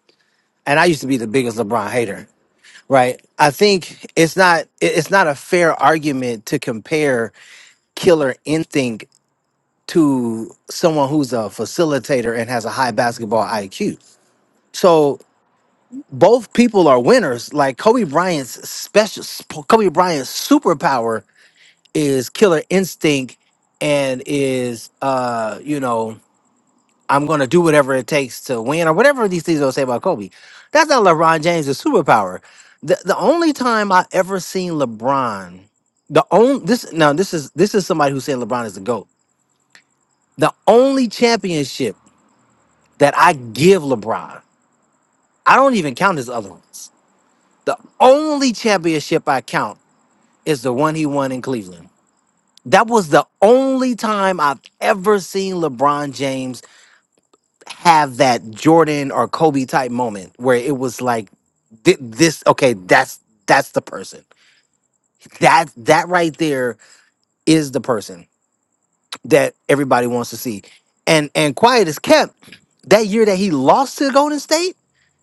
[SPEAKER 2] and I used to be the biggest LeBron hater, right? I think it's not it- it's not a fair argument to compare killer instinct to someone who's a facilitator and has a high basketball IQ. So both people are winners. Like Kobe Bryant's special, Kobe Bryant's superpower is killer instinct and is, uh, you know, I'm going to do whatever it takes to win or whatever these things they'll say about Kobe. That's not LeBron James' superpower. The, the only time I ever seen LeBron, the only this now this is this is somebody who's saying LeBron is the GOAT. The only championship that I give LeBron, I don't even count his other ones. The only championship I count is the one he won in Cleveland. That was the only time I've ever seen LeBron James have that Jordan or Kobe type moment where it was like thi- this okay, that's that's the person. That that right there is the person that everybody wants to see. And and quiet is kept that year that he lost to Golden State.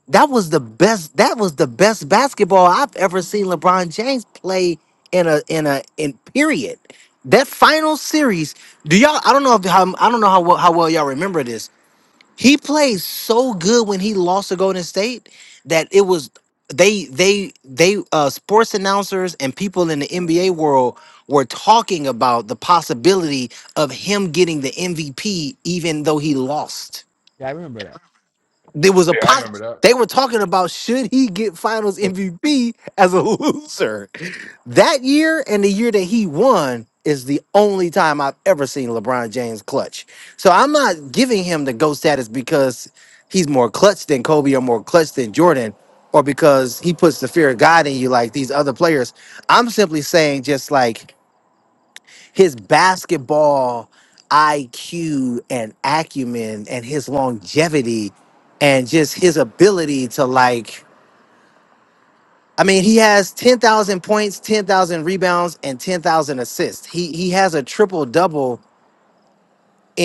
[SPEAKER 2] That was the best. That was the best basketball I've ever seen LeBron James play in a in a in period. That final series, do y'all? I don't know if how, I don't know how well- how well y'all remember this. He played so good when he lost to Golden State that it was they they they uh sports announcers and people in the NBA world were talking about the possibility of him getting the MVP even though he lost.
[SPEAKER 1] for that.
[SPEAKER 2] There was a
[SPEAKER 6] yeah, I
[SPEAKER 2] pot.
[SPEAKER 6] remember
[SPEAKER 2] They
[SPEAKER 6] that.
[SPEAKER 2] were talking about should he get Finals
[SPEAKER 1] So
[SPEAKER 2] MVP as a *laughs* loser. That year and the year that he won is the only time I've ever seen LeBron James clutch. So I'm not giving him the GOAT status because he's more clutch than Kobe or more clutch than Jordan or because he puts the fear of God in you like these other players. I'm simply saying just like his basketball IQ and acumen and his longevity and just his ability to like I mean he has 10,000 points, 10,000 rebounds and 10,000 assists. He he has a triple double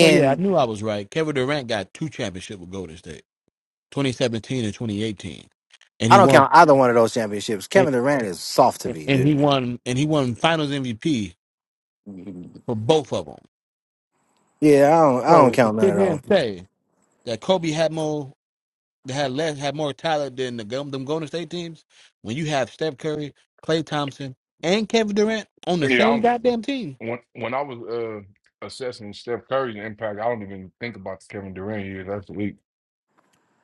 [SPEAKER 1] so, yeah, I knew I was right. Kevin Durant got two championships with Golden State. 2017 and 2018, and
[SPEAKER 2] I
[SPEAKER 1] he
[SPEAKER 2] don't
[SPEAKER 1] won
[SPEAKER 2] count either one of those championships.
[SPEAKER 1] and,
[SPEAKER 2] Kevin Durant is soft to
[SPEAKER 1] and
[SPEAKER 2] me,
[SPEAKER 1] and he
[SPEAKER 2] dude.
[SPEAKER 1] won and he won Finals MVP for both of them.
[SPEAKER 2] Yeah, I don't I don't
[SPEAKER 1] So to
[SPEAKER 2] count none
[SPEAKER 1] sit
[SPEAKER 2] of
[SPEAKER 1] here and
[SPEAKER 2] those.
[SPEAKER 1] say that Kobe had more had less had more talent than the Gol- them Golden State teams when you have Steph Curry, Klay Thompson, and Kevin Durant on the
[SPEAKER 6] Yeah,
[SPEAKER 1] same
[SPEAKER 6] I'm,
[SPEAKER 1] goddamn team.
[SPEAKER 6] when when I was uh, assessing Steph Curry's impact, I don't even think about the Kevin Durant years. That's weak.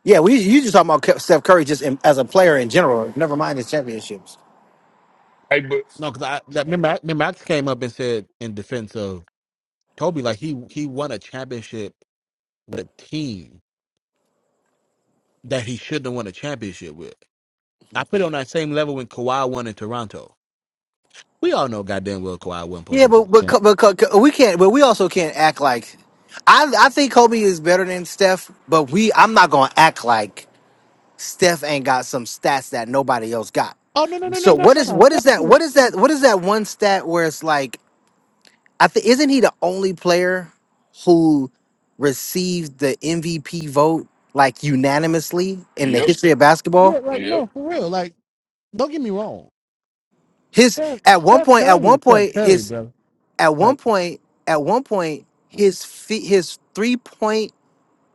[SPEAKER 2] Yeah, we you just talking about Ke- Steph Curry just in, as a player in general, never mind his championships.
[SPEAKER 6] Hey, but
[SPEAKER 1] No, because I that, remember I, remember I came up and said in defense of Kobe like he he won a championship with a team that he shouldn't have won a championship with. I put it on that same level when Kawhi won in Toronto. We all know goddamn well Kawhi wasn't supposed
[SPEAKER 2] Yeah,
[SPEAKER 1] to.
[SPEAKER 2] but but
[SPEAKER 1] Yeah.
[SPEAKER 2] co- but co- co- we can't. But we also can't act like. I I think Kobe is better than Steph, but we I'm not gonna act like Steph ain't got some stats that nobody else got.
[SPEAKER 1] Oh no no no no
[SPEAKER 2] So
[SPEAKER 1] no.
[SPEAKER 2] what is what is that? What is that? What is that one stat where it's like? I think isn't he the only player who received the MVP vote like unanimously in the
[SPEAKER 6] yep,
[SPEAKER 2] history of basketball?
[SPEAKER 1] Yeah, like
[SPEAKER 6] yep.
[SPEAKER 1] no, for real. Like, don't get me wrong.
[SPEAKER 2] His
[SPEAKER 1] Steph,
[SPEAKER 2] at one
[SPEAKER 1] Steph
[SPEAKER 2] point at
[SPEAKER 1] Curry
[SPEAKER 2] one
[SPEAKER 1] is Steph
[SPEAKER 2] point
[SPEAKER 1] Curry,
[SPEAKER 2] his
[SPEAKER 1] brother.
[SPEAKER 2] at
[SPEAKER 1] Like,
[SPEAKER 2] one point at one point his fe- his three point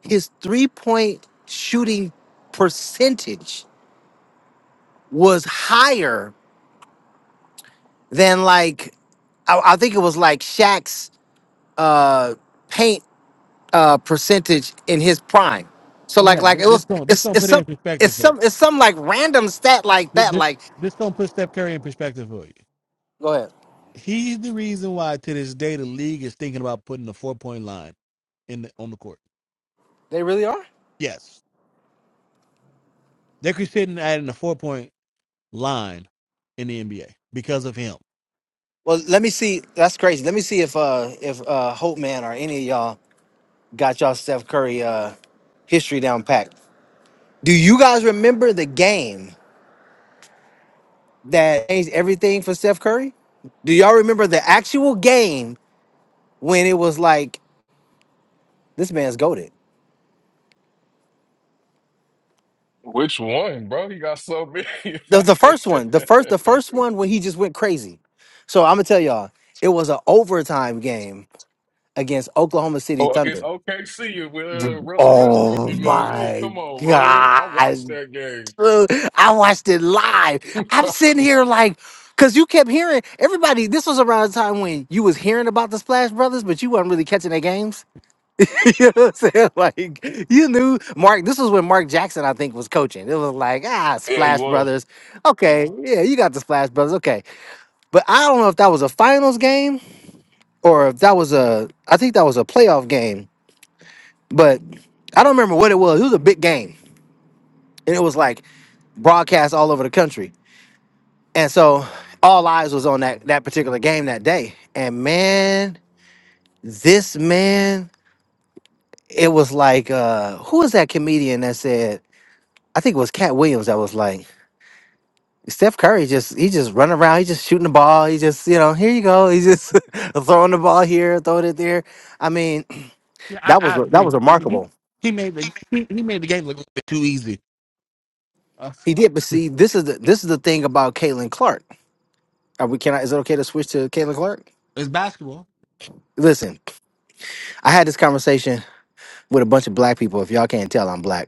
[SPEAKER 2] his three point shooting percentage was higher than like I, I think it was like Shaq's uh, paint uh, percentage in his prime. So
[SPEAKER 1] man,
[SPEAKER 2] like
[SPEAKER 1] like,
[SPEAKER 2] like
[SPEAKER 1] this,
[SPEAKER 2] it
[SPEAKER 1] this
[SPEAKER 2] was
[SPEAKER 1] gonna this
[SPEAKER 2] it's
[SPEAKER 1] gonna
[SPEAKER 2] it's
[SPEAKER 1] put it in
[SPEAKER 2] some
[SPEAKER 1] perspective
[SPEAKER 2] it's
[SPEAKER 1] for you.
[SPEAKER 2] some it's some like random stat like
[SPEAKER 1] This,
[SPEAKER 2] that.
[SPEAKER 1] this
[SPEAKER 2] Like
[SPEAKER 1] this gonna put Steph Curry in perspective for you.
[SPEAKER 2] go ahead.
[SPEAKER 1] He's the reason why to this day the league is thinking about putting a four point line in the, on the court.
[SPEAKER 2] They really are?
[SPEAKER 1] Yes, they're considering adding a four point line in the NBA because of him.
[SPEAKER 2] Well let me see. That's crazy. Let me see if uh if uh Hope Man or any of y'all got y'all Steph Curry uh history down packed. Do you guys remember the game? that changed everything for Steph Curry? Do y'all remember the actual game when it was like this man's goaded?
[SPEAKER 6] Which one, bro? He got so many. *laughs*
[SPEAKER 2] The the first one, the first
[SPEAKER 6] Like,
[SPEAKER 2] the
[SPEAKER 6] *laughs*
[SPEAKER 2] first one when he just went crazy. So I'm gonna tell y'all, it was an overtime game against Oklahoma City
[SPEAKER 6] Oh, against
[SPEAKER 2] Thunder.
[SPEAKER 6] OKC with uh, Russell Westbrook
[SPEAKER 2] Oh
[SPEAKER 6] in there. Yeah,
[SPEAKER 2] my
[SPEAKER 6] come on, man. I watched
[SPEAKER 2] god,
[SPEAKER 6] that game.
[SPEAKER 2] dude, I watched it live.
[SPEAKER 6] *laughs*
[SPEAKER 2] I'm sitting here like. Cause you kept hearing everybody. This was around the time when you was hearing about the Splash Brothers, but you wasn't really catching their games. *laughs* you know what I'm saying? *laughs* Like you knew Mark. This was when Mark Jackson, I think, was coaching. It was like ah,
[SPEAKER 6] yeah, he
[SPEAKER 2] Splash
[SPEAKER 6] was.
[SPEAKER 2] Brothers. Okay, yeah, you got the Splash Brothers. Okay, but I don't know if that was a finals game or if that was a. I think that was a playoff game, but I don't remember what it was. It was a big game, and it was like broadcast all over the country, and so all eyes was on that that particular game that day. And man, this man, it was like uh, who was that comedian that said? I think it was Cat Williams that was like, Steph Curry just he just running around, he just shooting the ball, he just you know here you go, he just *laughs* throwing the ball here, throwing it there. I mean, *clears throat*
[SPEAKER 1] Yeah, I,
[SPEAKER 2] that was
[SPEAKER 1] I
[SPEAKER 2] re- that was
[SPEAKER 1] agree.
[SPEAKER 2] remarkable.
[SPEAKER 1] He made the he, he made the game look a little bit too easy. Uh,
[SPEAKER 2] He did, but see, this is the this is the thing about Caitlin Clark. Are we can I, is it okay to switch to Caitlin Clark?
[SPEAKER 1] it's basketball.
[SPEAKER 2] Listen, I had this conversation with a bunch of black people. If y'all can't tell, I'm black.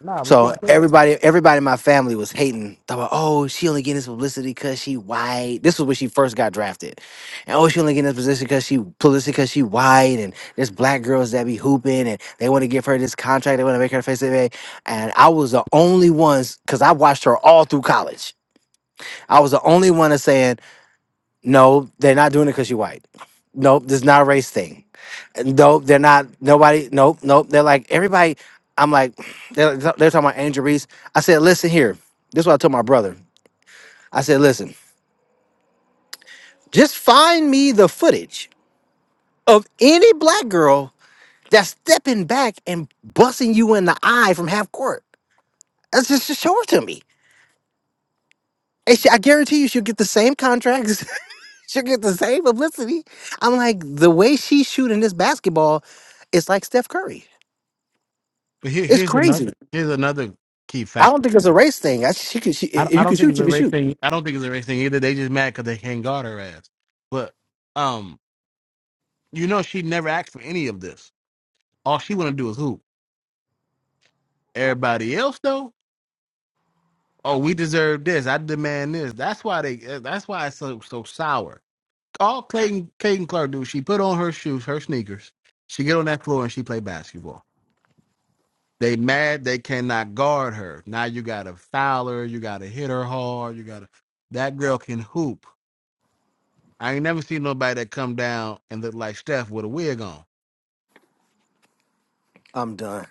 [SPEAKER 1] No, we
[SPEAKER 2] So
[SPEAKER 1] couldn't tell.
[SPEAKER 2] everybody, everybody in my family was hating. Talking about, oh, she only getting this publicity because she white. This was when she first got drafted, and oh, she only getting this position because she publicity because she white, and there's black girls that be hooping, and they want to give her this contract, they want to make her face of it. And I was the only ones because I watched her all through college. I was the only one that's saying, no, they're not doing it because she white. Nope, this is not a race thing. Nope, they're not. Nobody. Nope, nope. They're like everybody. I'm like, *sighs* they're, they're talking about Angel Reese. I said, listen here. This is what I told my brother. I said, listen, just find me the footage of any black girl that's stepping back and busting you in the eye from half court. That's just, just show it to me. And she, I guarantee you, she'll get the same contracts. *laughs* she'll get the same publicity. I'm like, the way she's shooting this basketball, it's like Steph Curry.
[SPEAKER 1] But here,
[SPEAKER 2] It's
[SPEAKER 1] here's
[SPEAKER 2] crazy.
[SPEAKER 1] another here's another key
[SPEAKER 2] I don't
[SPEAKER 1] factor.
[SPEAKER 2] think it's a race thing. I, she can, she,
[SPEAKER 1] I don't-
[SPEAKER 2] if
[SPEAKER 1] I
[SPEAKER 2] you
[SPEAKER 1] don't
[SPEAKER 2] can
[SPEAKER 1] think
[SPEAKER 2] shoot,
[SPEAKER 1] it's
[SPEAKER 2] you
[SPEAKER 1] a
[SPEAKER 2] can
[SPEAKER 1] race
[SPEAKER 2] shoot.
[SPEAKER 1] thing. I don't think it's a race thing either. They just mad because they can't guard her ass. But um, you know, she never asked for any of this. All she want to do is hoop. Everybody else though, oh, we deserve this. I demand this. That's why they. uh, That's why it's so so sour. All Clayton Clayton Clark do. She put on her shoes, her sneakers. She get on that floor and she play basketball. They mad they cannot guard her. Now you gotta foul her, you gotta hit her hard, you gotta that girl can hoop. I ain't never seen nobody that come down and look like Steph with a wig on.
[SPEAKER 2] I'm done.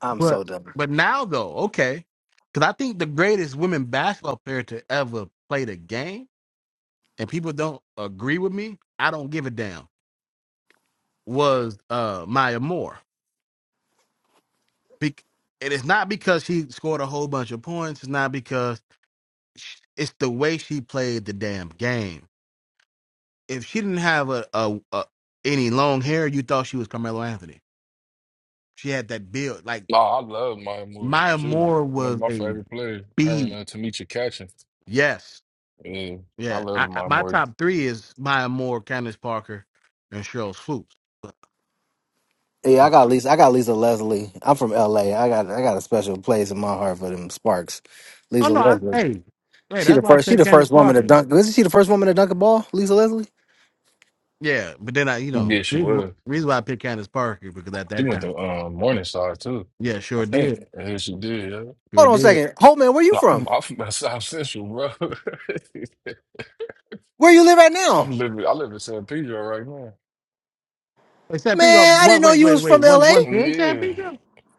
[SPEAKER 2] I'm
[SPEAKER 1] But
[SPEAKER 2] so done.
[SPEAKER 1] but now though, okay. Cause I think the greatest women basketball player to ever play the game, and people don't agree with me, I don't give a damn, was uh Maya Moore. Bec and it's not because she scored a whole bunch of points, it's not because sh- it's the way she played the damn game if she didn't have a, a, a any long hair, you thought she was Carmelo Anthony. She had that build. Like
[SPEAKER 6] No, I love my Moore.
[SPEAKER 1] Maya
[SPEAKER 6] She was
[SPEAKER 1] Moore
[SPEAKER 6] one of
[SPEAKER 1] was
[SPEAKER 6] my
[SPEAKER 1] a
[SPEAKER 6] favorite players. Her and
[SPEAKER 1] beast.
[SPEAKER 6] uh, Tamisha Catching.
[SPEAKER 1] Yes,
[SPEAKER 6] Yeah, I
[SPEAKER 1] yeah.
[SPEAKER 6] love
[SPEAKER 1] I, I,
[SPEAKER 6] my
[SPEAKER 1] my
[SPEAKER 6] Moore.
[SPEAKER 1] top three is Maya Moore, Candace Parker, and Cheryl Swoops.
[SPEAKER 2] Yeah,
[SPEAKER 1] Uh,
[SPEAKER 2] I got Lisa. I got Lisa Leslie. I'm from LA. I got I got a special place in my heart for them Sparks.
[SPEAKER 1] oh
[SPEAKER 2] Lisa
[SPEAKER 1] no, I,
[SPEAKER 2] Leslie.
[SPEAKER 1] hey, hey,
[SPEAKER 2] She
[SPEAKER 1] that's
[SPEAKER 2] the
[SPEAKER 1] why I
[SPEAKER 2] first. She
[SPEAKER 1] said
[SPEAKER 2] the
[SPEAKER 1] Candace
[SPEAKER 2] first woman to
[SPEAKER 1] Parker.
[SPEAKER 2] dunk. Isn't she the first woman to dunk a ball? Lisa Leslie.
[SPEAKER 1] Yeah, but then I, you know,
[SPEAKER 6] Yeah, she
[SPEAKER 1] reason,
[SPEAKER 6] was.
[SPEAKER 1] reason why I picked Candace Parker because at
[SPEAKER 6] She
[SPEAKER 1] that
[SPEAKER 6] went to
[SPEAKER 1] time,
[SPEAKER 6] um, Morningstar too.
[SPEAKER 1] yeah,
[SPEAKER 6] I
[SPEAKER 1] sure did,
[SPEAKER 6] think. Yeah, she did. Yeah.
[SPEAKER 1] sure
[SPEAKER 2] Hold on a
[SPEAKER 1] did.
[SPEAKER 2] second. Holtman, where you
[SPEAKER 6] No, I'm
[SPEAKER 2] from?
[SPEAKER 6] I'm from South Central, bro. *laughs*
[SPEAKER 2] Where you live right
[SPEAKER 6] I'm
[SPEAKER 2] now?
[SPEAKER 6] living. I live in San Pedro right
[SPEAKER 1] Hey, San Pedro,
[SPEAKER 2] Man, I
[SPEAKER 1] one,
[SPEAKER 2] didn't know
[SPEAKER 1] wait,
[SPEAKER 2] you
[SPEAKER 1] wait,
[SPEAKER 2] was
[SPEAKER 1] wait,
[SPEAKER 2] from
[SPEAKER 1] one,
[SPEAKER 2] LA.
[SPEAKER 1] one
[SPEAKER 6] now.
[SPEAKER 1] pin, San
[SPEAKER 6] Yeah.
[SPEAKER 1] Pedro.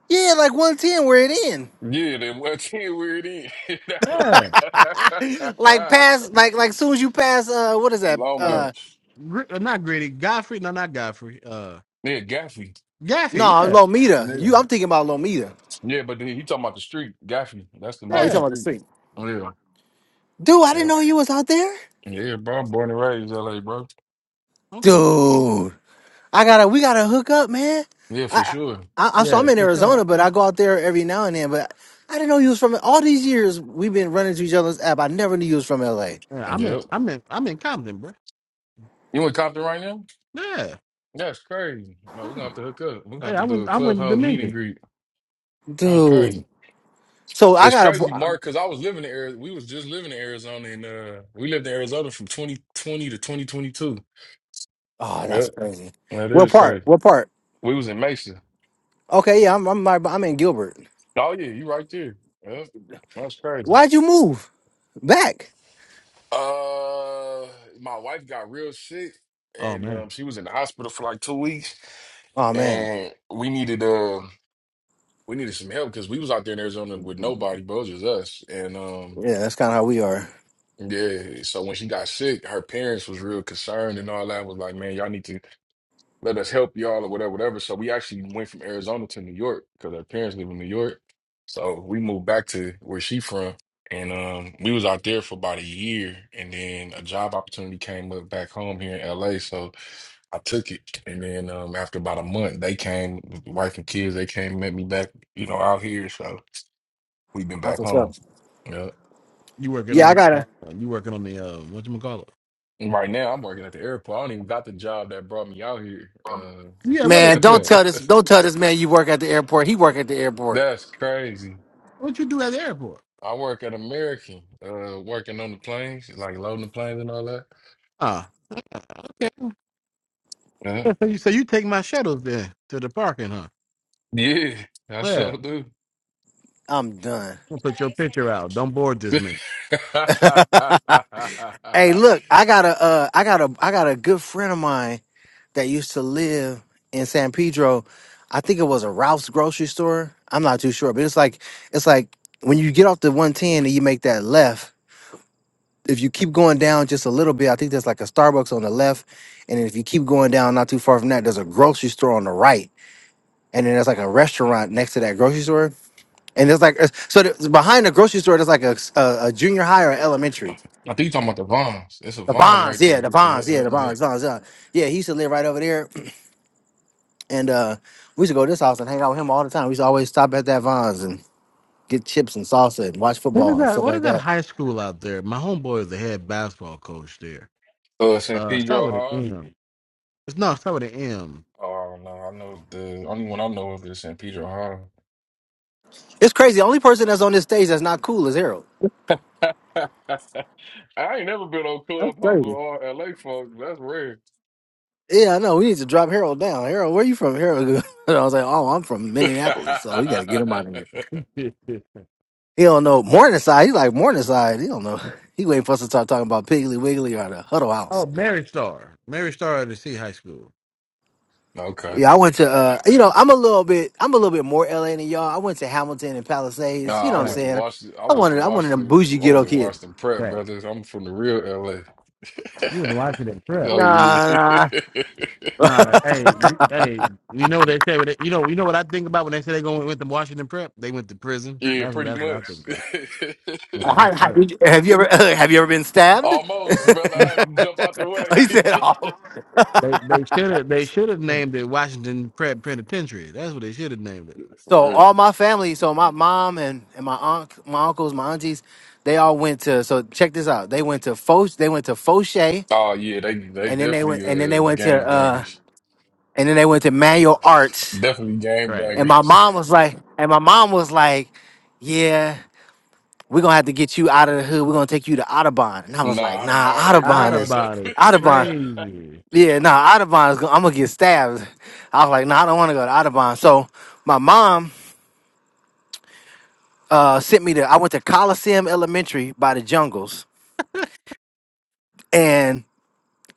[SPEAKER 2] Yeah, like 110 where it in.
[SPEAKER 6] Yeah, then what team *laughs* where it is? *laughs*
[SPEAKER 1] Yeah,
[SPEAKER 6] That
[SPEAKER 2] *laughs* like
[SPEAKER 6] one.
[SPEAKER 2] pass. like like soon as you pass uh what is
[SPEAKER 6] *laughs*
[SPEAKER 2] that?
[SPEAKER 6] Long
[SPEAKER 1] uh,
[SPEAKER 2] Uh
[SPEAKER 6] Beach.
[SPEAKER 1] Gr- uh not Gritty, Godfrey, no, not Godfrey, uh,
[SPEAKER 6] Yeah, Gaffey.
[SPEAKER 2] no,
[SPEAKER 1] Gaffy, yeah,
[SPEAKER 2] Lomita.
[SPEAKER 6] Yeah.
[SPEAKER 2] You I'm thinking about Lomita.
[SPEAKER 6] Yeah, but then he talking about the street. Gaffey. That's the
[SPEAKER 2] Oh, you
[SPEAKER 6] main
[SPEAKER 1] yeah,
[SPEAKER 2] talking about the
[SPEAKER 6] street.
[SPEAKER 2] street.
[SPEAKER 6] Yeah.
[SPEAKER 2] Dude, I didn't
[SPEAKER 6] Yeah.
[SPEAKER 2] know you was out there.
[SPEAKER 6] Yeah, bro. I'm born and raised LA, bro.
[SPEAKER 1] okay,
[SPEAKER 2] Dude, I gotta, we gotta hook up, man.
[SPEAKER 6] Yeah, for
[SPEAKER 2] I,
[SPEAKER 6] sure.
[SPEAKER 2] I, I, so
[SPEAKER 1] yeah,
[SPEAKER 2] I'm in
[SPEAKER 1] for sure.
[SPEAKER 2] Arizona, but I go out there every now and then. But I didn't know you was from. All these years we've been running to each other's app. I never knew you was from LA,
[SPEAKER 1] Yeah, I'm in,
[SPEAKER 6] Yep.
[SPEAKER 1] I'm in, I'm in Compton, bro.
[SPEAKER 6] You in Compton right now?
[SPEAKER 1] Yeah,
[SPEAKER 6] That's crazy. No, we're gonna have to hook up. We're gonna have
[SPEAKER 1] yeah,
[SPEAKER 6] to
[SPEAKER 1] I
[SPEAKER 6] do
[SPEAKER 1] went,
[SPEAKER 6] a
[SPEAKER 1] I went to
[SPEAKER 6] clubhouse meet and
[SPEAKER 1] Dominion.
[SPEAKER 6] greet. That's
[SPEAKER 2] dude.
[SPEAKER 6] crazy.
[SPEAKER 2] So I
[SPEAKER 6] It's crazy,
[SPEAKER 2] gotta.
[SPEAKER 6] Mark, because I was living in Arizona. We was just living in Arizona and uh we lived in Arizona from 2020 to 2022.
[SPEAKER 2] Oh, that's
[SPEAKER 6] Yep.
[SPEAKER 2] crazy.
[SPEAKER 6] That
[SPEAKER 2] What
[SPEAKER 6] is
[SPEAKER 2] part?
[SPEAKER 6] crazy.
[SPEAKER 2] What part?
[SPEAKER 6] We was in Mesa.
[SPEAKER 2] Okay, yeah, I'm, I'm, I'm in Gilbert.
[SPEAKER 6] Oh yeah, you right there. Yep. That's crazy.
[SPEAKER 2] Why'd you move back?
[SPEAKER 6] Uh my wife got real sick
[SPEAKER 1] Oh
[SPEAKER 6] and
[SPEAKER 1] man,
[SPEAKER 6] um she was in the hospital for like two weeks
[SPEAKER 2] Oh man,
[SPEAKER 6] and we needed uh we needed some help because we was out there in Arizona with nobody, but it was just us. And um
[SPEAKER 2] yeah, that's kind of how we are.
[SPEAKER 6] yeah, so when she got sick, her parents was real concerned and all that was like, man, y'all need to let us help y'all or whatever, whatever. So we actually went from Arizona to New York because her parents live in New York. So we moved back to where she from, and um, we was out there for about a year, and then a job opportunity came up back home here in LA. So I took it, and then um, after about a month, they came, wife and kids, they came and met me back, you know, out here. So we've been
[SPEAKER 2] That's
[SPEAKER 6] back
[SPEAKER 2] what's
[SPEAKER 6] home.
[SPEAKER 2] up.
[SPEAKER 6] Yeah.
[SPEAKER 1] you working
[SPEAKER 2] Yeah, I
[SPEAKER 1] on, uh,
[SPEAKER 2] gotta.
[SPEAKER 1] you working on the uh, what you call it?
[SPEAKER 6] And Right now, I'm working at the airport. I don't even got the job that brought me out here.
[SPEAKER 1] Yeah, what
[SPEAKER 2] Man,
[SPEAKER 6] Uh,
[SPEAKER 2] don't
[SPEAKER 1] airport?
[SPEAKER 2] tell this. Don't tell this man you work at the airport. He work at the
[SPEAKER 6] *laughs*
[SPEAKER 2] airport.
[SPEAKER 6] that's crazy.
[SPEAKER 1] What you do at the airport?
[SPEAKER 6] I work at American, uh, working on the planes, like loading the planes and all that.
[SPEAKER 1] Ah,
[SPEAKER 6] Uh,
[SPEAKER 1] so you, so you take my shuttles there to the parking, huh?
[SPEAKER 6] yeah, I
[SPEAKER 1] Yeah, I'm
[SPEAKER 6] sure do.
[SPEAKER 2] I'm done.
[SPEAKER 1] gonna put your picture out. Don't board this man.
[SPEAKER 6] *laughs* I
[SPEAKER 2] *laughs* hey, look, I got a, uh, I got a, I got a good friend of mine that used to live in San Pedro. I think it was a Ralph's grocery store. I'm not too sure, but it's like, it's like when you get off the 110 and you make that left. If you keep going down just a little bit, I think there's like a Starbucks on the left, and then if you keep going down not too far from that, there's a grocery store on the right, and then there's like a restaurant next to that grocery store, and there's like so there's- behind the grocery store there's like a, a, a junior high or an elementary.
[SPEAKER 6] think you talking about the Vons. It's a
[SPEAKER 2] The
[SPEAKER 6] Vons
[SPEAKER 2] Bonds,
[SPEAKER 6] right
[SPEAKER 2] yeah,
[SPEAKER 6] there.
[SPEAKER 2] the
[SPEAKER 6] Yeah,
[SPEAKER 2] Bonds, yeah,
[SPEAKER 6] uh,
[SPEAKER 2] the
[SPEAKER 6] uh.
[SPEAKER 2] Bonds, Bonds, yeah. Yeah, he used to live right over there, *clears throat* and uh, we used to go to this house and hang out with him all the time. We used to always stop at that Bonds and get chips and salsa and watch
[SPEAKER 1] What is
[SPEAKER 2] football and
[SPEAKER 1] that?
[SPEAKER 2] stuff
[SPEAKER 1] What
[SPEAKER 2] like
[SPEAKER 1] is that
[SPEAKER 2] that.
[SPEAKER 1] high school out there? My homeboy is the head basketball coach there.
[SPEAKER 6] Uh, San
[SPEAKER 1] Uh, start
[SPEAKER 6] Pedro
[SPEAKER 1] with an
[SPEAKER 6] Hall.
[SPEAKER 1] M. It's no, it's not with an
[SPEAKER 6] Oh no, I know the only one I know of is San Pedro Hall.
[SPEAKER 2] It's crazy. The only person that's on this stage that's not cool is Harold.
[SPEAKER 6] *laughs* I ain't never been on Clubhouse with
[SPEAKER 2] Crazy.
[SPEAKER 6] all LA folks. That's rare.
[SPEAKER 2] Yeah, I know. We need to drop Harold down. Harold, where you from? Harold, *laughs* And I was like, oh, I'm from Minneapolis, so we got to get him out of here.
[SPEAKER 1] M. *laughs*
[SPEAKER 2] He don't know Morningside. He like Morningside. He don't know. *laughs* He waiting for us to start talking about Piggly Wiggly or the Huddle House.
[SPEAKER 1] Oh, Mary Star. Mary Star at the C High School.
[SPEAKER 6] *laughs* okay.
[SPEAKER 2] Yeah,
[SPEAKER 1] Yeah.
[SPEAKER 2] I went to uh you know, I'm a little bit I'm a little bit more LA than y'all. I went to Hamilton and Palisades, you
[SPEAKER 6] Nah,
[SPEAKER 2] know
[SPEAKER 6] I
[SPEAKER 2] what I'm
[SPEAKER 6] went
[SPEAKER 1] Right.
[SPEAKER 6] to
[SPEAKER 2] saying?
[SPEAKER 6] Washington. I
[SPEAKER 2] I
[SPEAKER 1] Right.
[SPEAKER 6] went to
[SPEAKER 2] wanted I wanted a
[SPEAKER 6] Washington.
[SPEAKER 2] bougie
[SPEAKER 6] I went
[SPEAKER 2] ghetto
[SPEAKER 6] to
[SPEAKER 2] kid.
[SPEAKER 6] Washington Prep,
[SPEAKER 1] Right.
[SPEAKER 6] brothers. I'm from the real LA.
[SPEAKER 1] You was
[SPEAKER 6] *laughs*
[SPEAKER 1] watching that trip.
[SPEAKER 6] Oh yeah,
[SPEAKER 2] Nah, nah.
[SPEAKER 6] *laughs*
[SPEAKER 1] Nah, hey, you- hey, you know what they say? when they- You know, you know what I think about when they say they going went to Washington Prep. They went to prison.
[SPEAKER 6] yeah,
[SPEAKER 1] That's what
[SPEAKER 6] pretty
[SPEAKER 1] that's what I
[SPEAKER 6] much.
[SPEAKER 1] think about. Man,
[SPEAKER 2] How-
[SPEAKER 1] I,
[SPEAKER 2] how-
[SPEAKER 1] I,
[SPEAKER 2] did you- have you ever *laughs* have you ever been
[SPEAKER 6] *laughs*
[SPEAKER 2] stabbed?
[SPEAKER 6] Almost,
[SPEAKER 2] *laughs*
[SPEAKER 6] brother. I had to jump out the way.
[SPEAKER 2] Oh, he said all. *laughs*
[SPEAKER 1] they they should have they should have named it Washington Prep Penitentiary. That's what they should have named it.
[SPEAKER 6] *laughs* For
[SPEAKER 2] So
[SPEAKER 6] real.
[SPEAKER 2] all my family, so my mom and, and my aunt my uncles, my aunties, they all went to so check this out. They went to Foch they went to Fauché
[SPEAKER 6] Oh yeah, they they
[SPEAKER 2] and then they went
[SPEAKER 6] definitely
[SPEAKER 2] and then they
[SPEAKER 6] uh
[SPEAKER 2] went to
[SPEAKER 6] game
[SPEAKER 2] uh
[SPEAKER 6] bangers.
[SPEAKER 2] and then they went to Manual Arts
[SPEAKER 6] Definitely game
[SPEAKER 1] Trash.
[SPEAKER 2] And my
[SPEAKER 6] bangers.
[SPEAKER 2] mom was like, and my mom was like, yeah, we're gonna have to get you out of the hood. We're gonna take you to Audubon. And I
[SPEAKER 6] *laughs*
[SPEAKER 2] was like,
[SPEAKER 6] nah, I'd have
[SPEAKER 2] nah,
[SPEAKER 6] bought a
[SPEAKER 1] Out
[SPEAKER 2] Audubon
[SPEAKER 6] four. on
[SPEAKER 2] is
[SPEAKER 6] them.
[SPEAKER 1] about it.
[SPEAKER 6] *laughs*
[SPEAKER 2] Audubon.
[SPEAKER 1] Crazy.
[SPEAKER 2] Yeah, nah, Audubon is gonna, I'm gonna get stabbed. I was like, nah, I don't wanna go to Audubon. So my mom uh sent me to I went to Coliseum Elementary by the jungles and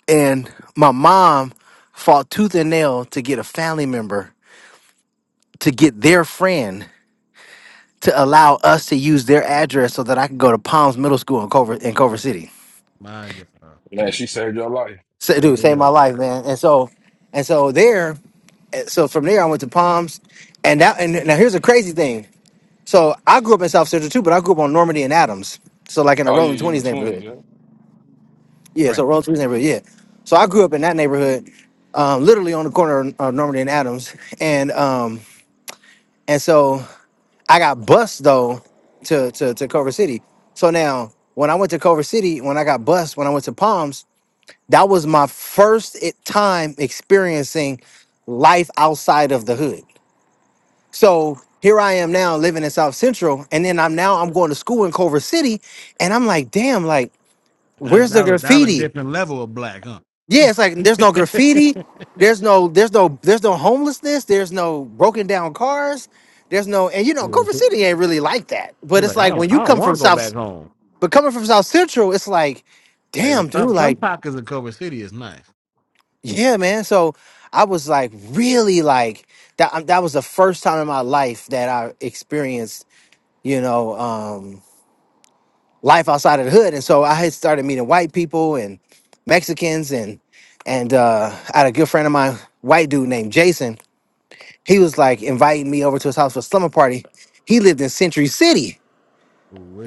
[SPEAKER 2] and my mom fought tooth and nail to get a family member to get their friend to allow us to use their address so that I could go to Palms Middle School in Culver in Culver City.
[SPEAKER 1] My God.
[SPEAKER 6] Man, she saved your life.
[SPEAKER 2] So,
[SPEAKER 1] Yeah,
[SPEAKER 2] dude,
[SPEAKER 1] they
[SPEAKER 2] saved
[SPEAKER 1] are.
[SPEAKER 2] my life, man. And so, and so there, eh, so from there, I went to Palms, and that, and now here's a crazy thing. So I grew up in South Central too, but I grew up on Normandy and Adams, so like in a
[SPEAKER 6] Oh yeah,
[SPEAKER 2] Rolling
[SPEAKER 6] you in the
[SPEAKER 2] Twenties
[SPEAKER 6] twenties,
[SPEAKER 2] neighborhood.
[SPEAKER 6] yeah.
[SPEAKER 2] Yeah,
[SPEAKER 1] Right.
[SPEAKER 2] so Rolling Twenties neighborhood. Yeah, so I grew up in that neighborhood, um, literally on the corner of of Normandy and Adams, and um, and so I got bused though to to to Culver City. So now when I went to Culver City, when I got bused, when I went to Palms. That was my first i- time experiencing life outside of the hood. So here I am now living in South Central, and then I'm now I'm going to school in Culver City, and I'm like, damn, like
[SPEAKER 1] That's
[SPEAKER 2] where's the
[SPEAKER 1] that was that was a
[SPEAKER 2] graffiti?
[SPEAKER 1] different level of black,
[SPEAKER 2] Yeah, it's like there's no
[SPEAKER 1] *laughs*
[SPEAKER 2] graffiti, there's no there's no there's no homelessness, there's no broken down cars, there's no and you
[SPEAKER 1] He
[SPEAKER 2] know Culver City ain't really like that. But it's
[SPEAKER 1] like, I
[SPEAKER 2] like
[SPEAKER 1] don't,
[SPEAKER 2] when
[SPEAKER 1] I
[SPEAKER 2] you
[SPEAKER 1] don't
[SPEAKER 2] come
[SPEAKER 1] want
[SPEAKER 2] from
[SPEAKER 1] to go back
[SPEAKER 2] South,
[SPEAKER 1] home.
[SPEAKER 2] but coming from South Central, it's like,
[SPEAKER 1] Like
[SPEAKER 2] damn, dude,
[SPEAKER 1] some some
[SPEAKER 2] like
[SPEAKER 1] pockets of Cobra City is nice.
[SPEAKER 2] Yeah, man. So I was like really like that um, that was the first time in my life that I experienced, you know, um life outside of the hood. And so I had started meeting white people and Mexicans and and uh I had a good friend of mine, white dude named Jason. He was like inviting me over to his house for a slumber party. He lived in Century City,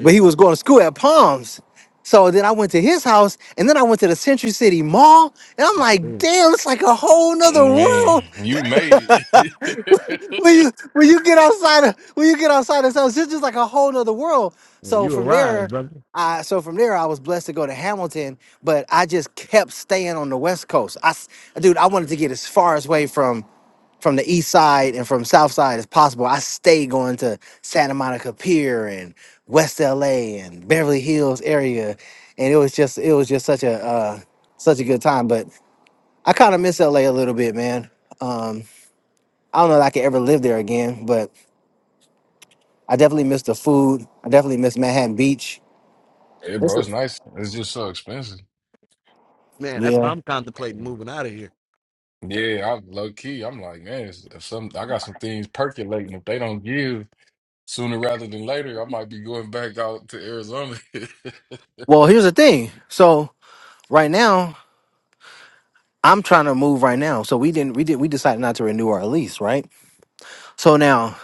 [SPEAKER 2] but he was going to school at Palms. So then I went to his house and then I went to the Century City Mall and I'm like,
[SPEAKER 1] Man,
[SPEAKER 2] damn, it's like a whole nother world.
[SPEAKER 6] Man, you made it. *laughs*
[SPEAKER 2] when you when you get outside of when you get outside of this house, it's just like a whole nother world. So
[SPEAKER 1] you
[SPEAKER 2] from there,
[SPEAKER 1] arrived, brother.
[SPEAKER 2] I so from there I was blessed to go to Hamilton, but I just kept staying on the West Coast. I s- dude, I wanted to get as far as away from from the east side and from south side as possible. I stayed going to Santa Monica Pier and West LA and Beverly Hills area. And it was just it was just such a uh such a good time. But I kind of miss LA a a little bit, man. Um, I don't know that I could ever live there again, but I definitely miss the food. I definitely miss Manhattan Beach.
[SPEAKER 6] Yeah,
[SPEAKER 2] It's
[SPEAKER 6] bro,
[SPEAKER 2] a-
[SPEAKER 6] it's nice. It's just so expensive.
[SPEAKER 1] Man, that's why
[SPEAKER 2] yeah.
[SPEAKER 1] I'm contemplating moving out of here.
[SPEAKER 6] Yeah, I'm low key. I'm like, man, it's- if some I got some things percolating. If they don't give sooner rather than later, I might be going back out to Arizona. *laughs*
[SPEAKER 2] Well, here's the thing. So right now, I'm trying to move right now. So we didn't. We did. We decided not to renew our lease, right? So now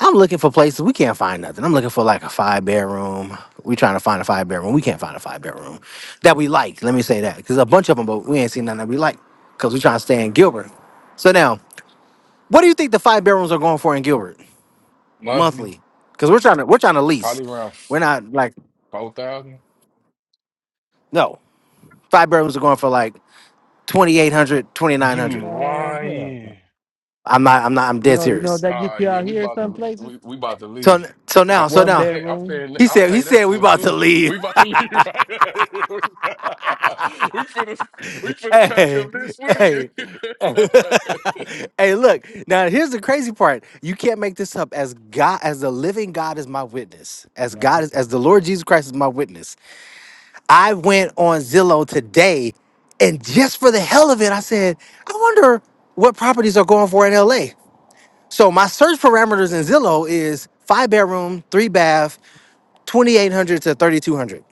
[SPEAKER 2] I'm looking for places. We can't find nothing. I'm looking for like a five bedroom. we trying to find a five bedroom. We can't find a five bedroom that we like. Let me say that because a bunch of them, but we ain't seen nothing that we like because we trying to stay in Gilbert. So now, what do you think the five bedrooms are going for in Gilbert?
[SPEAKER 6] Monthly,
[SPEAKER 2] monthly because we're trying to we're trying to lease.
[SPEAKER 6] probably around
[SPEAKER 2] We're not like
[SPEAKER 6] four thousand.
[SPEAKER 2] no five bedrooms are going for like twenty eight
[SPEAKER 6] You
[SPEAKER 1] Man, hell, no.
[SPEAKER 6] lying?
[SPEAKER 2] I'm not I'm not I'm
[SPEAKER 1] you
[SPEAKER 2] dead
[SPEAKER 1] know, you know
[SPEAKER 2] serious.
[SPEAKER 1] that gets
[SPEAKER 6] Ah,
[SPEAKER 1] you
[SPEAKER 6] yeah,
[SPEAKER 1] out
[SPEAKER 6] we
[SPEAKER 1] here. in
[SPEAKER 6] about
[SPEAKER 1] Some
[SPEAKER 6] to
[SPEAKER 1] places,
[SPEAKER 6] we, we about to leave.
[SPEAKER 2] So so
[SPEAKER 6] I
[SPEAKER 2] now so
[SPEAKER 1] one
[SPEAKER 6] I
[SPEAKER 2] now
[SPEAKER 6] pay I
[SPEAKER 1] bedroom,
[SPEAKER 6] pay
[SPEAKER 2] he
[SPEAKER 6] I
[SPEAKER 2] said he
[SPEAKER 6] pay that
[SPEAKER 2] said we
[SPEAKER 6] for it
[SPEAKER 2] about to
[SPEAKER 6] too.
[SPEAKER 2] leave.
[SPEAKER 6] We
[SPEAKER 2] *laughs*
[SPEAKER 6] about to leave *laughs* right. now. *laughs* we finna we finna pack
[SPEAKER 2] Hey
[SPEAKER 6] up this
[SPEAKER 2] hey. Hey,
[SPEAKER 6] week. *laughs*
[SPEAKER 2] *laughs* hey, look! Now here's the crazy part: you can't make this up. As God, as the living God is my witness, as God is, as the Lord Jesus Christ is my witness. I went on Zillow today and just for the hell of it, I said, I wonder what properties are going for in LA. So my search parameters in Zillow is five bedroom, three bath, 2800 to 3200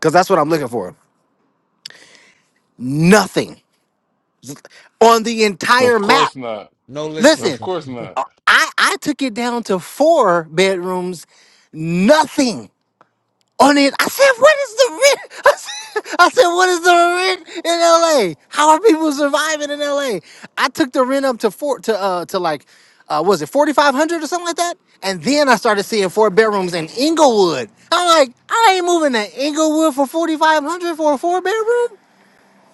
[SPEAKER 2] cuz that's what I'm looking for. Nothing on the entire
[SPEAKER 6] Of
[SPEAKER 2] map.
[SPEAKER 6] course not.
[SPEAKER 1] No listing.
[SPEAKER 6] Of
[SPEAKER 2] Listen,
[SPEAKER 6] course not.
[SPEAKER 2] I I took it down to four bedrooms, nothing. on it. I said, what is the rent? *laughs* I said, I said, what is the rent in LA? How are people surviving in LA? I took the rent up to four to uh to like uh was it forty five hundred or something like that? And then I started seeing four bedrooms in Inglewood. I'm like, I ain't moving to Inglewood for forty five hundred for a four bedroom.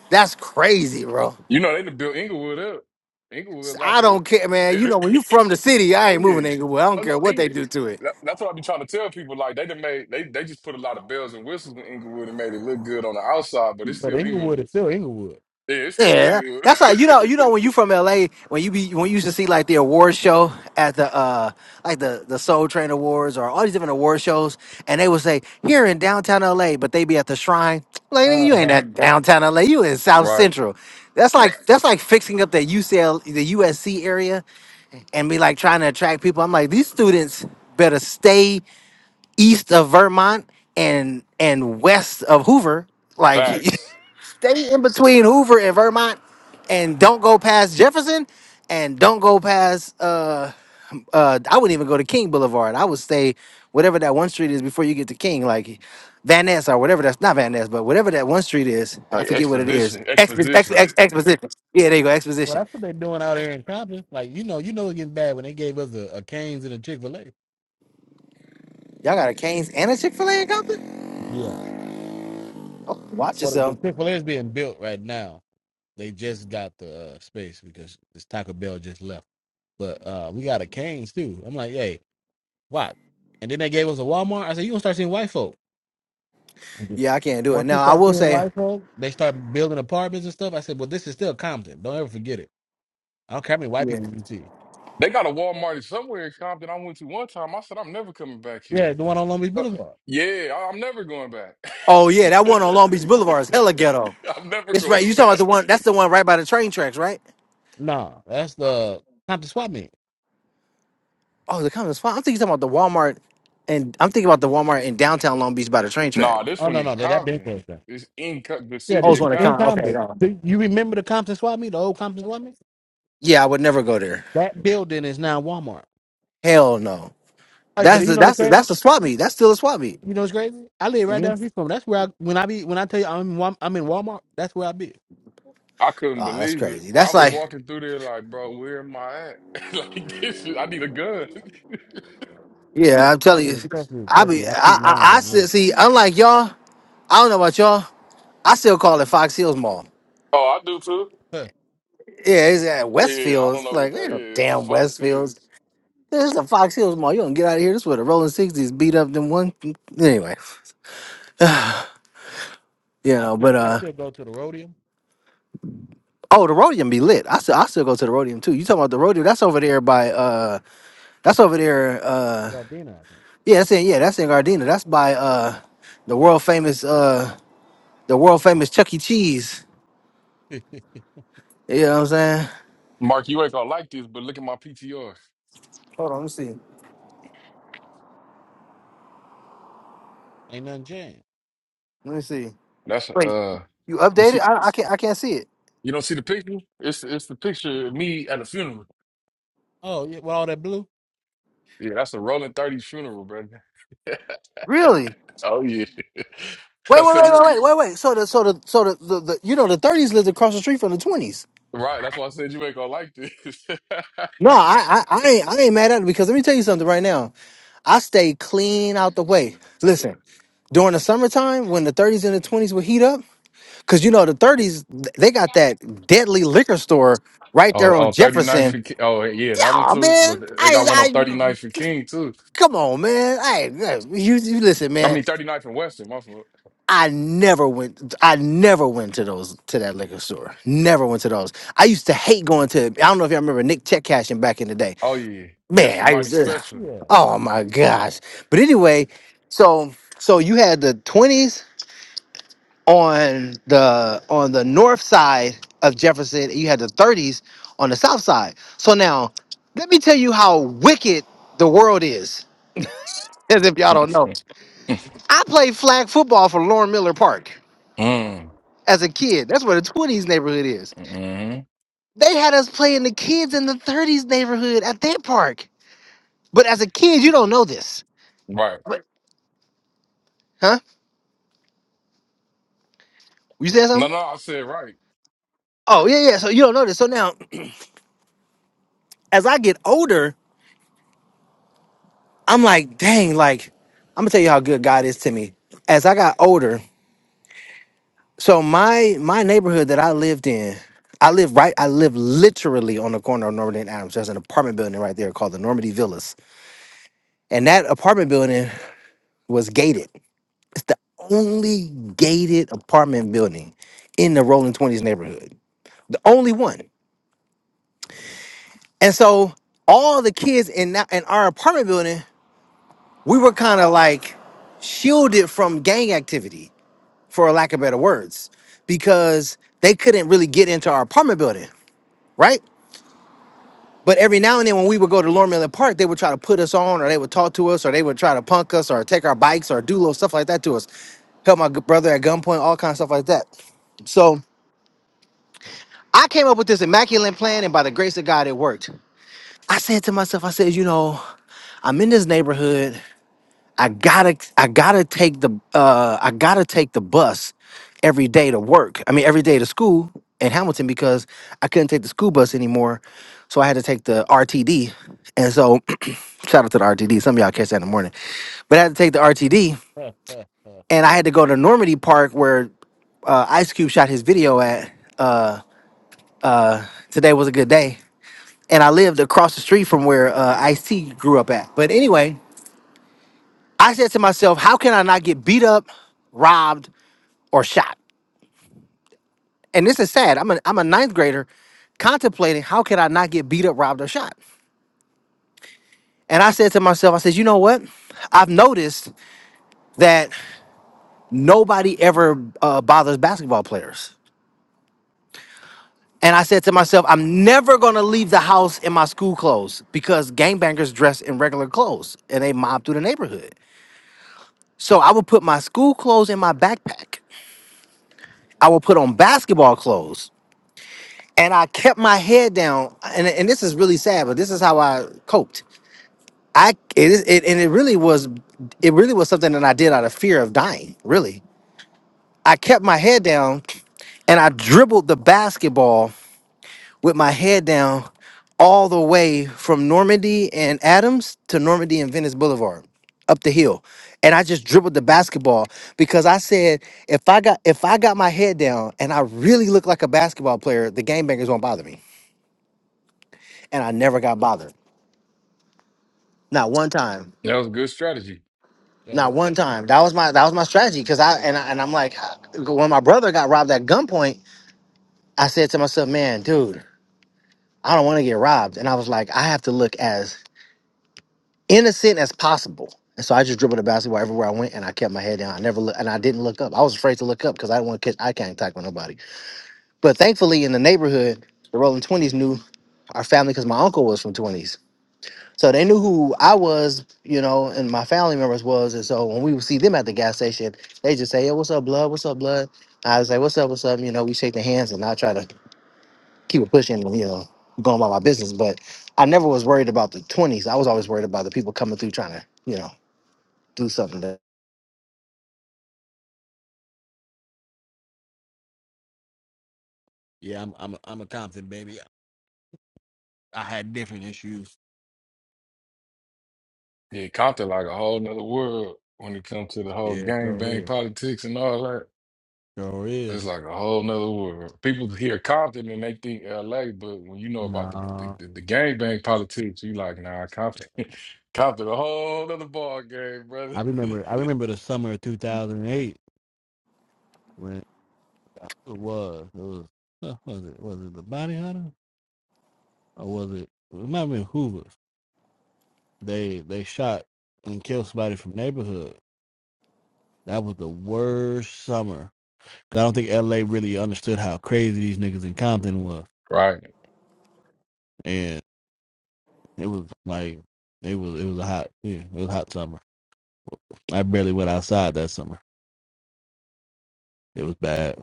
[SPEAKER 2] That's crazy, bro.
[SPEAKER 6] You know they done built Inglewood up. Inglewood like
[SPEAKER 2] I
[SPEAKER 6] a
[SPEAKER 2] don't care, man. You
[SPEAKER 6] *laughs*
[SPEAKER 2] know, when you from the city, I
[SPEAKER 6] oh
[SPEAKER 2] ain't moving
[SPEAKER 6] yeah.
[SPEAKER 2] to Inglewood. I
[SPEAKER 6] No,
[SPEAKER 2] don't
[SPEAKER 6] no,
[SPEAKER 2] care what they
[SPEAKER 6] Inglewood.
[SPEAKER 2] do to it.
[SPEAKER 6] That, that's what I be trying to tell people. Like they done made they they just put a lot of bells and whistles in Inglewood and made it look good on the outside, but it's
[SPEAKER 1] but
[SPEAKER 6] still
[SPEAKER 1] Inglewood is
[SPEAKER 6] Inglewood.
[SPEAKER 1] still Inglewood.
[SPEAKER 6] Yeah, it's still
[SPEAKER 2] Yeah,
[SPEAKER 6] Inglewood.
[SPEAKER 2] that's
[SPEAKER 6] *laughs*
[SPEAKER 2] like you know you know when you from LA when you be when you used to see like the award show at the uh like the the Soul Train Awards or all these different award shows and they would say here in downtown LA but they be at the Shrine like nigga,
[SPEAKER 1] Uh
[SPEAKER 2] you ain't
[SPEAKER 1] huh.
[SPEAKER 2] at downtown LA you in South
[SPEAKER 6] right.
[SPEAKER 2] Central that's like that's like fixing up the UCL the USC area and be like trying to attract people I'm like these students better stay east of Vermont and and west of Hoover like *laughs*
[SPEAKER 6] Facts.
[SPEAKER 2] Stay in between Hoover and Vermont, and don't go past Jefferson, and don't go past. Uh, uh, I wouldn't even go to King Boulevard. I would stay whatever that one street is before you get to King, like Van Ness or whatever. That's not Van Ness, but whatever that one street is. I
[SPEAKER 6] Like
[SPEAKER 2] forget what it is.
[SPEAKER 6] exposition.
[SPEAKER 2] Expo- ex-
[SPEAKER 6] Exposition.
[SPEAKER 2] ex- exposition. Yeah, there you go.
[SPEAKER 1] Well,
[SPEAKER 2] Exposition.
[SPEAKER 1] that's what they're doing out here in Compton. Like you know, you know it's getting bad when they gave us a, a Canes and a Chick Fil A.
[SPEAKER 2] Y'all got a Canes and a Chick Fil A in Compton.
[SPEAKER 1] Yeah.
[SPEAKER 2] Oh, watch
[SPEAKER 1] Well, the
[SPEAKER 2] yourself.
[SPEAKER 1] Chick Fil A is being built right now. They just got the uh, space because this Taco Bell just left. But uh, we got a Canes too. I'm like, hey, what? And then they gave us a Walmart. I said, you gonna start seeing white folk. Mhm.
[SPEAKER 2] Yeah, I can't do
[SPEAKER 1] Once
[SPEAKER 2] it.
[SPEAKER 1] you
[SPEAKER 2] Now I
[SPEAKER 1] start
[SPEAKER 2] will
[SPEAKER 1] seeing
[SPEAKER 2] say.
[SPEAKER 1] white folk, they start building apartments and stuff. I said, well, this is still Compton. Don't ever forget it. I don't care how many white
[SPEAKER 2] Yeah.
[SPEAKER 1] people you see.
[SPEAKER 6] They got a Walmart somewhere in Compton I went to one time. I said I'm never coming back
[SPEAKER 1] Yeah,
[SPEAKER 6] here.
[SPEAKER 1] the one on Long Beach
[SPEAKER 6] Uh,
[SPEAKER 1] Boulevard.
[SPEAKER 6] yeah, I- I'm never going back.
[SPEAKER 2] Oh yeah, that one on
[SPEAKER 6] *laughs*
[SPEAKER 2] Long Beach Boulevard is hella ghetto.
[SPEAKER 6] I'm never
[SPEAKER 2] It's right. You
[SPEAKER 6] going
[SPEAKER 2] talking about
[SPEAKER 6] back.
[SPEAKER 2] the one? That's the one right by the train tracks, right?
[SPEAKER 1] No, that's the Compton Swap Meet.
[SPEAKER 2] Oh, the Compton's fine. I'm thinking about the Walmart, and I'm thinking about the Walmart in downtown Long Beach by the train track.
[SPEAKER 6] Nah, this
[SPEAKER 1] Oh
[SPEAKER 6] one
[SPEAKER 1] no,
[SPEAKER 6] in
[SPEAKER 1] no, that that been
[SPEAKER 6] Compton.
[SPEAKER 1] closed down.
[SPEAKER 6] It's in Co- the
[SPEAKER 1] Yeah,
[SPEAKER 2] I
[SPEAKER 1] this
[SPEAKER 6] city
[SPEAKER 2] was
[SPEAKER 1] is
[SPEAKER 6] of
[SPEAKER 2] one to
[SPEAKER 1] in
[SPEAKER 2] con.
[SPEAKER 6] Compton.
[SPEAKER 2] Okay,
[SPEAKER 1] Compton.
[SPEAKER 2] go.
[SPEAKER 1] Do you remember the Compton Swap Meet, the old Compton Swap Meet?
[SPEAKER 2] Yeah, I would never go there.
[SPEAKER 1] That building is now Walmart.
[SPEAKER 2] Hell no.
[SPEAKER 1] Hey, but
[SPEAKER 2] That's
[SPEAKER 1] you
[SPEAKER 2] the
[SPEAKER 1] know what's
[SPEAKER 2] that's the
[SPEAKER 1] crazy?
[SPEAKER 2] that's a swap meet. That's still a swap meet.
[SPEAKER 1] You know what's crazy? I live right
[SPEAKER 2] hmm
[SPEAKER 1] down the street from. it. That's where I when I be when I tell you I'm in Wal- I'm in Walmart. That's where I be.
[SPEAKER 6] I couldn't
[SPEAKER 2] Oh, that's
[SPEAKER 6] believe it.
[SPEAKER 2] crazy.
[SPEAKER 6] I
[SPEAKER 2] That's
[SPEAKER 6] was
[SPEAKER 2] like,
[SPEAKER 6] walking through there like, bro, where am I at? *laughs* like this, is, I need a gun.
[SPEAKER 2] *laughs*
[SPEAKER 1] Oh,
[SPEAKER 2] yeah, I'm
[SPEAKER 1] trust
[SPEAKER 2] telling you.
[SPEAKER 1] me, trust me,
[SPEAKER 2] I
[SPEAKER 1] trust
[SPEAKER 2] be
[SPEAKER 1] me.
[SPEAKER 2] I
[SPEAKER 1] I keep
[SPEAKER 2] I,
[SPEAKER 1] mines
[SPEAKER 2] I
[SPEAKER 1] on me.
[SPEAKER 2] still, see. Unlike y'all, I don't know about y'all. I still call it Fox Hills Mall.
[SPEAKER 6] Oh, I do too.
[SPEAKER 1] Huh.
[SPEAKER 2] Yeah, it's at
[SPEAKER 6] Yeah, I don't
[SPEAKER 2] Westfields.
[SPEAKER 6] know what
[SPEAKER 2] Like,
[SPEAKER 6] that
[SPEAKER 2] ain't no
[SPEAKER 6] is. It's a
[SPEAKER 2] damn
[SPEAKER 6] Fox
[SPEAKER 2] Westfields.
[SPEAKER 6] is.
[SPEAKER 2] This is a Fox Hills Mall. You don't get out of here. This is where the Rolling Sixties beat up them one. Anyway, *laughs* you
[SPEAKER 1] I
[SPEAKER 2] know.
[SPEAKER 1] still
[SPEAKER 2] But
[SPEAKER 1] I
[SPEAKER 2] uh,
[SPEAKER 1] still go to the rodeo.
[SPEAKER 2] Oh, the Rhodium be lit. I still I still go to the Rhodium too. You talking about the Rhodium? That's over there by uh that's over there uh
[SPEAKER 1] Rodina, I think.
[SPEAKER 2] yeah, that's in yeah, that's in Gardena. That's by uh the world famous uh the world famous Chuck E. Cheese. You know what I'm saying?
[SPEAKER 6] Mark, you ain't gonna like this, but look at my PTR.
[SPEAKER 2] Hold on, let me see.
[SPEAKER 1] Ain't nothing changed.
[SPEAKER 2] Let me see.
[SPEAKER 6] That's
[SPEAKER 2] Wait,
[SPEAKER 6] uh,
[SPEAKER 2] you
[SPEAKER 6] you
[SPEAKER 2] updated?
[SPEAKER 6] see,
[SPEAKER 2] I I can't I can't see it.
[SPEAKER 6] you don't see the picture? It's it's the picture of me at a funeral.
[SPEAKER 1] Oh yeah, with all that blue.
[SPEAKER 6] Yeah, that's a rolling 30 funeral, brother. *laughs*
[SPEAKER 2] Really?
[SPEAKER 6] Oh yeah. *laughs* I
[SPEAKER 2] Wait, wait,
[SPEAKER 6] said
[SPEAKER 2] wait,
[SPEAKER 6] you
[SPEAKER 2] wait, wait, wait, wait. So the so the so the, the, the you know the thirties lived across the street from the twenties.
[SPEAKER 6] right, that's why I said you ain't gonna like this. *laughs*
[SPEAKER 2] No, I, I I ain't I ain't mad at it because let me tell you something right now. I stay clean out the way. Listen. during the summertime when the 30s and the 20s would heat up because you know the 30s th- they got that deadly liquor store right there on
[SPEAKER 6] on on ninth,
[SPEAKER 2] jefferson
[SPEAKER 6] and Ki- oh yeah, that one
[SPEAKER 2] yeah
[SPEAKER 6] too.
[SPEAKER 2] man
[SPEAKER 6] But they
[SPEAKER 2] i
[SPEAKER 6] got one on
[SPEAKER 2] i
[SPEAKER 6] thirty ninth and King too.
[SPEAKER 2] come on man i yeah, you, you listen
[SPEAKER 6] I
[SPEAKER 2] man
[SPEAKER 6] mean thirty ninth and Western, my fault.
[SPEAKER 2] i never went i never went to those to that liquor store never went to those i used to hate going to i don't know if y'all remember nick check cashing back in the day
[SPEAKER 6] Oh yeah. You're
[SPEAKER 2] man i
[SPEAKER 6] somebody
[SPEAKER 2] used to
[SPEAKER 6] special.
[SPEAKER 1] Yeah.
[SPEAKER 2] oh my gosh but anyway so so you had the 20s on the on the north side of Jefferson, you had the 30s on the south side. So now, let me tell you how wicked the world is. As if y'all don't know,
[SPEAKER 6] *laughs*
[SPEAKER 2] I played flag football for Lauren Miller Park
[SPEAKER 6] Mm.
[SPEAKER 2] as a kid. That's where the 20s neighborhood is.
[SPEAKER 6] hmm
[SPEAKER 2] They had us playing the kids in the 30s neighborhood at that park. But as a kid, you don't know this.
[SPEAKER 6] Right.
[SPEAKER 2] But, huh? You said
[SPEAKER 6] No,
[SPEAKER 2] something?
[SPEAKER 6] no, I said right.
[SPEAKER 2] Oh yeah, yeah. So you don't know this. So now, *clears throat* as I get older. I'm like, dang, like, I'm gonna tell you how good God is to me. As I got older, so my my neighborhood that I lived in, I live right, I live literally on the corner of Normandy and Adams. There's an apartment building right there called the Normandy Villas. And that apartment building was gated. It's the only gated apartment building in the Rolling Twenties neighborhood. The only one. And so all the kids in that in our apartment building, we were kind of like shielded from gang activity for a lack of better words, because they couldn't really get into our apartment building, right? But every now and then when we would go to Lormiller Park, they would try to put us on, or they would talk to us, or they would try to punk us, or take our bikes, or do little stuff like that to us. Held my g- brother at gunpoint, all kinds of stuff like that. So I came up with this immaculate plan, and by the grace of God, it worked. I said to myself, I said, you know, I'm in this neighborhood. I gotta I gotta take the uh I gotta take the bus every day to work. I mean every day to school in Hamilton because I couldn't take the school bus anymore. So I had to take the RTD. And so *clears throat* shout out to the RTD. Some of y'all catch that in the morning. But I had to take the RTD
[SPEAKER 1] Yo,
[SPEAKER 2] and I had to go to Normandy Park where uh, Ice Cube shot his video at. Today was a good day. And I lived across the street from where uh, Ice T grew up at. But anyway, I said to myself, how can I not get beat up, robbed, or shot? and this is sad. I'm a I'm a ninth grader contemplating how can I not get beat up, robbed, or shot. And I said to myself, I said, you know what? I've noticed that nobody ever uh, bothers basketball players. And I said to myself, I'm never gonna leave the house in my school clothes because gangbangers dress in regular clothes and they mob through the neighborhood. So I would put my school clothes in my backpack. I would put on basketball clothes and I kept my head down. And, and this is really sad, but this is how I coped. I it is it and it really was it really was something that I did out of fear of dying. Really, I kept my head down and I dribbled the basketball with my head down all the way from Normandy and Adams to Normandy and Venice Boulevard up the hill. And I just dribbled the basketball because I said if I got if I got my head down and I really look like a basketball player, the game bangers won't bother me. And I never got bothered. Not one time.
[SPEAKER 6] That was a good strategy.
[SPEAKER 2] Not
[SPEAKER 1] what?
[SPEAKER 2] one time. That was my that was my strategy because I and I, and I'm like when my brother got robbed at gunpoint, I said to myself, "Man, dude, I don't want to get robbed." And I was like, "I have to look as innocent as possible." And so I just dribbled the basketball everywhere I went, and I kept my head down. I never look, and I didn't look up. I was afraid to look up because I didn't want to catch eye contact with nobody. But thankfully, in the neighborhood, the Rolling Twenties knew our family because my uncle was from 20s. So they knew who I was, you know, and my family members was. And so when we would see them at the gas station, they just say, Hey, what's up, blood? What's up, blood? I was like, What's up, what's up? You know, we shake their hands and I try to keep it pushing, you know, going about my business. But I never was worried about the twenties. I was always worried about the people coming through trying to, you know, do something that
[SPEAKER 1] yeah, I'm I'm a, I'm a Compton baby. I had different issues.
[SPEAKER 6] Yeah, Compton like a whole nother world when it comes to the whole
[SPEAKER 1] Yeah,
[SPEAKER 6] gang
[SPEAKER 1] Sure
[SPEAKER 6] bang
[SPEAKER 1] is.
[SPEAKER 6] politics and all that.
[SPEAKER 1] sure
[SPEAKER 6] It's
[SPEAKER 1] is.
[SPEAKER 6] like a whole nother world. People hear Compton and they think LA, but when you know about the the,
[SPEAKER 1] Nah.
[SPEAKER 6] the, the gangbang politics, you like, nah, Compton, *laughs* Compton, a whole nother ball game, brother.
[SPEAKER 1] I remember I remember the summer of two thousand and eight. When it was, it was, huh, was it was it the Body Hunter? or was it? It might have been Hoover. They they shot and killed somebody from neighborhood. That was the worst summer. 'Cause I don't think L.A. really understood how crazy these niggas in Compton was,
[SPEAKER 6] *laughs* right?
[SPEAKER 1] and it was like it was it was a hot yeah, it was a hot summer. I barely went outside that summer. It was bad.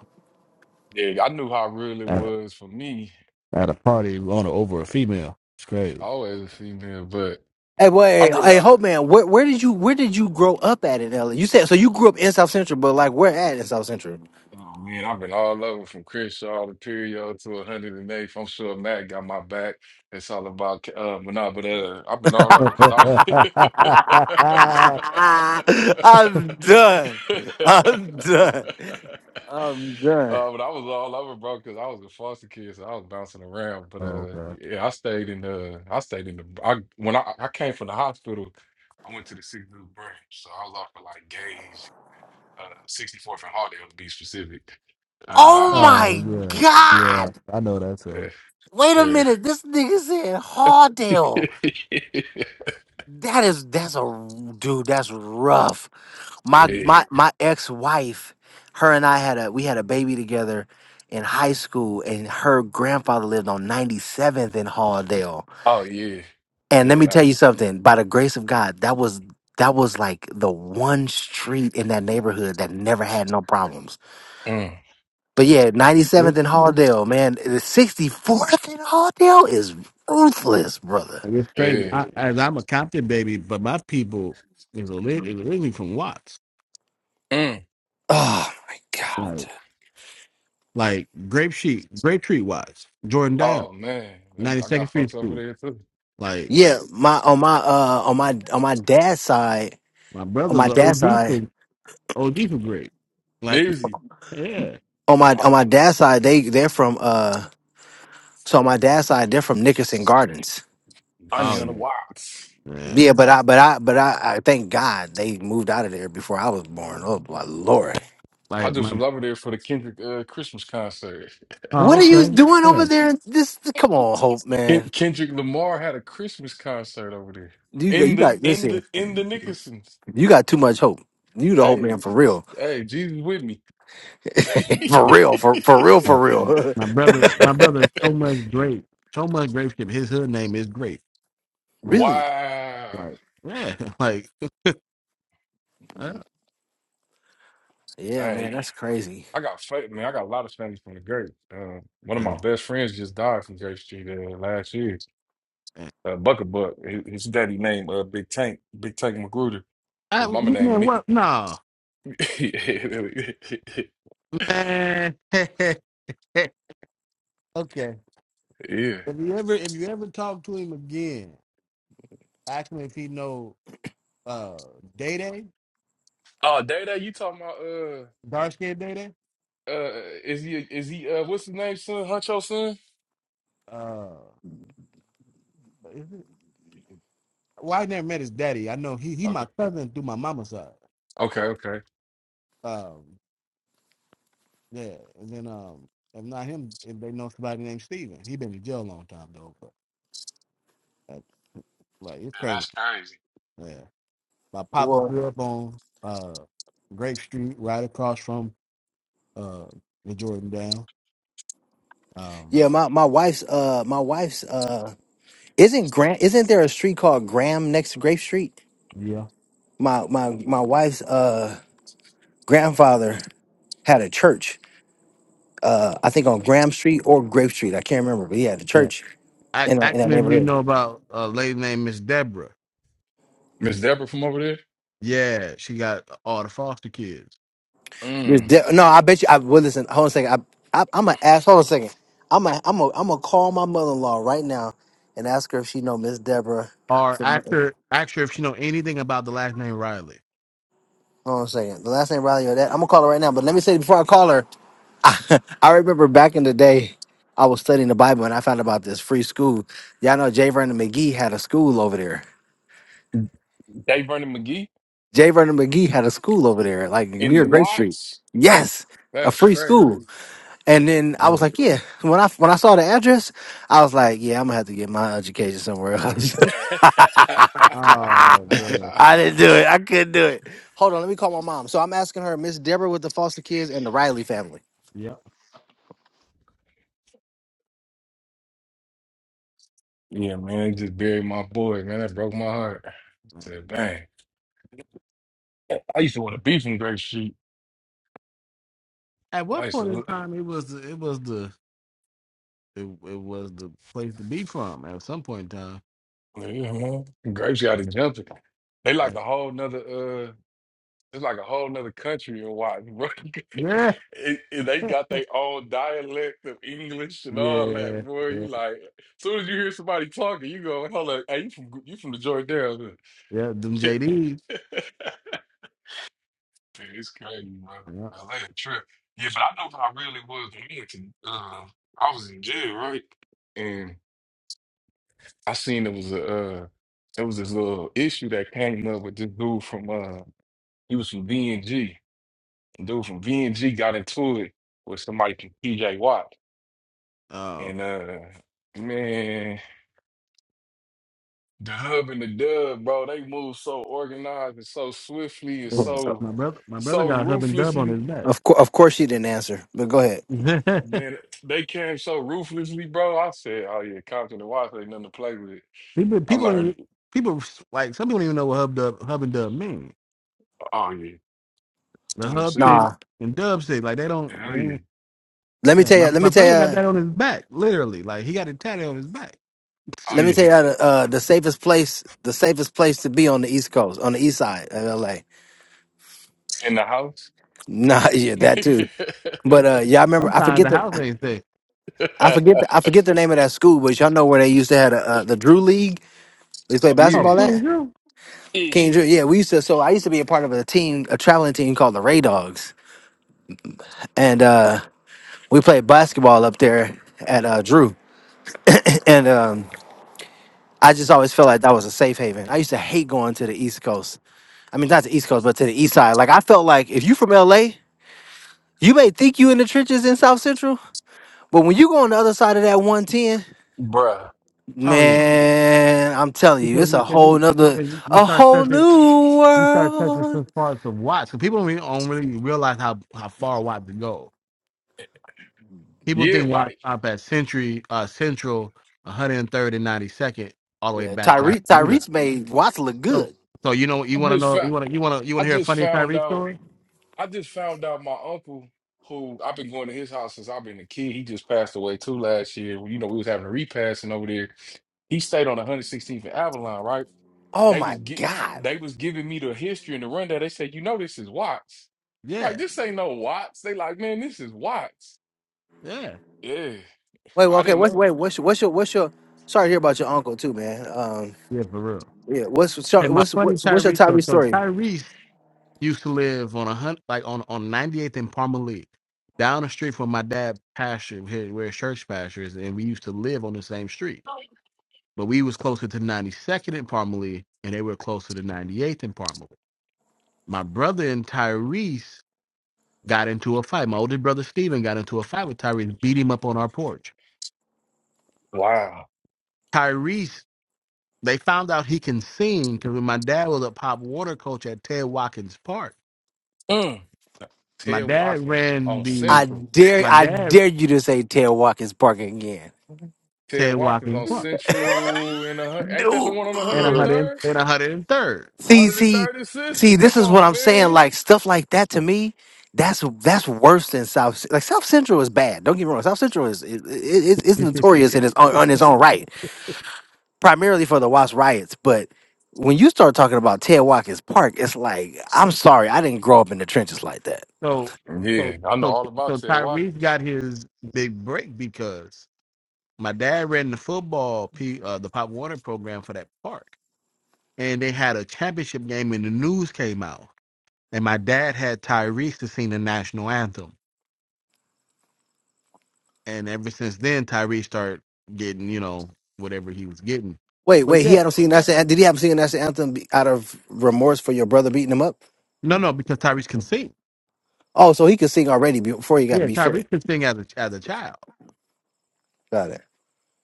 [SPEAKER 6] Yeah, I knew how real it
[SPEAKER 1] At
[SPEAKER 6] was for me.
[SPEAKER 1] a, at a party on a, over a female. It's crazy.
[SPEAKER 6] I always a female, but
[SPEAKER 2] Hey,
[SPEAKER 6] I
[SPEAKER 2] wait, hey,
[SPEAKER 6] realized.
[SPEAKER 2] Hope Man, where, where did you where did you grow up at in LA? You said so you grew up in South Central, but like where at in South Central?
[SPEAKER 6] Oh man, I've been all over from Crenshaw to Perio to 108th. I'm sure Matt got my back. It's all about, uh, but no, but uh, I've been
[SPEAKER 2] *laughs*
[SPEAKER 6] all
[SPEAKER 1] *laughs*
[SPEAKER 6] over
[SPEAKER 1] oh,
[SPEAKER 6] because I was.
[SPEAKER 2] I'm done.
[SPEAKER 6] *laughs*
[SPEAKER 2] I'm done. I'm done.
[SPEAKER 6] Uh, but I was all over, bro, because I was a foster kid, so I was bouncing around. But uh,
[SPEAKER 1] okay.
[SPEAKER 6] yeah, I stayed in the I stayed in the, I when I, I came from the hospital, I went to the six Loop branch, so I was off of like Gage, uh, 64th and Hardale to be specific. Uh,
[SPEAKER 2] Oh
[SPEAKER 6] I
[SPEAKER 1] Oh,
[SPEAKER 2] my
[SPEAKER 1] yeah. Yeah.
[SPEAKER 2] god!
[SPEAKER 1] I know that's
[SPEAKER 6] was
[SPEAKER 1] it.
[SPEAKER 2] Wait a
[SPEAKER 6] like, eh,
[SPEAKER 2] minute. This nigga said Hardell.
[SPEAKER 6] eh. *laughs*
[SPEAKER 2] That is that's a dude. That's rough. My
[SPEAKER 6] Eh.
[SPEAKER 2] my my ex wife, her and I had a we had a baby together in high school, and her grandfather lived on 97th in Hardell.
[SPEAKER 6] Oh yeah,
[SPEAKER 2] And let
[SPEAKER 6] yeah,
[SPEAKER 2] me tell
[SPEAKER 6] that.
[SPEAKER 2] you something, by the grace of God, that was that was like the one street in that neighborhood that never had no problems.
[SPEAKER 6] Mm,
[SPEAKER 2] But yeah, 97th and Halldale, man, the 64th and Halldale is ruthless, brother.
[SPEAKER 1] It's crazy.
[SPEAKER 6] yeah.
[SPEAKER 1] I, as I'm a Compton baby, but my people is ori- is originally from Watts.
[SPEAKER 6] Mm.
[SPEAKER 2] Oh my god.
[SPEAKER 1] Right. Like Grape Sheet, Grape Tree Watts, Jordan Down,
[SPEAKER 6] Oh man, Them- I
[SPEAKER 1] 92nd
[SPEAKER 6] got
[SPEAKER 1] Street
[SPEAKER 6] fucks over
[SPEAKER 1] School.
[SPEAKER 6] there too.
[SPEAKER 1] Like
[SPEAKER 2] Yeah, my on my uh on my on my dad's side,
[SPEAKER 1] my
[SPEAKER 2] on
[SPEAKER 1] brother's
[SPEAKER 2] my
[SPEAKER 1] are
[SPEAKER 2] dad's
[SPEAKER 1] OG
[SPEAKER 2] side,
[SPEAKER 1] from OG from Grape. Like
[SPEAKER 6] Easy,
[SPEAKER 1] yeah,
[SPEAKER 2] on my on
[SPEAKER 6] I
[SPEAKER 2] my dad's side, they they're from uh so on my dad's side, they're from Nickerson Gardens.
[SPEAKER 6] I need
[SPEAKER 1] oh
[SPEAKER 6] another
[SPEAKER 1] yeah,
[SPEAKER 6] watch.
[SPEAKER 1] yeah.
[SPEAKER 2] Yeah, but I, but I, but I, I thank God they moved out of there before I was born. Oh my lord,
[SPEAKER 6] I
[SPEAKER 1] Like
[SPEAKER 6] just
[SPEAKER 1] my
[SPEAKER 6] was over there for the Kendrick uh, Christmas concert.
[SPEAKER 1] oh
[SPEAKER 2] what are you
[SPEAKER 1] okay
[SPEAKER 2] doing over
[SPEAKER 1] yeah.
[SPEAKER 2] there? This, come on, Hope man,
[SPEAKER 6] Ken- Kendrick Lamar had a Christmas concert over there
[SPEAKER 2] you got,
[SPEAKER 6] in
[SPEAKER 2] you
[SPEAKER 6] the
[SPEAKER 2] got,
[SPEAKER 6] in the
[SPEAKER 2] listen,
[SPEAKER 6] in the Nickersons.
[SPEAKER 2] you got too much hope. You the hope man
[SPEAKER 6] Hey,
[SPEAKER 2] for real,
[SPEAKER 6] hey, Jesus with me. *laughs*
[SPEAKER 2] *laughs* for real, for for real, for
[SPEAKER 1] Like
[SPEAKER 2] real.
[SPEAKER 1] my
[SPEAKER 2] *laughs*
[SPEAKER 1] brother, my brother is so much Grape, so much Grape shit. His hood name is Grape.
[SPEAKER 2] really?
[SPEAKER 6] wow.
[SPEAKER 1] Like yeah, *laughs* like uh,
[SPEAKER 2] Yeah, man,
[SPEAKER 6] Hey.
[SPEAKER 2] that's crazy.
[SPEAKER 6] I got fa- man, I got a lot of family from the Great. Uh, one of
[SPEAKER 1] uh,
[SPEAKER 6] my best friends just died from Great Street uh, last year. Uh, Buck a Buck. His, his daddy named uh, Big Tank, Big Tank Magruder.
[SPEAKER 1] I,
[SPEAKER 6] His mama named
[SPEAKER 1] man,
[SPEAKER 6] me.
[SPEAKER 1] what? No
[SPEAKER 6] *laughs*
[SPEAKER 1] man. *laughs* Okay.
[SPEAKER 6] yeah.
[SPEAKER 1] If you ever if you ever talk to him again, ask him if he know uh Day Day,
[SPEAKER 6] Oh, Day Day, you talking about uh
[SPEAKER 1] dark skinned Day Day.
[SPEAKER 6] uh is he is he uh what's his name son? Huncho son?
[SPEAKER 1] Uh is it- well I never met his daddy. I know he he
[SPEAKER 6] Okay.
[SPEAKER 1] my cousin through my mama's side.
[SPEAKER 6] Okay, okay.
[SPEAKER 1] Um yeah. And then um if not him, if they know somebody named Steven. He been in jail a long time though, but uh, like it's
[SPEAKER 6] Man,
[SPEAKER 1] crazy.
[SPEAKER 6] that's crazy.
[SPEAKER 1] Yeah. My papa
[SPEAKER 2] Well,
[SPEAKER 1] grew up on uh Grape Street, right across from uh the Jordan Down. Um
[SPEAKER 2] yeah, my my wife's uh my wife's uh isn't Graham isn't there a street called Graham next to Grape Street?
[SPEAKER 1] yeah.
[SPEAKER 2] My my my wife's uh grandfather had a church uh, I think on Graham Street or Grape Street. I can't remember, but yeah, the church
[SPEAKER 1] act,
[SPEAKER 2] in, in
[SPEAKER 1] acting
[SPEAKER 2] that
[SPEAKER 1] if you
[SPEAKER 2] neighborhood.
[SPEAKER 1] know about a lady named Miss Deborah.
[SPEAKER 6] Miss Deborah from over there?
[SPEAKER 1] Yeah, she got all the foster kids.
[SPEAKER 2] There's
[SPEAKER 6] Mm.
[SPEAKER 2] de- no, I bet you. I well, listen. Hold on a second. I, I, I'm gonna ask. Hold on a second. I'm gonna I'm gonna I'm gonna call my mother-in-law right now and ask her if she know Miss Deborah.
[SPEAKER 1] Or
[SPEAKER 2] Hold
[SPEAKER 1] actor, actor, if you know anything about the last name Riley.
[SPEAKER 2] on a second. The last name Riley or that. I'm gonna call her right now. But let me say before I call her, *laughs* I, remember back in the day. I was studying the Bible and I found about this free school. Y'all know J. Vernon McGee had a school over there
[SPEAKER 6] Dave Vernon McGee
[SPEAKER 2] J. Vernon McGee had a school over there, like near
[SPEAKER 6] in
[SPEAKER 2] Grape Street.
[SPEAKER 6] Watts?
[SPEAKER 2] Yes, a
[SPEAKER 6] That's
[SPEAKER 2] free
[SPEAKER 6] crazy.
[SPEAKER 2] school. And then I
[SPEAKER 1] Know
[SPEAKER 2] was
[SPEAKER 1] that.
[SPEAKER 2] like, yeah. When I when I saw the address, I was like, yeah, I'm gonna have to get my education somewhere else.
[SPEAKER 6] *laughs*
[SPEAKER 2] *laughs*
[SPEAKER 1] Oh man.
[SPEAKER 2] I didn't do it. I couldn't do it. Hold on, let me call my mom. So I'm asking her, Miss Deborah with the foster kids and the Riley family.
[SPEAKER 1] Yep.
[SPEAKER 6] yeah, man, they just buried my boy, man. That broke my heart. I said, dang. I used to want to be from Grape Street.
[SPEAKER 1] At
[SPEAKER 6] I
[SPEAKER 1] what
[SPEAKER 6] used to
[SPEAKER 1] point in
[SPEAKER 6] look,
[SPEAKER 1] time it was the, it was the it, it was the place to be from at some point in time.
[SPEAKER 6] yeah, man. Grape Street, I done it. They
[SPEAKER 1] Uh,
[SPEAKER 6] like a whole nother, uh, it's like a whole nother country in Watton, bro. *laughs*
[SPEAKER 1] yeah.
[SPEAKER 6] and, and they got their own dialect of English and all
[SPEAKER 1] Yeah.
[SPEAKER 6] that, boy.
[SPEAKER 1] Yeah.
[SPEAKER 6] You like, as soon as you hear somebody talking, you go, hold up, hey, you from, you from the Jordanians.
[SPEAKER 1] Yeah. Them JD.
[SPEAKER 6] *laughs* Man, It's crazy, bro.
[SPEAKER 1] Yeah.
[SPEAKER 6] Atlanta trip. Yeah, but I know what I really was in Lincoln. Uh, I was in jail, right? And I seen there was a uh, there was this little issue that came up with this dude from uh, he was from VNG. Dude from VNG got into it with somebody from PJ Watt,
[SPEAKER 1] Oh
[SPEAKER 6] and uh, man, the hub and the dub, bro. They move so organized and so swiftly and
[SPEAKER 1] yeah.
[SPEAKER 6] so
[SPEAKER 1] My brother my brother
[SPEAKER 6] so
[SPEAKER 1] got hub and dub on
[SPEAKER 6] ruthlessly.
[SPEAKER 1] his
[SPEAKER 2] Of course, of course, she didn't answer. But go ahead.
[SPEAKER 1] back. *laughs*
[SPEAKER 6] Then they came so ruthlessly, bro. I said, "Oh yeah, Compton and Watts ain't nothing to play with."
[SPEAKER 1] People,
[SPEAKER 6] I
[SPEAKER 1] people,
[SPEAKER 6] learned,
[SPEAKER 1] don't- people like some people don't even know what hub dub, hub and dub mean.
[SPEAKER 6] "Oh yeah,
[SPEAKER 1] The
[SPEAKER 6] Sun
[SPEAKER 1] hub
[SPEAKER 6] City,
[SPEAKER 1] city
[SPEAKER 2] Nah.
[SPEAKER 1] and dub city, like they don't.
[SPEAKER 6] oh
[SPEAKER 1] They
[SPEAKER 6] yeah,
[SPEAKER 1] don't
[SPEAKER 2] Let me
[SPEAKER 1] yeah,
[SPEAKER 2] tell
[SPEAKER 1] my
[SPEAKER 2] you. Let
[SPEAKER 1] my
[SPEAKER 2] me tell
[SPEAKER 1] brother got
[SPEAKER 2] you.
[SPEAKER 1] that on his back, literally. Like he got it tatted on his back.
[SPEAKER 6] oh
[SPEAKER 2] Let me tell
[SPEAKER 6] yeah,
[SPEAKER 2] you the, uh, the safest place. The safest place to be on the East Coast, on the East Side of LA.
[SPEAKER 6] in the house,
[SPEAKER 2] Nah, *laughs* yeah,
[SPEAKER 6] *laughs*
[SPEAKER 2] that too. But uh, yeah, I remember. I
[SPEAKER 1] Sometimes
[SPEAKER 2] forget
[SPEAKER 1] the
[SPEAKER 2] the.
[SPEAKER 1] house ain't say,
[SPEAKER 2] I forget
[SPEAKER 6] oh
[SPEAKER 2] the. I forget the name of that school, but y'all know where they used to have a, uh, the Drew League. They play
[SPEAKER 1] "Oh,
[SPEAKER 6] yeah,
[SPEAKER 2] basketball
[SPEAKER 1] King
[SPEAKER 2] at
[SPEAKER 1] Drew."
[SPEAKER 6] yeah,
[SPEAKER 2] King Drew. Yeah, we used to. So I used to be a part of a team, a traveling team called the Ray Dogs, and uh, we played basketball up there at uh, Drew. And um, I just always felt like that was a safe haven. I used to hate going to the East Coast. I mean, not the East Coast, but to the East Side. Like I felt like if you from LA, you may think you in the trenches in South Central, but when you go on the other side of that 110
[SPEAKER 6] bruh,
[SPEAKER 1] Oh yeah,
[SPEAKER 2] Man, I'm telling you,
[SPEAKER 1] because
[SPEAKER 2] it's
[SPEAKER 1] you-
[SPEAKER 2] a
[SPEAKER 1] because
[SPEAKER 2] whole
[SPEAKER 1] you
[SPEAKER 2] nother,
[SPEAKER 1] because you you
[SPEAKER 2] a
[SPEAKER 1] start
[SPEAKER 2] whole
[SPEAKER 1] touching
[SPEAKER 2] new
[SPEAKER 1] you start touching
[SPEAKER 2] world.
[SPEAKER 1] some parts of Watts. Because people don't really, don't really realize how how far Watts can go. People
[SPEAKER 6] yeah,
[SPEAKER 1] think Watts
[SPEAKER 6] white."
[SPEAKER 1] stop at Century uh Central, 103rd and 92nd, all the way
[SPEAKER 2] Yeah,
[SPEAKER 1] back to
[SPEAKER 2] Tyreek,
[SPEAKER 1] Alameda
[SPEAKER 2] Tyreek's made Watts look
[SPEAKER 1] So,
[SPEAKER 2] good.
[SPEAKER 1] so you know,
[SPEAKER 6] I
[SPEAKER 1] you want to
[SPEAKER 6] just
[SPEAKER 1] know, you
[SPEAKER 6] found,
[SPEAKER 1] want to, you want to, you want
[SPEAKER 6] I
[SPEAKER 1] to hear a
[SPEAKER 6] just
[SPEAKER 1] funny
[SPEAKER 6] found
[SPEAKER 1] Tyrese
[SPEAKER 6] out,
[SPEAKER 1] story?
[SPEAKER 6] I just found out my uncle, who I've been going to his house since I've been a kid. He just passed away too last year. You know, we was having a repassing over there. He stayed on 116th and Avalon, right?
[SPEAKER 2] Oh
[SPEAKER 6] They was
[SPEAKER 2] my
[SPEAKER 6] get
[SPEAKER 2] God.
[SPEAKER 6] they was giving me the history and the rundown. They said, you know, this is Watts. I'm
[SPEAKER 1] Yeah,
[SPEAKER 6] like, this ain't no Watts. They like, man, this is Watts.
[SPEAKER 1] yeah.
[SPEAKER 6] Yeah.
[SPEAKER 2] Wait, well,
[SPEAKER 6] I
[SPEAKER 2] okay,
[SPEAKER 6] didn't
[SPEAKER 2] what's
[SPEAKER 6] know.
[SPEAKER 2] wait, what's your, what's your, what's your? Sorry to hear about your uncle too, man. Um,
[SPEAKER 1] Yeah, for real.
[SPEAKER 2] yeah, what's so-
[SPEAKER 1] And my
[SPEAKER 2] what's
[SPEAKER 1] funny
[SPEAKER 2] what's what's your
[SPEAKER 1] Tyrese story.
[SPEAKER 2] Tyreek
[SPEAKER 1] So
[SPEAKER 2] story?
[SPEAKER 1] Tyrese used to live on a hunt, like on on 98th and Palmer League, down the street from my dad' pasture, here where his church pasture is, and we used to live on the same street. But we was closer to 92nd and Palmer League, and they were closer to 98th and Palmer League. My brother and Tyrese got into a fight. My older brother Steven got into a fight with Tyrese, beat him up on our porch.
[SPEAKER 6] Wow.
[SPEAKER 1] Tyrese They found out he can sing because when my dad was a pop water coach at Ted Watkins Park,
[SPEAKER 6] Mm.
[SPEAKER 1] my
[SPEAKER 6] Ted
[SPEAKER 1] dad
[SPEAKER 6] Watkins
[SPEAKER 1] ran
[SPEAKER 6] on
[SPEAKER 1] the
[SPEAKER 2] I
[SPEAKER 6] Central.
[SPEAKER 2] dare,
[SPEAKER 1] my
[SPEAKER 2] I
[SPEAKER 1] dad
[SPEAKER 2] dare you to say Ted Watkins Park again.
[SPEAKER 6] Ted
[SPEAKER 1] Ted
[SPEAKER 6] Watkins
[SPEAKER 1] Watkins
[SPEAKER 6] on
[SPEAKER 1] Park
[SPEAKER 6] Central in a hun- ain't that the one on
[SPEAKER 1] and a
[SPEAKER 2] No.
[SPEAKER 1] hundred
[SPEAKER 6] 103rd?
[SPEAKER 1] and a hundred and third.
[SPEAKER 2] See, see,
[SPEAKER 6] 103rd and
[SPEAKER 2] see,
[SPEAKER 6] Central. Come
[SPEAKER 2] this is what
[SPEAKER 6] on,
[SPEAKER 2] I'm saying.
[SPEAKER 6] man.
[SPEAKER 2] Like stuff like that to me, that's that's worse than South. Like South Central is bad. Don't get me wrong. South Central is it, it, it's notorious in its own, on its own right, primarily for the Watts riots. But when you start talking about Ted Watkins Park, it's like I'm sorry, I didn't grow up in the trenches like that.
[SPEAKER 1] So so
[SPEAKER 6] Yeah, I know
[SPEAKER 1] so
[SPEAKER 6] all about
[SPEAKER 1] so
[SPEAKER 6] Ted
[SPEAKER 1] Tyrese
[SPEAKER 6] Watkins.
[SPEAKER 1] got his big break because my dad ran the football p uh, the pop water program for that park, and they had a championship game and the news came out, and my dad had Tyrese to sing the national anthem And ever since then, Tyrese started getting, you know, whatever he was getting.
[SPEAKER 2] Wait,
[SPEAKER 1] But
[SPEAKER 2] wait, he
[SPEAKER 1] yeah,
[SPEAKER 2] had not seen that. Did he have him singing national anthem be- out of remorse for your brother beating him up?
[SPEAKER 1] no, no, because Tyrese can sing.
[SPEAKER 2] Oh, so he could sing already before he got
[SPEAKER 1] Yeah,
[SPEAKER 2] beat for it.
[SPEAKER 1] Tyrese can sing as a as a child,
[SPEAKER 2] Got it.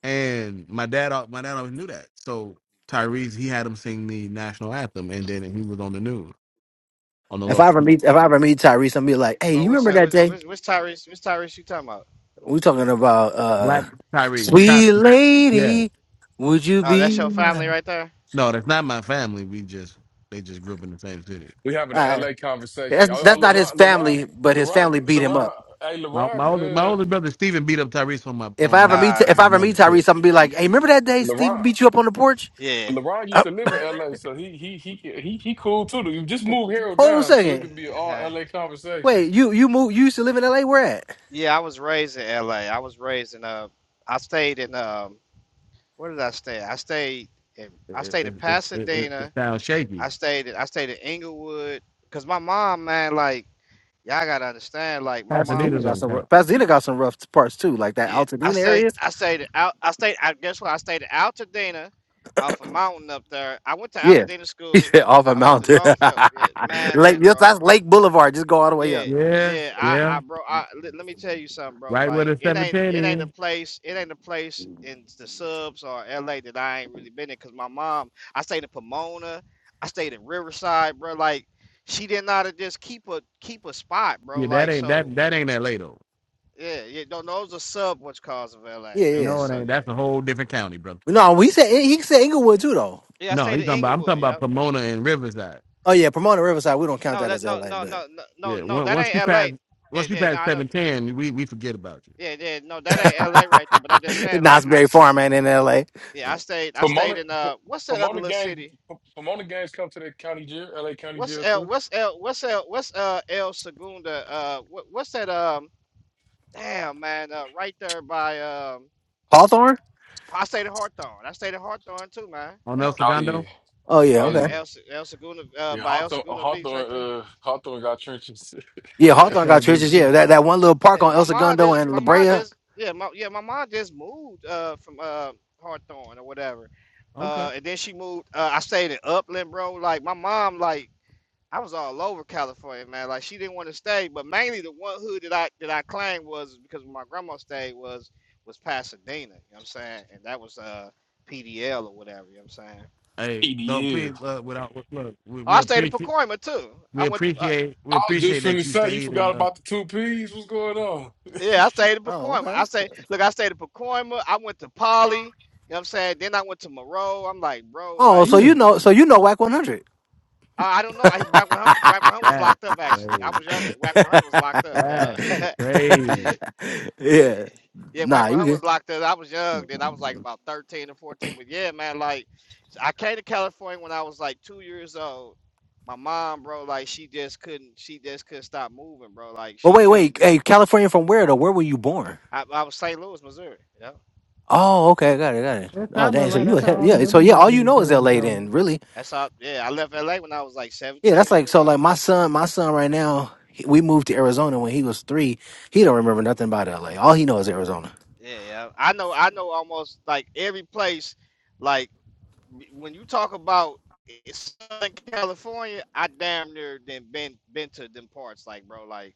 [SPEAKER 1] and my dad, al- my dad always knew that. So Tyrese, he had him sing the national anthem, and then he was on the news, on the
[SPEAKER 2] If I
[SPEAKER 1] local
[SPEAKER 2] ever
[SPEAKER 1] news.
[SPEAKER 2] meet if I ever meet Tyrese, I'm be like, hey,
[SPEAKER 7] Oh,
[SPEAKER 2] you
[SPEAKER 7] what's
[SPEAKER 2] remember
[SPEAKER 7] her?
[SPEAKER 2] that
[SPEAKER 7] What's,
[SPEAKER 2] day?
[SPEAKER 7] what's, what's Tyrese? What's Tyrese you talking about?
[SPEAKER 2] We're talking about uh
[SPEAKER 1] black Tyrese. Ty-
[SPEAKER 2] Sweet
[SPEAKER 1] Yeah,
[SPEAKER 2] Lady, would you
[SPEAKER 7] Oh,
[SPEAKER 2] be
[SPEAKER 7] that's your family
[SPEAKER 2] mine?
[SPEAKER 7] right there?
[SPEAKER 1] no, that's not my family. We just they just grew up in the same city.
[SPEAKER 6] We having
[SPEAKER 2] All
[SPEAKER 6] an
[SPEAKER 2] right.
[SPEAKER 6] LA conversation.
[SPEAKER 2] That's
[SPEAKER 6] Oh,
[SPEAKER 2] that's
[SPEAKER 6] oh
[SPEAKER 2] not his
[SPEAKER 6] LeBron, LeBron,
[SPEAKER 2] family, but his
[SPEAKER 6] LeBron,
[SPEAKER 2] family beat him
[SPEAKER 6] LeBron,
[SPEAKER 2] up.
[SPEAKER 6] hey,
[SPEAKER 1] My my older my
[SPEAKER 6] LeBron,
[SPEAKER 1] older brother Steven beat up Tyrese on my
[SPEAKER 2] If
[SPEAKER 1] on
[SPEAKER 2] I
[SPEAKER 1] my
[SPEAKER 2] ever
[SPEAKER 1] on
[SPEAKER 2] meet
[SPEAKER 7] Uh,
[SPEAKER 2] if I
[SPEAKER 1] my
[SPEAKER 2] ever meet
[SPEAKER 1] mother's foot.
[SPEAKER 2] Tyrese, I'm gonna be
[SPEAKER 6] uh,
[SPEAKER 2] like, Hey, remember that day Steve
[SPEAKER 6] LeBron.
[SPEAKER 2] beat you up on the porch?
[SPEAKER 7] yeah.
[SPEAKER 6] LeBron used
[SPEAKER 2] Uh,
[SPEAKER 6] to live
[SPEAKER 2] *laughs*
[SPEAKER 6] in LA, so he he he can- he he cool too. You just move Harold
[SPEAKER 2] hold on a
[SPEAKER 6] down so it could
[SPEAKER 2] second.
[SPEAKER 6] be an all
[SPEAKER 7] Uh-huh.
[SPEAKER 6] LA conversation.
[SPEAKER 2] Wait, you you moved you used to live in LA? Where at?
[SPEAKER 7] Yeah, I was raised in LA. I was raised in, uh, I stayed in, um, where did I stay? I stayed in,
[SPEAKER 1] It,
[SPEAKER 7] I stayed in
[SPEAKER 1] it, it, it, it, it
[SPEAKER 7] Pasadena.
[SPEAKER 1] sounds shaky.
[SPEAKER 7] I stayed, in, I stayed in Inglewood. Cause my mom, man, like, y'all gotta understand, like, my mom
[SPEAKER 2] Pasadena
[SPEAKER 7] was
[SPEAKER 1] Pasadena's
[SPEAKER 7] just,
[SPEAKER 2] got some
[SPEAKER 1] hometown.
[SPEAKER 2] rough Pasadena got some rough parts too, like that
[SPEAKER 7] Yeah, I
[SPEAKER 2] Altadena
[SPEAKER 7] say
[SPEAKER 2] area.
[SPEAKER 7] I stayed out. I stayed. I guess what? I stayed in Altadena, off a mountain up there. I went to
[SPEAKER 2] Yeah. *laughs*
[SPEAKER 7] Altadena
[SPEAKER 2] He
[SPEAKER 7] school.
[SPEAKER 2] said off a
[SPEAKER 7] I went to
[SPEAKER 2] mountain.
[SPEAKER 7] Longfellow. Yeah,
[SPEAKER 2] *laughs*
[SPEAKER 7] man,
[SPEAKER 2] Lake
[SPEAKER 7] look,
[SPEAKER 2] yes,
[SPEAKER 7] bro.
[SPEAKER 2] that's Lake Boulevard. Just go all the way
[SPEAKER 7] Yeah,
[SPEAKER 2] up.
[SPEAKER 1] Yeah,
[SPEAKER 7] yeah. I, I,
[SPEAKER 1] yeah.
[SPEAKER 7] bro. I let, let me tell you something, bro.
[SPEAKER 1] Right where
[SPEAKER 7] Like
[SPEAKER 1] the
[SPEAKER 7] it
[SPEAKER 1] seven
[SPEAKER 7] ain't,
[SPEAKER 1] ten
[SPEAKER 7] it ain't
[SPEAKER 1] is.
[SPEAKER 7] a place. It ain't a place in the subs or LA that I ain't really been in. Cause my mom, I stayed in Pomona. I stayed in Riverside, bro. Like she didn't know how to just keep a keep a spot,
[SPEAKER 1] Yeah,
[SPEAKER 7] bro.
[SPEAKER 1] that
[SPEAKER 7] Like
[SPEAKER 1] ain't
[SPEAKER 7] so.
[SPEAKER 1] that that ain't LA though.
[SPEAKER 7] Yeah, yeah, no, Those are was sub which cause of LA.
[SPEAKER 2] Yeah, yeah.
[SPEAKER 7] Those are a
[SPEAKER 1] No, it
[SPEAKER 7] sub,
[SPEAKER 1] ain't.
[SPEAKER 7] yeah.
[SPEAKER 1] That's a whole different county, brother.
[SPEAKER 2] yeah. No, he said he said Inglewood too though.
[SPEAKER 7] Yeah, I
[SPEAKER 1] No,
[SPEAKER 7] stayed
[SPEAKER 1] he's
[SPEAKER 7] in
[SPEAKER 1] talking about I'm
[SPEAKER 7] Inglewood.
[SPEAKER 1] talking about
[SPEAKER 7] Yep.
[SPEAKER 1] Pomona and Riverside.
[SPEAKER 2] Oh yeah, Pomona Riverside. We don't count
[SPEAKER 7] No,
[SPEAKER 2] that
[SPEAKER 7] that
[SPEAKER 2] as
[SPEAKER 7] no
[SPEAKER 2] L.A.,
[SPEAKER 7] no
[SPEAKER 2] but
[SPEAKER 7] no no no
[SPEAKER 1] Yeah,
[SPEAKER 7] no
[SPEAKER 1] on-
[SPEAKER 7] that
[SPEAKER 1] once
[SPEAKER 7] ain't
[SPEAKER 1] you pass,
[SPEAKER 7] L.A. Yeah
[SPEAKER 1] once you
[SPEAKER 7] yeah no
[SPEAKER 1] pass
[SPEAKER 7] I know
[SPEAKER 1] seven ten, we we forget about you.
[SPEAKER 7] yeah yeah no that ain't
[SPEAKER 2] *laughs*
[SPEAKER 7] L.A. right there. But I'm just saying like I
[SPEAKER 2] Knott'sberry
[SPEAKER 7] s-
[SPEAKER 2] Farm ain't in L.A.
[SPEAKER 7] yeah
[SPEAKER 1] Yeah.
[SPEAKER 7] I stayed I stayed
[SPEAKER 6] Pomona
[SPEAKER 7] in
[SPEAKER 6] P-
[SPEAKER 7] uh what's that other
[SPEAKER 6] Pomona
[SPEAKER 7] little
[SPEAKER 6] gang
[SPEAKER 7] city?
[SPEAKER 6] P- Pomona gangs come to that county jail, LA county
[SPEAKER 7] What's
[SPEAKER 6] jail
[SPEAKER 7] L
[SPEAKER 6] too.
[SPEAKER 7] what's L what's L what's uh El Segunda uh what, what's that um damn man uh right there by um
[SPEAKER 2] Hawthorne.
[SPEAKER 7] I stayed in Hawthorne. I stayed in Hawthorne too man.
[SPEAKER 1] On El
[SPEAKER 7] Yep.
[SPEAKER 6] Oh
[SPEAKER 1] Segundo,
[SPEAKER 6] yeah.
[SPEAKER 2] Oh yeah,
[SPEAKER 6] Oh
[SPEAKER 7] Yeah
[SPEAKER 2] okay.
[SPEAKER 6] yeah.
[SPEAKER 7] El Se- El Segunda uh
[SPEAKER 6] Yeah,
[SPEAKER 7] by El
[SPEAKER 6] Hawthorne uh,
[SPEAKER 7] Segunda Beach right
[SPEAKER 6] Hawthorne
[SPEAKER 7] there.
[SPEAKER 6] uh Hawthorne got trenches.
[SPEAKER 2] Yeah,
[SPEAKER 7] Yeah.
[SPEAKER 2] Hawthorne
[SPEAKER 1] So
[SPEAKER 2] got
[SPEAKER 1] they
[SPEAKER 2] churches. Yeah,
[SPEAKER 1] do.
[SPEAKER 2] that, that one little park
[SPEAKER 7] Yeah,
[SPEAKER 2] on
[SPEAKER 7] my
[SPEAKER 2] El
[SPEAKER 7] mom
[SPEAKER 2] Segundo
[SPEAKER 7] just
[SPEAKER 2] and
[SPEAKER 7] my
[SPEAKER 2] La
[SPEAKER 7] mom
[SPEAKER 2] Brea.
[SPEAKER 7] just yeah, my yeah, my mom just moved uh from uh Hawthorne or whatever.
[SPEAKER 1] Okay.
[SPEAKER 7] Uh and then she moved uh I stayed in Upland, bro. Like my mom like I was all over California, man. Like she didn't want to stay, but mainly the one hood that I that I claimed was because where my grandma stayed was was Pasadena, you know what I'm saying? And that was uh PDL or whatever, you know what I'm saying?
[SPEAKER 6] *laughs*
[SPEAKER 1] Hey, no, please.
[SPEAKER 6] EDL.
[SPEAKER 1] Uh, without look, we,
[SPEAKER 7] Oh, I
[SPEAKER 1] we
[SPEAKER 7] stayed in
[SPEAKER 1] appreciate
[SPEAKER 7] Pacoima too. I
[SPEAKER 1] we
[SPEAKER 7] went to uh,
[SPEAKER 1] appreciate we
[SPEAKER 6] I was
[SPEAKER 1] appreciate
[SPEAKER 6] just
[SPEAKER 1] that
[SPEAKER 6] finna
[SPEAKER 1] you
[SPEAKER 6] say you
[SPEAKER 1] stayed
[SPEAKER 6] forgot
[SPEAKER 1] and
[SPEAKER 6] about the two P's. What's going on? *laughs*
[SPEAKER 7] Yeah, I stayed in
[SPEAKER 2] Oh
[SPEAKER 7] Pacoima.
[SPEAKER 2] okay.
[SPEAKER 7] I say, look, I stayed in Pacoima. I went to Poly. You know what I'm saying? Then I went to Moreau. I'm like, bro,
[SPEAKER 2] Oh,
[SPEAKER 7] like,
[SPEAKER 2] so
[SPEAKER 1] uh,
[SPEAKER 2] you know, so you know, WAC one hundred.
[SPEAKER 7] I, I don't know. I, Whack 100, Whack 100 was
[SPEAKER 1] That's
[SPEAKER 7] locked up, actually. I
[SPEAKER 1] crazy.
[SPEAKER 7] was young. Whack 100 was locked up. Yeah.
[SPEAKER 1] That's
[SPEAKER 7] *laughs*
[SPEAKER 1] crazy.
[SPEAKER 2] *laughs*
[SPEAKER 7] yeah.
[SPEAKER 2] yeah.
[SPEAKER 7] Yeah, Whack
[SPEAKER 2] Nah, you
[SPEAKER 7] 100
[SPEAKER 2] good.
[SPEAKER 7] was locked up. I was young. Then I was like about 13 or 14. But yeah, man, like, I came to California when I was like two years old. My mom, bro, like, she just couldn't, she just couldn't stop moving, bro. Like,
[SPEAKER 2] But
[SPEAKER 7] she
[SPEAKER 2] wait,
[SPEAKER 7] couldn't.
[SPEAKER 2] wait. Hey, California from where though? Where were you born?
[SPEAKER 7] I, I was St. Louis, Missouri. Yeah.
[SPEAKER 2] Oh, okay, got it, got it.
[SPEAKER 1] That's how
[SPEAKER 2] Oh,
[SPEAKER 1] I know,
[SPEAKER 2] dang.
[SPEAKER 7] Yeah.
[SPEAKER 2] So
[SPEAKER 1] right?
[SPEAKER 2] you,
[SPEAKER 1] That's
[SPEAKER 7] yeah.
[SPEAKER 1] how
[SPEAKER 2] a-
[SPEAKER 1] all these
[SPEAKER 2] yeah. So
[SPEAKER 1] other
[SPEAKER 2] yeah,
[SPEAKER 1] black
[SPEAKER 2] all you
[SPEAKER 1] niggas
[SPEAKER 2] know is
[SPEAKER 1] came to
[SPEAKER 2] L.A.
[SPEAKER 1] California.
[SPEAKER 2] Then, really.
[SPEAKER 7] That's how. Yeah, I left LA when I was like
[SPEAKER 2] Yeah, that's
[SPEAKER 7] 17
[SPEAKER 2] like
[SPEAKER 7] years
[SPEAKER 2] so. Like
[SPEAKER 7] old.
[SPEAKER 2] my son, my son right now, he- we moved to Arizona when he was three. He don't remember nothing about LA. All he knows is Arizona.
[SPEAKER 7] Yeah, yeah. I know. I know almost like every place. Like when you talk about Southern California, I damn near then been been to them parts. Like bro, like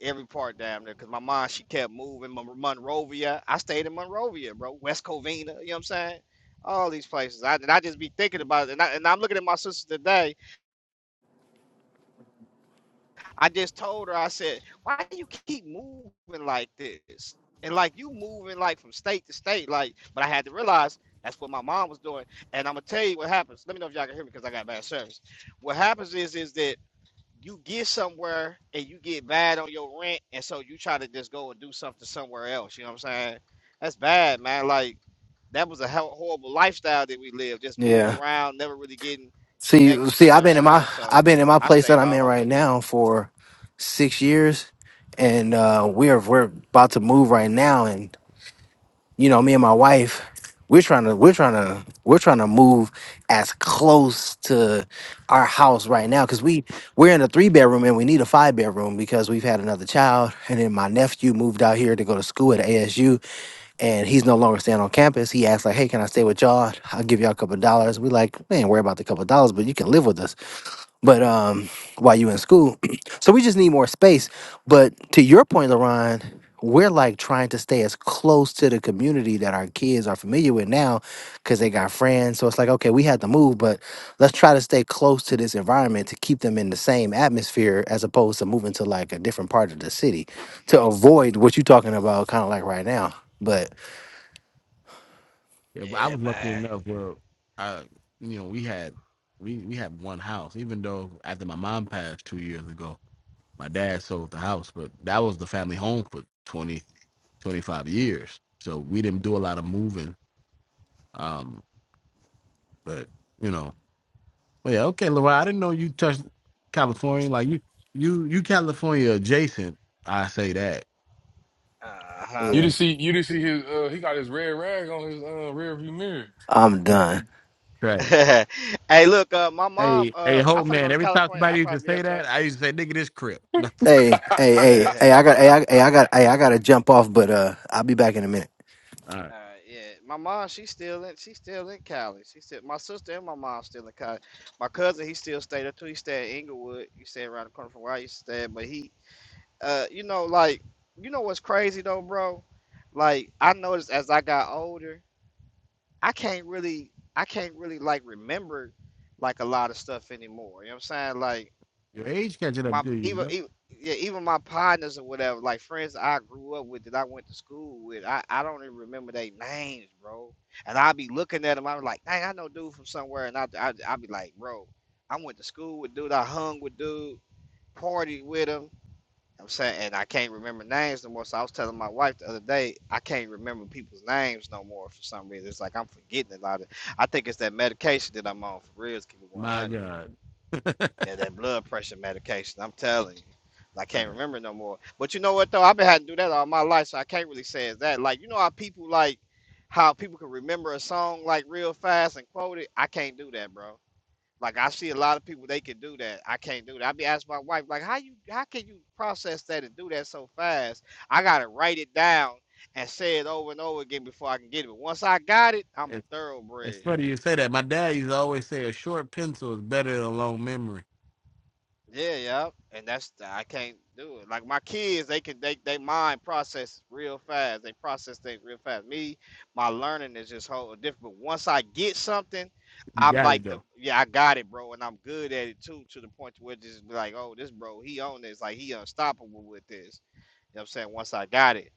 [SPEAKER 7] every part damn near. Cause my mom she kept moving. Mon- Monrovia. I stayed in Monrovia, bro. West Covina. You know what I'm saying? All these places. I and I just be thinking about it. And, I, and I'm looking at my sister today. I just told her, I said, why do you keep moving like this? And like you moving like from state to state, like, but I had to realize that's what my mom was doing. And I'm gonna tell you what happens. Let me know if y'all can hear me because I got bad service. What happens is is that you get somewhere and you get bad on your rent, and so you try to just go and do something somewhere else. You know what I'm saying? That's bad, man. Like that was a hell- horrible lifestyle that we lived, just moving
[SPEAKER 2] Yeah.
[SPEAKER 7] around, never really getting
[SPEAKER 2] See,
[SPEAKER 7] connected to,
[SPEAKER 2] see,
[SPEAKER 7] you know
[SPEAKER 2] I've
[SPEAKER 7] what I'm
[SPEAKER 2] been in my,
[SPEAKER 7] saying?
[SPEAKER 2] I've
[SPEAKER 7] So
[SPEAKER 2] been in my
[SPEAKER 7] I
[SPEAKER 2] place that
[SPEAKER 7] stayed
[SPEAKER 2] I'm
[SPEAKER 7] all
[SPEAKER 2] in
[SPEAKER 7] over
[SPEAKER 2] right
[SPEAKER 7] that deal.
[SPEAKER 2] now for six years, and uh, we're we're about to move right now. you know, me and my wife, we're trying to, we're trying to, we're trying to move as close to our house right now because we we're in a three bedroom and we need a five bedroom because we've had another child and then my nephew moved out here to go to school at ASU and he's no longer staying on campus. He asked like, "Hey, can I stay with y'all? I'll give y'all a couple of dollars." We like, we ain't worry about the couple of dollars, but you can live with us. But um, while you in school, *clears throat* so we just need more space. But to your point, Laron we're like trying to stay as close to the community that our kids are familiar with now because they got friends. So it's like, okay, we had to move, but let's try to stay close to this environment to keep them in the same atmosphere as opposed to moving to like a different part of the city to
[SPEAKER 7] Mm-hmm.
[SPEAKER 2] avoid what you're talking about, kind of like right now. But
[SPEAKER 1] Yeah, but I
[SPEAKER 7] Yeah,
[SPEAKER 1] was lucky
[SPEAKER 7] man.
[SPEAKER 1] enough where I, you know, we had we we had one house. Even though after my mom passed two years ago, my dad sold the house, but that was the family home for 20 25 years. So we didn't do a lot of moving. Um, but you know, well, yeah, okay, Leroy, I didn't know you touched California. Like you, you, you California adjacent. I say that.
[SPEAKER 7] Uh
[SPEAKER 6] You
[SPEAKER 2] yeah.
[SPEAKER 6] didn't see you didn't see his uh he got his red rag on his uh rear view mirror.
[SPEAKER 2] I'm done.
[SPEAKER 7] huh.
[SPEAKER 1] Right.
[SPEAKER 7] *laughs* hey, look, uh, my mom.
[SPEAKER 1] Hey, hey,
[SPEAKER 7] Uh, I'm
[SPEAKER 1] Hope
[SPEAKER 7] finna go
[SPEAKER 1] man,
[SPEAKER 7] to
[SPEAKER 1] every time
[SPEAKER 7] California. I will
[SPEAKER 1] somebody used to
[SPEAKER 7] probably be
[SPEAKER 1] say
[SPEAKER 7] up there.
[SPEAKER 1] that, I used to say, nigga, this crip. *laughs* All
[SPEAKER 2] Hey, hey, hey, hey! I got,
[SPEAKER 6] *laughs*
[SPEAKER 2] hey, I, hey, I got, hey, I got to jump off, but uh, I'll be back in a minute.
[SPEAKER 7] *laughs*
[SPEAKER 1] right.
[SPEAKER 7] uh, yeah, my mom. She's still in. She's still in Cali. She still. My sister and my mom still in Cali. My cousin, he still stayed up too. He stayed in Inglewood. You stay around the corner from where I used to stay. But he, uh, you know, like, you know what's crazy though, bro? Like, I noticed as I got older, I can't really, I can't really like remember, like a lot of stuff anymore. You know what I'm saying? Like.
[SPEAKER 1] Your age catching up
[SPEAKER 7] my
[SPEAKER 1] to you,
[SPEAKER 7] even
[SPEAKER 1] yo.
[SPEAKER 7] even yeah, even my partners or whatever, like friends I grew up with that I went to school with, I, I don't even remember their names, bro. And i be looking at them, I'm like, dang, I know dude from somewhere, and I I I be like, bro, I went to school with dude, I hung with dude, partied with him. I'm saying, and I can't remember names no more. So I was telling my wife the other day, I can't remember people's names no more for some reason. It's like I'm forgetting a lot of. I think it's that medication that I'm on for real. Keep it
[SPEAKER 1] My
[SPEAKER 7] 100.
[SPEAKER 1] God. *laughs* All
[SPEAKER 7] Yeah, that blood pressure medication. I'm telling you. I can't
[SPEAKER 1] right.
[SPEAKER 7] remember no more. But you know what though? I've been having to do that all my life, so I can't really say it's that. Like, you know how people like how people can remember a song like real fast and quote it? I can't do that, bro. Like I see a lot of people they can do that. I can't do that. I be asking my wife, like, how you how can you process that and do that so fast? I gotta write it down and say it over and over again before I can get it. But once I got it, I'm a
[SPEAKER 1] It's, it's
[SPEAKER 7] thoroughbred.
[SPEAKER 1] funny you say that. My dad used to always say a short pencil is better than a long memory.
[SPEAKER 7] Yeah, yeah, and that's I can't do it. Like my kids, they can they they mind process real fast. They process things real fast. Me, my learning is just whole different. But once I get something,
[SPEAKER 1] You
[SPEAKER 7] I'm
[SPEAKER 1] got
[SPEAKER 7] like
[SPEAKER 1] it,
[SPEAKER 7] the
[SPEAKER 1] though.
[SPEAKER 7] yeah I got it, bro, and I'm good at it too. To the point to where it's just be like, oh, this bro, he on this, like he unstoppable with this. You know what I'm saying? Once I got it,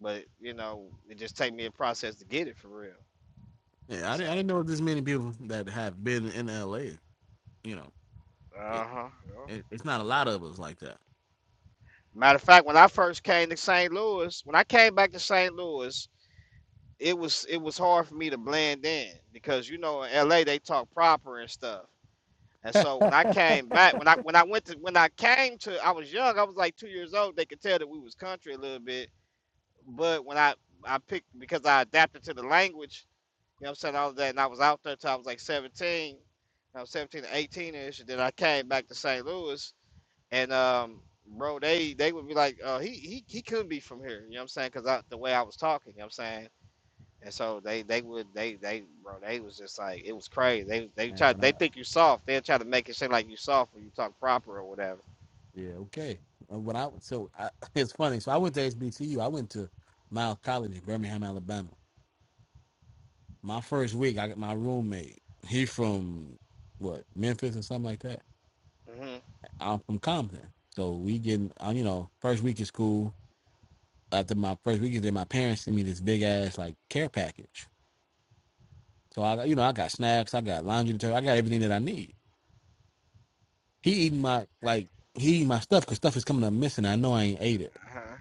[SPEAKER 7] but you know, it just take me a process to get it for real.
[SPEAKER 1] Yeah, I
[SPEAKER 7] So,
[SPEAKER 1] didn't, I didn't know this many people that have been in LA. You know, it,
[SPEAKER 7] uh huh.
[SPEAKER 1] it, it's not a lot of us like that.
[SPEAKER 7] Matter of fact, when I first came to St. Louis, when I came back to St. Louis. it was it was hard for me to blend in because you know in LA they talk proper and stuff. And so when I came back, when I when I went to when I came to, I was young. I was like two years old. They could tell that we was country a little bit. But when I I picked because I adapted to the language, you know what I'm saying all of that, and I was out there till I was like 17. I was 17 to 18 ish. Then I came back to St. Louis, and um, bro, they they would be like, uh, he he he couldn't be from here. You know what I'm saying? Because I the way I was talking, you know what I'm saying and so they they would they they bro they was just like it was crazy. They they
[SPEAKER 1] Right,
[SPEAKER 7] try
[SPEAKER 1] when
[SPEAKER 7] they
[SPEAKER 1] I-
[SPEAKER 7] think you soft. They'll try to make it seem like you soft when you talk proper or whatever.
[SPEAKER 1] yeah, okay. Uh, When I so I, *laughs* it's funny. So I went to HBCU. I went to Miles College in Birmingham, Alabama my first week, I got my roommate. He from what Memphis or something like that.
[SPEAKER 7] Mhm.
[SPEAKER 1] I'm from Compton, so we getting uh, you know first week of school. After my first week, then my parents sent me this big ass like care package. So I got- you know I got snacks, I got laundry detergent, I got everything that I need. He eating my like he eating my stuff because stuff is coming up missing. I know I ain't ate it,
[SPEAKER 7] Uh huh.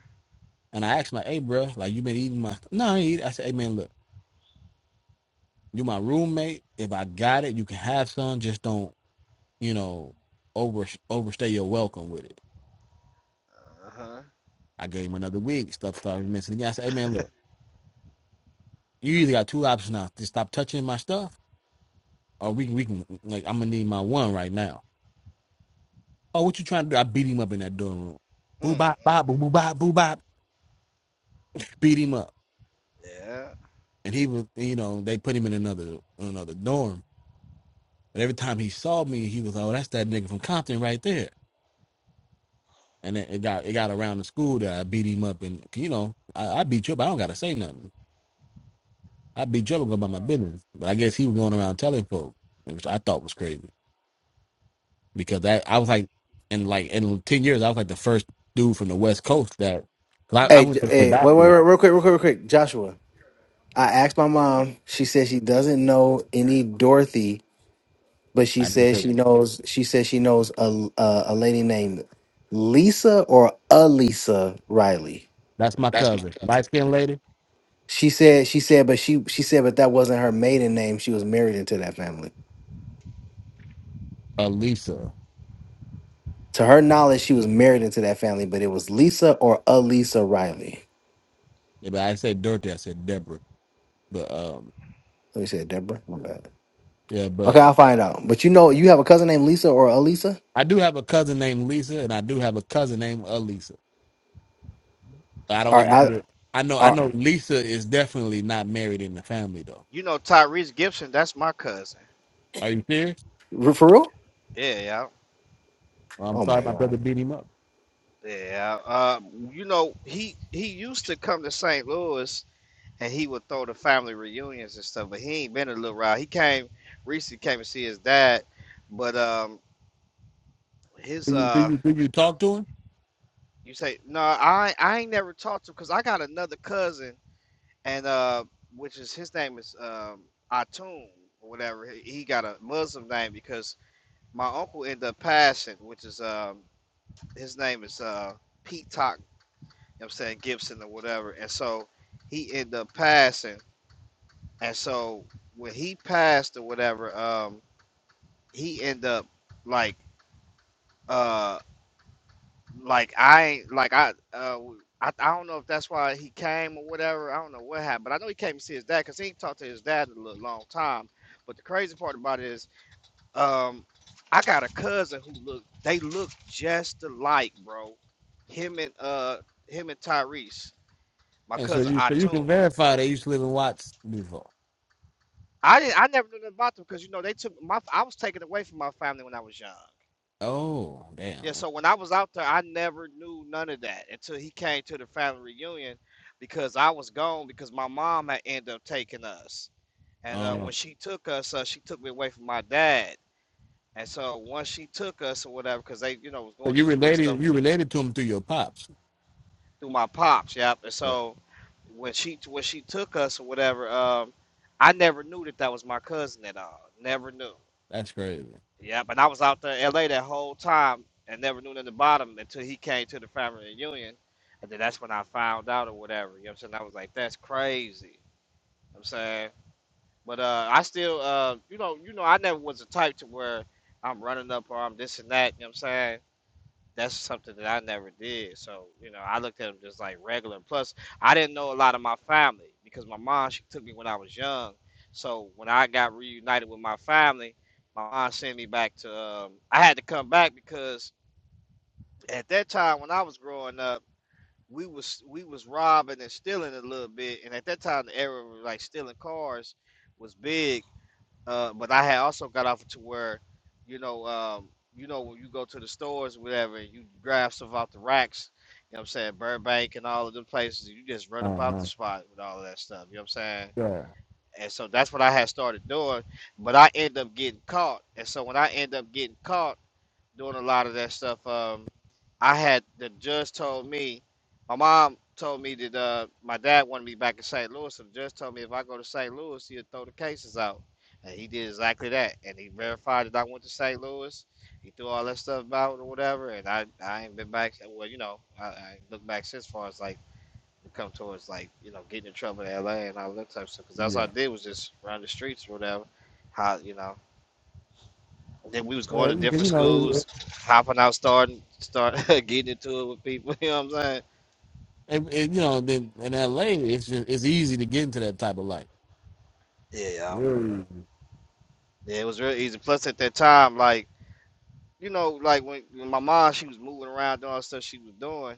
[SPEAKER 1] and I asked my, hey bro, like you been eating my? No, I ain't eat. It. I said, hey man, look, you my roommate. If I got it, you can have some. Just don't. you know, over overstay your welcome with it.
[SPEAKER 7] Uh huh.
[SPEAKER 1] I gave him another week. Stuff started missing again. I said, "Hey man, look, you either got two options now: to stop touching my stuff, or we can, we can like I'm gonna need my one right now." Oh, what you trying to do? I beat him up in that dorm room.
[SPEAKER 7] Mm
[SPEAKER 1] Boo bop
[SPEAKER 7] mm
[SPEAKER 1] bop boo
[SPEAKER 7] mm.
[SPEAKER 1] boo bop boo bop. Beat him up,
[SPEAKER 7] Yeah.
[SPEAKER 1] and he was you know they put him in another another dorm. But every time he saw me, he was oh that's that nigga from Compton right there. And it, it got it got around the school that I beat him up, and you know I, I beat you up. I don't gotta say nothing. I'd be trouble going about my
[SPEAKER 7] Mm,
[SPEAKER 1] business. But I guess he was going around telling folk, which I thought was crazy because I I was
[SPEAKER 7] mm.
[SPEAKER 1] like, in like in ten years, I was like the first dude from the West Coast that because I, I
[SPEAKER 2] Hey,
[SPEAKER 1] went
[SPEAKER 2] J-
[SPEAKER 1] to the
[SPEAKER 2] hey, wait,
[SPEAKER 1] doctor
[SPEAKER 2] wait,
[SPEAKER 1] with.
[SPEAKER 2] wait, real quick, real quick, real quick, Joshua. I asked my mom. She said she doesn't know any Dorothy, but she
[SPEAKER 1] I didn't
[SPEAKER 2] says she knows. She says she knows a a, a lady named Lisa or Alisa Riley.
[SPEAKER 1] that's my cousin, light skinned lady,
[SPEAKER 2] She said she said, but she she said, but that wasn't her maiden name. She was married into that family.
[SPEAKER 1] Alisa.
[SPEAKER 2] To her knowledge, she was married into that family, but it was Lisa or Alisa Riley.
[SPEAKER 1] Yeah, but I didn't say dirty. I said Deborah. But um,
[SPEAKER 2] Let me say Deborah. My bad.
[SPEAKER 1] yeah,
[SPEAKER 2] Okay,
[SPEAKER 1] but
[SPEAKER 2] I'll find out. But you know, you have a cousin named Lisa or Alisa,
[SPEAKER 1] I do have a cousin named Lisa, and I do have a cousin named Alisa. I don't
[SPEAKER 2] Are
[SPEAKER 7] Yeah.
[SPEAKER 2] I,
[SPEAKER 1] remember. I know. I
[SPEAKER 2] Are
[SPEAKER 1] know Lisa is definitely not married in the family though.
[SPEAKER 7] You know Tyrese Gibson. That's my cousin.
[SPEAKER 1] Are you serious?
[SPEAKER 2] for real?
[SPEAKER 7] Yeah. Yeah.
[SPEAKER 1] Well, I'm
[SPEAKER 2] Oh
[SPEAKER 1] sorry,
[SPEAKER 2] my
[SPEAKER 1] my
[SPEAKER 2] god.
[SPEAKER 1] brother beat him up.
[SPEAKER 7] Yeah. Uh, you know he he used to come to St. Louis and he would throw the family reunions and stuff. But he ain't been in a Little while. He came recently came to see his dad, but um his
[SPEAKER 1] Do you do
[SPEAKER 7] uh
[SPEAKER 1] you, do you talk to him?
[SPEAKER 7] You say no. I I ain't never talked to him because I got another cousin and uh, which is his name is um Atum or whatever. He, he got a Muslim name because my uncle ended up passing, which is um his name is uh Pete Talk. You know what I'm saying Gibson or whatever, and so he ended up passing, and so when he passed or whatever, um he ended up like uh like I like I uh I, I don't know if that's why he came or whatever. I don't know what happened. But I know he came to see his dad because he ain't talked to his dad in a little long time. But the crazy part about it is, um, I got a cousin who look they look just alike, bro. Him and uh him and Tyrese, my
[SPEAKER 1] And so
[SPEAKER 7] cousin
[SPEAKER 1] you so you can
[SPEAKER 7] Atun.
[SPEAKER 1] verify they used to live in Watts before.
[SPEAKER 7] I didn't I never knew nothing about them because you know they took my I was taken away from my family when I was young.
[SPEAKER 1] Oh,
[SPEAKER 7] Yeah,
[SPEAKER 1] damn.
[SPEAKER 7] so when I was out there, I never knew none of that until he came to the family reunion because I was gone because my mom had ended up taking us. And uh,
[SPEAKER 1] Oh,
[SPEAKER 7] when she took us, uh, she took me away from my dad. And so once she took us or whatever, because they, you know, was
[SPEAKER 1] so
[SPEAKER 7] going
[SPEAKER 1] you
[SPEAKER 7] through some little stuff
[SPEAKER 1] related you
[SPEAKER 7] with
[SPEAKER 1] related to him through your pops.
[SPEAKER 7] through my pops, yep. And
[SPEAKER 1] Yeah,
[SPEAKER 7] so when she when she took us or whatever, um, I never knew that that was my cousin at all. Never knew.
[SPEAKER 1] that's crazy.
[SPEAKER 7] Yep, and I was out there in LA that whole time and never knew nothing about him until he came to the family reunion. And then that's when I found out or whatever. You know what I'm saying? I was like, that's crazy. You know what I'm saying? But uh I still uh you know, you know, I never was the type to where I'm running up or I'm this and that, you know what I'm saying? that's something that I never did. So, you know, I looked at them just like regular. Plus, I didn't know a lot of my family because my mom, she took me when I was young. So when I got reunited with my family, my mom sent me back to, um, I had to come back because at that time when I was growing up, we was we was robbing and stealing a little bit, and at that time the era of like stealing cars was big, uh, but I had also got off to where, you know, um, you know, when you go to the stores, whatever, and you grab stuff off the racks. You know what I'm saying? Burbank and all of them places, you just run up
[SPEAKER 1] Uh
[SPEAKER 7] out the
[SPEAKER 1] huh.
[SPEAKER 7] spot with all of that stuff. You know what I'm saying?
[SPEAKER 1] Yeah,
[SPEAKER 7] And so that's what I had started doing. But I end up getting caught. And so when I end up getting caught doing a lot of that stuff. Um, I had the judge told me, my mom told me that uh, my dad wanted me back in St. Louis. So the judge told me if I go to St. Louis, he'll throw the cases out. And he did exactly that. And he verified that I went to St. Louis. He threw all that stuff out or whatever. And I, I ain't been back. Well, you know, I, I ain't looked back since far as like we come towards like, you know, getting in trouble in LA and all that type of stuff. Because that's all
[SPEAKER 1] yeah.
[SPEAKER 7] I did was just run the streets or whatever. How, you know. Then we was going
[SPEAKER 1] Well,
[SPEAKER 7] to
[SPEAKER 1] you, can-
[SPEAKER 7] different
[SPEAKER 1] you know,
[SPEAKER 7] schools,
[SPEAKER 1] it,
[SPEAKER 7] hopping out, starting, start *laughs* getting into it with people. *laughs* You know what I'm saying?
[SPEAKER 1] it, it- you know, then in LA, it's just, it's easy to get into that type of life.
[SPEAKER 7] Yeah, y'all.
[SPEAKER 1] Really?
[SPEAKER 7] yeah. It was real easy. Plus, at that time, like you know, like when, when my mom she was moving around doing all the stuff she was doing,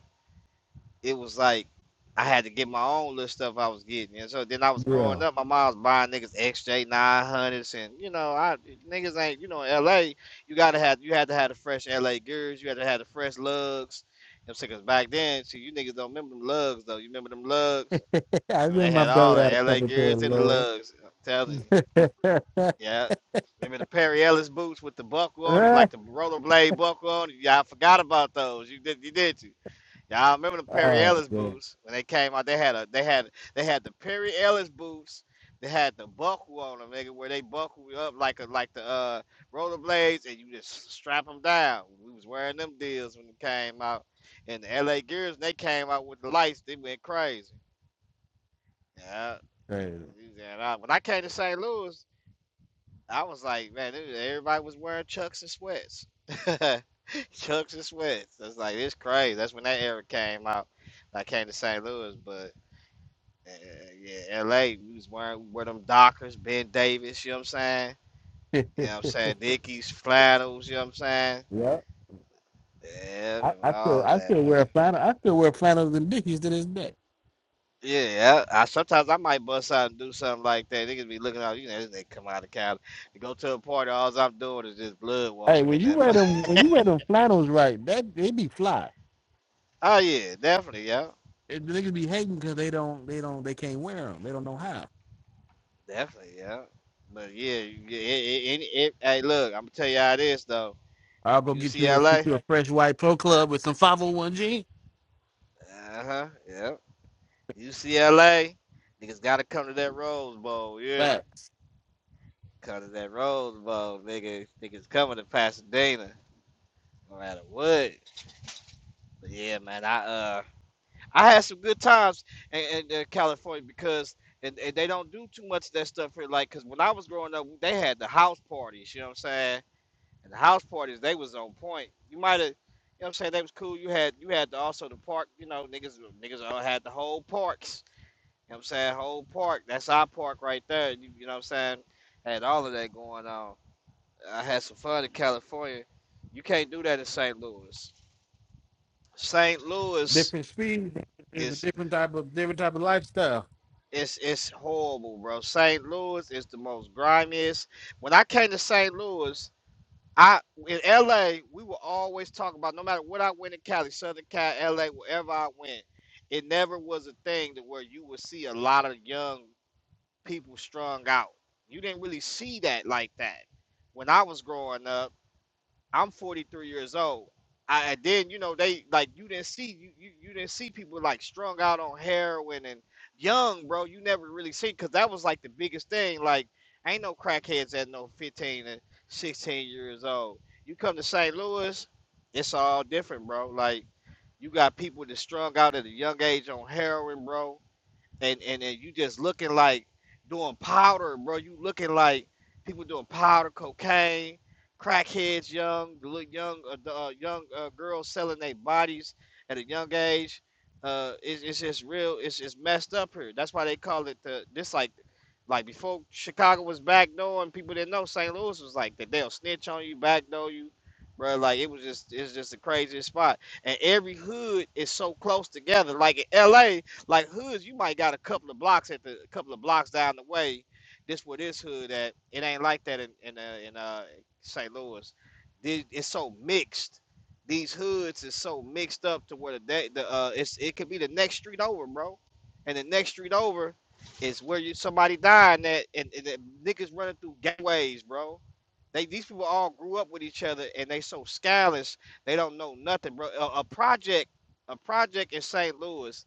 [SPEAKER 7] it was like I had to get my own little stuff I was getting. And so then I was
[SPEAKER 1] Yeah.
[SPEAKER 7] growing up, my mom was buying niggas XJ 900s, and you know, I niggas ain't you know in LA. You gotta have you had to have the fresh LA gears. You had to have the fresh lugs. Them because back then, see, you niggas don't remember them lugs though. You remember them lugs?
[SPEAKER 1] *laughs* I
[SPEAKER 7] And
[SPEAKER 1] remember
[SPEAKER 7] they
[SPEAKER 1] my
[SPEAKER 7] had all
[SPEAKER 1] brother had a
[SPEAKER 7] the LA
[SPEAKER 1] couple of pairs
[SPEAKER 7] Gears and the lugs. I'm telling you.
[SPEAKER 1] of Lord.
[SPEAKER 7] Yeah. Remember the Perry Ellis boots with the buckle on it, like the
[SPEAKER 1] *laughs*
[SPEAKER 7] rollerblade buckle on it? Y'all forgot about those. You did you did you. Y'all remember the Perry
[SPEAKER 1] oh,
[SPEAKER 7] Ellis
[SPEAKER 1] man.
[SPEAKER 7] boots when they came out, they had a they had they had the Perry Ellis boots. They had the buckle on them, nigga, where they buckle you up like a like the uh rollerblades and you just strap them down. We was wearing them deals when it came out. And the LA Gears, they came out with the lights, they went crazy. Yeah.
[SPEAKER 1] Crazy.
[SPEAKER 7] And I, when I came to St. Louis, I was like, man, it- everybody was wearing chucks and sweats. *laughs* chucks and sweats. That's like, it's crazy. That's when that era came out. I came to St. Louis, but uh, yeah, LA, we was wearing we wear them Dockers, Ben Davis, you know what I'm saying?
[SPEAKER 1] *laughs*
[SPEAKER 7] You know what I'm saying? Dickies, flannels, you know what I'm saying?
[SPEAKER 1] yeah.
[SPEAKER 7] Yeah, I
[SPEAKER 1] I,
[SPEAKER 7] remember
[SPEAKER 1] I still
[SPEAKER 7] all of
[SPEAKER 1] I
[SPEAKER 7] that,
[SPEAKER 1] still
[SPEAKER 7] man.
[SPEAKER 1] wear flannel. I still wear flannels and dickies to this day.
[SPEAKER 7] Yeah, I sometimes I might bust out and do something like that. Niggas be looking out, you know, they come out of Cali. You go to a party, all I'm doing is just blood
[SPEAKER 1] Hey,
[SPEAKER 7] walking
[SPEAKER 1] when
[SPEAKER 7] in
[SPEAKER 1] you
[SPEAKER 7] that. mu-
[SPEAKER 1] wear them when you wear them flannels right, that they be fly.
[SPEAKER 7] *laughs* oh yeah, definitely, yeah,
[SPEAKER 1] It, the niggas be hating because they don't they don't they can't wear them. They don't know how.
[SPEAKER 7] definitely, yeah. But yeah, you- yeah, it, it, it, it- hey, look, I'm gonna tell you how it is though.
[SPEAKER 1] I'll go get you a get
[SPEAKER 7] UCLA,
[SPEAKER 1] you a fresh white pro club with some five hundred one jeans.
[SPEAKER 7] uh huh, yeah, UCLA, niggas gotta come to that Rose Bowl. You hear me?
[SPEAKER 1] But
[SPEAKER 7] Come to that Rose Bowl, nigga. Niggas coming to Pasadena, no matter what. But yeah, man, I uh. I had some good times in, in, uh, California because and, and they don't do too much of that stuff here. Like, cause when I was growing up, they had the house parties. You know what I'm saying? And the house parties, they was on point. You might have, you know what I'm saying? They was cool. You had you had the, also the park. You know, niggas niggas all had the whole parks. You know what I'm saying? Whole park. That's our park right there. You, you know what I'm saying? Had all of that going on. I had some fun in California. You can't do that in St. Louis. St. Louis
[SPEAKER 1] different speed, it's a
[SPEAKER 7] is
[SPEAKER 1] different type of different type of lifestyle.
[SPEAKER 7] It's it's horrible, bro. St. Louis is the most grimiest. When I came to St. Louis, I in LA, we were always talking about no matter what I went in Cali, Southern Cal, LA, wherever I went, it never was a thing that where you would see a lot of young people strung out. You didn't really see that like that when I was growing up I'm 43 years old. I, and then you know they like you didn't see you, you you didn't see people like strung out on heroin and young, bro. You never really see because that was like the biggest thing. Like ain't no crackheads at no 15 and 16 years old. You come to St. Louis, it's all different, bro. Like you got people that strung out at a young age on heroin, bro and and, and you just looking like doing powder, bro. You looking like people doing powder, cocaine, crackheads, young, the little young, uh, the, uh, young uh, girls selling their bodies at a young age. Uh, it's, it's just real. It's it's messed up here. That's why they call it the this like like before Chicago was backdooring people didn't know St. Louis was like that. They'll snitch on you, backdoor you, bro. Like it was just it's just the craziest spot. And every hood is so close together. Like in L.A. Like hoods, you might got a couple of blocks at the a couple of blocks down the way. This where this hood at. It ain't like that in in uh, in uh, St. Louis. The- It's so mixed. These hoods is so mixed up to where the da- the uh, it's it could be the next street over, bro, and the next street over is where you somebody dying at, and, and the niggas running through gateways, bro they these people all grew up with each other, and they so scandalous. They don't know nothing, bro. A, a project, a project in St. Louis.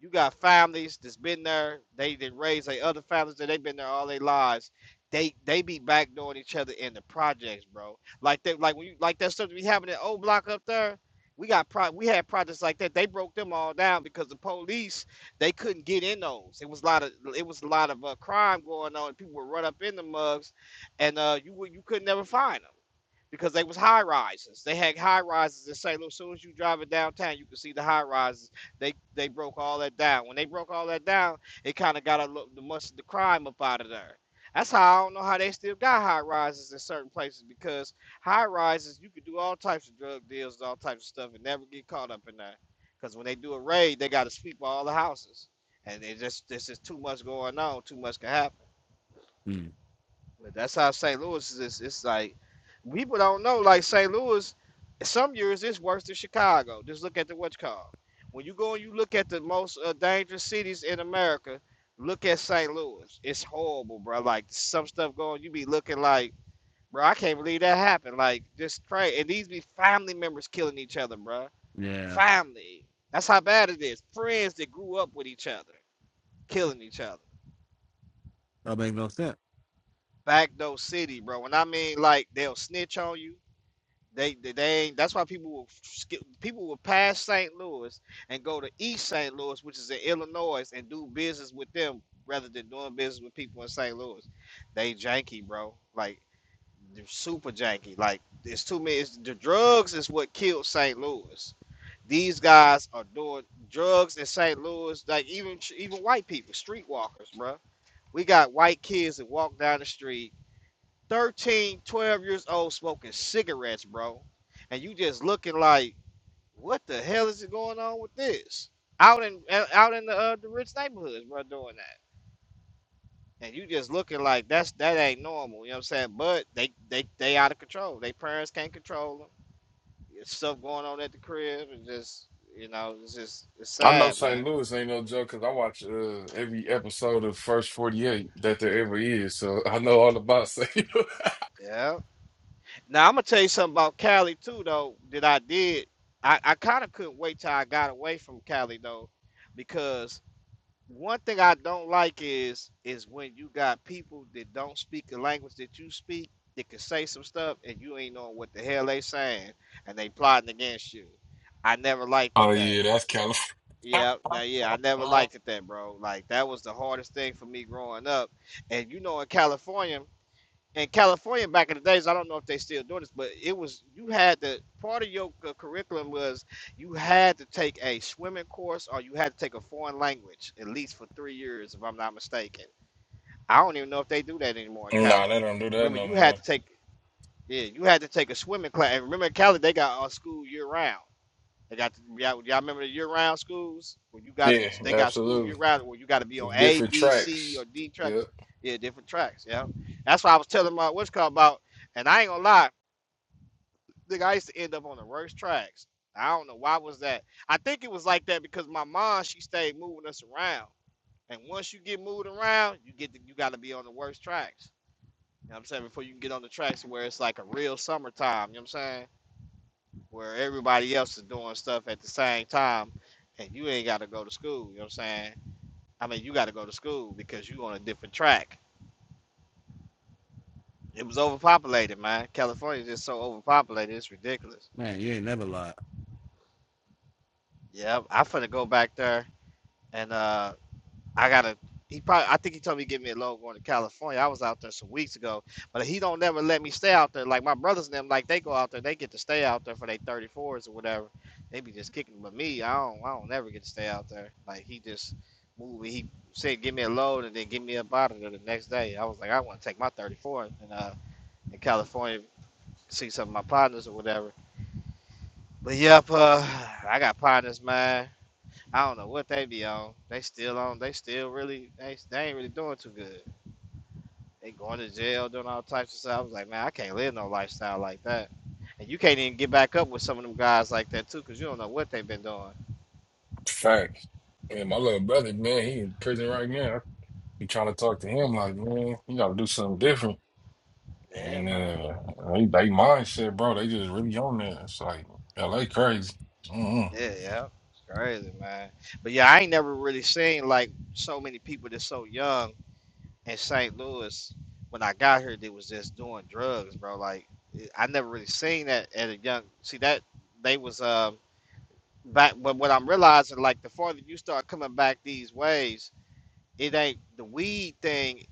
[SPEAKER 7] You got families that's been there. They did raise their other families that they've been there all their lives. They they be backdooring each other in the projects, bro. Like they like when you like that stuff that we having in old block up there. We got pro we had projects like that. They broke them all down because the police they couldn't get in those. It was a lot of it was a lot of uh, crime going on. People would run up in the mugs and uh, you would- you could never find them because they was high rises. They had high rises in St. Louis. As soon as you drive it downtown, you can see the high rises. They they broke all that down. When they broke all that down, it kind of got a lo- the much of the crime up out of there. That's how I don't know how they still got high rises in certain places because high rises you could do all types of drug deals, all types of stuff, and never get caught up in that. Because when they do a raid, they got to sweep all the houses, and it just this is too much going on. Too much can happen.
[SPEAKER 1] Hmm.
[SPEAKER 7] But that's how St. Louis is. It's, it's like people don't know. Like St. Louis, some years it's worse than Chicago. Just look at the what you call. When you go and you look at the most uh, dangerous cities in America, look at St. Louis. It's horrible, bro. Like some stuff going, you be looking like, bro, I can't believe that happened. Like just crazy. And these be family members killing each other, bro.
[SPEAKER 1] Yeah,
[SPEAKER 7] Family. That's how bad it is. Friends that grew up with each other, killing each other.
[SPEAKER 1] that make no sense.
[SPEAKER 7] Backdoor city, bro. When I mean like they'll snitch on you They, they, they ain't, that's why people will skip, people will pass St. Louis and go to East St. Louis, which is in Illinois, and do business with them rather than doing business with people in St. Louis. They janky, bro. Like they're super janky. Like it's too many. It's, the drugs is what killed St. Louis. These guys are doing drugs in St. Louis. Like even even white people, street walkers, bro. We got white kids that walk down the street 13, 12 years old smoking cigarettes, bro. And you just looking like, what the hell is going on with this? Out in uh, out in the uh, the rich neighborhoods, bro, doing that. And you just looking like that's that ain't normal, you know what I'm saying? But they they they out of control. They parents can't control them. There's stuff going on at the crib and just you know, it's just it's
[SPEAKER 6] I know
[SPEAKER 7] sad,
[SPEAKER 6] St.
[SPEAKER 7] man.
[SPEAKER 6] Louis ain't no joke because I watch uh, every episode of First 48 that there ever is. So I know all about St. Louis.
[SPEAKER 7] Yeah. Now I'm gonna tell you something about Cali too, though. That I did. I, I kind of couldn't wait till I got away from Cali though, because one thing I don't like is is when you got people that don't speak the language that you speak that can say some stuff and you ain't knowing what the hell they saying and they plotting against you. I never
[SPEAKER 6] *laughs*
[SPEAKER 7] liked
[SPEAKER 6] oh,
[SPEAKER 7] it that.
[SPEAKER 6] yeah, that's California.
[SPEAKER 7] Yeah, now yeah, I never liked it that, bro. Like that was the hardest thing for me growing up. And you know, in California, in California back in the days, I don't know if they still doing this, but it was you had to part of your cu- curriculum was you had to take a swimming course or you had to take a foreign language at least for three years, if I'm not mistaken. I don't even know if they do that anymore in
[SPEAKER 6] Nah,
[SPEAKER 7] Cali.
[SPEAKER 6] they don't do that
[SPEAKER 7] Remember,
[SPEAKER 6] no
[SPEAKER 7] you had
[SPEAKER 6] more.
[SPEAKER 7] to take yeah, you had to take a swimming class. And remember, in Cali they got a school year round. They got y'all, y'all remember the year round schools where you got it.
[SPEAKER 6] Yeah,
[SPEAKER 7] They got school year
[SPEAKER 6] absolutely.
[SPEAKER 7] round where you got to be on A,
[SPEAKER 6] Different
[SPEAKER 7] B, C, or
[SPEAKER 6] tracks.
[SPEAKER 7] D
[SPEAKER 6] Yep.
[SPEAKER 7] tracks. Yeah, different tracks. Yeah, that's why I was telling my what's called about. And I ain't gonna lie, nigga, I used to end up on the worst tracks. I don't know why was that. I think it was like that because my mom she stayed moving us around. And once you get moved around, you get the, you got to be on the worst tracks. You know what I'm saying before you can get on the tracks where it's like a real summertime. You know what I'm saying? where everybody else is doing stuff at the same time and you ain't got to go to school. You know what I'm saying? I mean, you got to go to school because you on a different track. It was overpopulated, man. California is just so overpopulated. It's ridiculous.
[SPEAKER 1] Man, you ain't never lied.
[SPEAKER 7] Yeah, I'm finna go back there and uh, I gotta. He probably. I think he told me to get me a loan going to California. I was out there some weeks ago, but he don't never let me stay out there. Like my brothers and them, like they go out there, they get to stay out there for their thirty fours or whatever. They be just kicking. But me, I don't. I don't never get to stay out there. Like he just moved. He said, "Give me a loan," and then give me a bottle there the next day. I was like, I want to take my thirty four and uh in California see some of my partners or whatever. But yep, uh, I got partners, man. I don't know what they be on. They still on. They still really. They, they ain't really doing too good. They going to jail, doing all types of stuff. I was like, man, I can't live no lifestyle like that. And you can't even get back up with some of them guys like that too, 'cause you don't know what they've been doing.
[SPEAKER 6] Facts. And my little brother, man, he in prison right now. He trying to talk to him like, man, you gotta do something different.
[SPEAKER 7] Yeah,
[SPEAKER 6] And
[SPEAKER 7] man.
[SPEAKER 6] uh, they, they mindset, bro, they just really on that. It's like, LA crazy. Mm-mm.
[SPEAKER 7] Yeah, yeah. It's crazy, man. But yeah, I ain't never really seen like so many people that's so young in St. Louis. When I got here, they was just doing drugs, bro. Like it- I never really seen that at a young. See that they was um back but what I'm realizing like the farther you start coming back these ways, it ain't the weed thing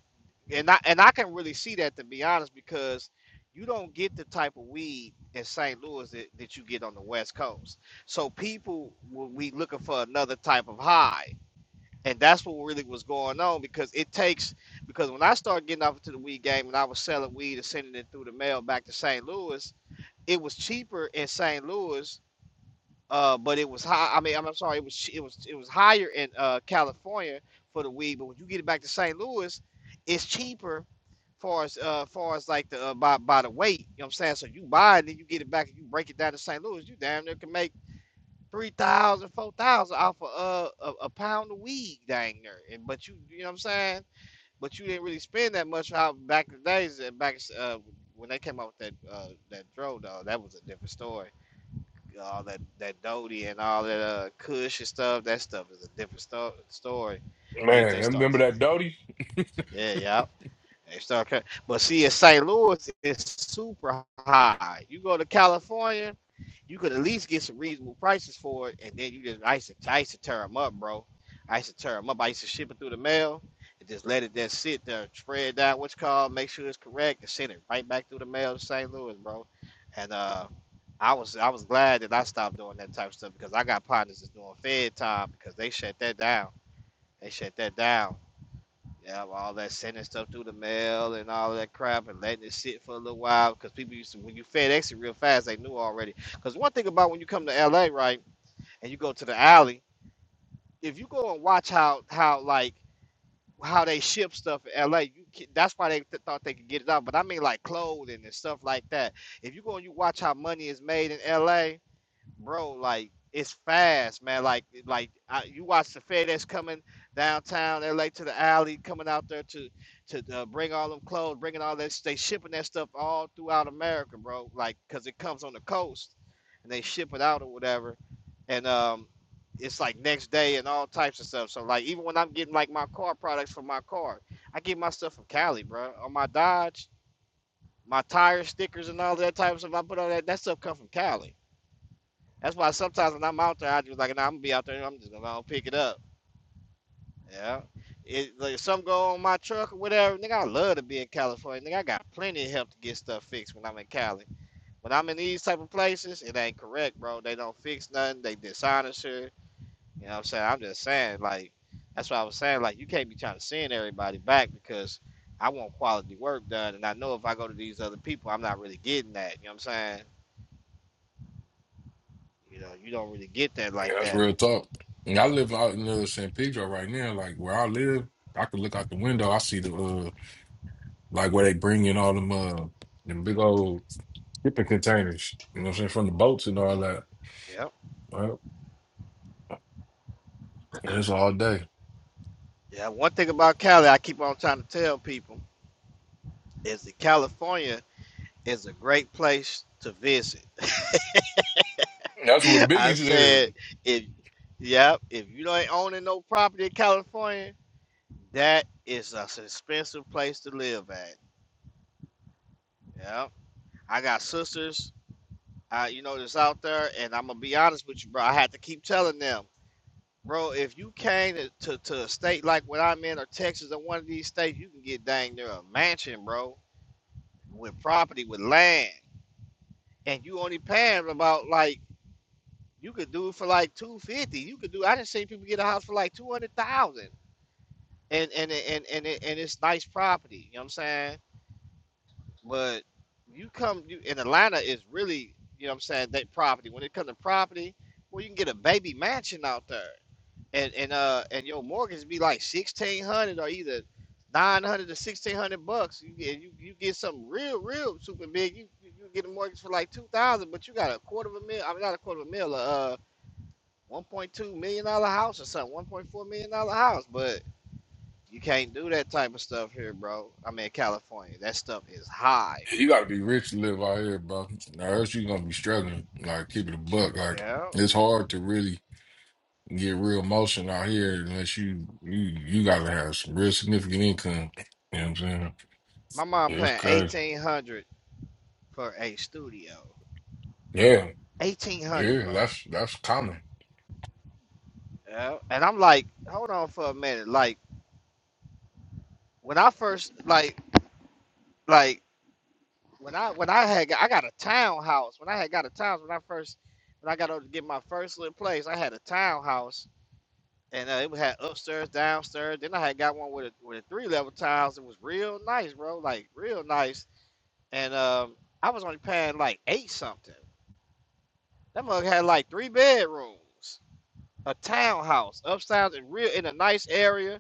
[SPEAKER 7] and I and I can really see that to be honest because you don't get the type of weed in St. Louis that, that you get on the West Coast. So people will be looking for another type of high. And that's what really was going on because it takes because when I started getting off into the weed game and I was selling weed and sending it through the mail back to St. Louis, it was cheaper in St. Louis uh, but it was high. I mean, I'm, I'm sorry, it was it was it was higher in uh, California for the weed. But when you get it back to St. Louis, it's cheaper, far as uh, far as like the uh, by by the weight. You know what I'm saying? So you buy it, then you get it back, and you break it down to St. Louis. You damn near can make three thousand, four thousand off of uh, a, a pound of weed, dang near. And but you, you know what I'm saying? But you didn't really spend that much out back in the days and back uh, when they came out with that uh, that dro dog. That was a different story all that that Dodie and all that uh Kush and stuff. That stuff is a different sto- story. They
[SPEAKER 6] Man,
[SPEAKER 7] they start,
[SPEAKER 6] remember that Doty?
[SPEAKER 7] yeah, yeah. yup. They start, ca- but see, in St. Louis, it's super high. You go to California you could at least get some reasonable prices for it, and then you just I used to, I used to tear them up, bro. I used to tear them up. I used to ship it through the mail and just let it just sit there, spread out what's called, make sure it's correct, and send it right back through the mail to St. Louis, bro. And uh, I was I was glad that I stopped doing that type of stuff because I got partners that's doing Fed time because they shut that down. They shut that down yeah, all that sending stuff through the mail and all that crap and letting it sit for a little while because people used to, when you FedEx it real fast, they knew already. Because one thing about when you come to LA, right, and you go to the alley, if you go and watch how, how like, how they ship stuff in LA, you can, that's why they th- thought they could get it out. But I mean, like clothing and stuff like that. If you go and you watch how money is made in LA, bro, like it's fast, man. Like like I, you watch the Fed that's coming downtown LA to the alley, coming out there to to uh, bring all them clothes, bringing all that. They shipping that stuff all throughout America, bro. Like because it comes on the coast, and they ship it out or whatever, and um. It's like next day and all types of stuff. So like even when I'm getting like my car products from my car, I get my stuff from Cali, bro. On my Dodge, my tire stickers and all that type of stuff I put on that that stuff come from Cali. That's why sometimes when I'm out there, I just like, nah, I'm gonna be out there. I'm just gonna go pick it up. Yeah. It, like, if something go on my truck or whatever, nigga, I love to be in California. Nigga, I got plenty of help to get stuff fixed when I'm in Cali. When I'm in these type of places, it ain't correct, bro. They don't fix nothing. They dishonest her. You know what I'm saying? I'm just saying, like, that's what I was saying. Like, you can't be trying to send everybody back because I want quality work done. And I know if I go to these other people, I'm not really getting that. You know what I'm saying? You know, you don't really get that
[SPEAKER 6] Yeah,
[SPEAKER 7] like
[SPEAKER 6] that's
[SPEAKER 7] that.
[SPEAKER 6] real talk. And I live out in uh, San Pedro right now. Like where I live, I can look out the window. I see the uh, like where they bring in all them uh, them big old shipping containers. You know what I'm saying from the boats and all
[SPEAKER 7] hmm
[SPEAKER 6] that.
[SPEAKER 7] Yep.
[SPEAKER 6] Well, it's all day.
[SPEAKER 7] Yeah, one thing about Cali, I keep on trying to tell people is that California is a great place to visit. *laughs*
[SPEAKER 6] That's what
[SPEAKER 7] I
[SPEAKER 6] Biggie said.
[SPEAKER 7] said, if yeah, if you don't owning no property in California, that is a s- expensive place to live at. Yeah, I got sisters, uh, you know, that's out there, and I'm gonna be honest with you, bro. I had to keep telling them, bro, if you came to, to, to a state like what I'm in or Texas or one of these states, you can get dang near a mansion, bro, with property, with land. and you only paying about like you could do it for like two fifty. You could do. I didn't see people get a house for like two hundred thousand, and and and and it- and it's nice property. You know what I'm saying? But you come you in Atlanta is really you know what I'm saying that property. When it comes to property, well you can get a baby mansion out there and and uh and your mortgage be like sixteen hundred or either nine hundred to sixteen hundred bucks. You get you, you get something real real super big. You you you get a mortgage for like two thousand, but you got a quarter of a mil. I mean not a quarter of a mil. Uh, one point two million dollar house or something. One point four million dollar house, but you can't do that type of stuff here, bro. I mean California, that stuff is high.
[SPEAKER 6] You got to be rich to live out here, bro. Or else you gonna be struggling. Like keep it a buck. Like
[SPEAKER 7] Yeah,
[SPEAKER 6] it's hard to really get real motion out here unless you you you gotta have some real significant income. You know what I'm saying?
[SPEAKER 7] my mom
[SPEAKER 6] It's
[SPEAKER 7] paying
[SPEAKER 6] crazy.
[SPEAKER 7] eighteen hundred for a studio.
[SPEAKER 6] Yeah,
[SPEAKER 7] Eighteen hundred,
[SPEAKER 6] Yeah,
[SPEAKER 7] bro.
[SPEAKER 6] that's that's common.
[SPEAKER 7] Yeah, and I'm like, hold on for a minute, like when I first like like when I when I had got- I got a townhouse when I had got a townhouse when I first when I got to get my first little place I had a townhouse and uh, it had upstairs downstairs then I had got one with a with a three level tiles it was real nice bro like real nice and um I was only paying like eight something that mug had like three bedrooms a townhouse upstairs and real in a nice area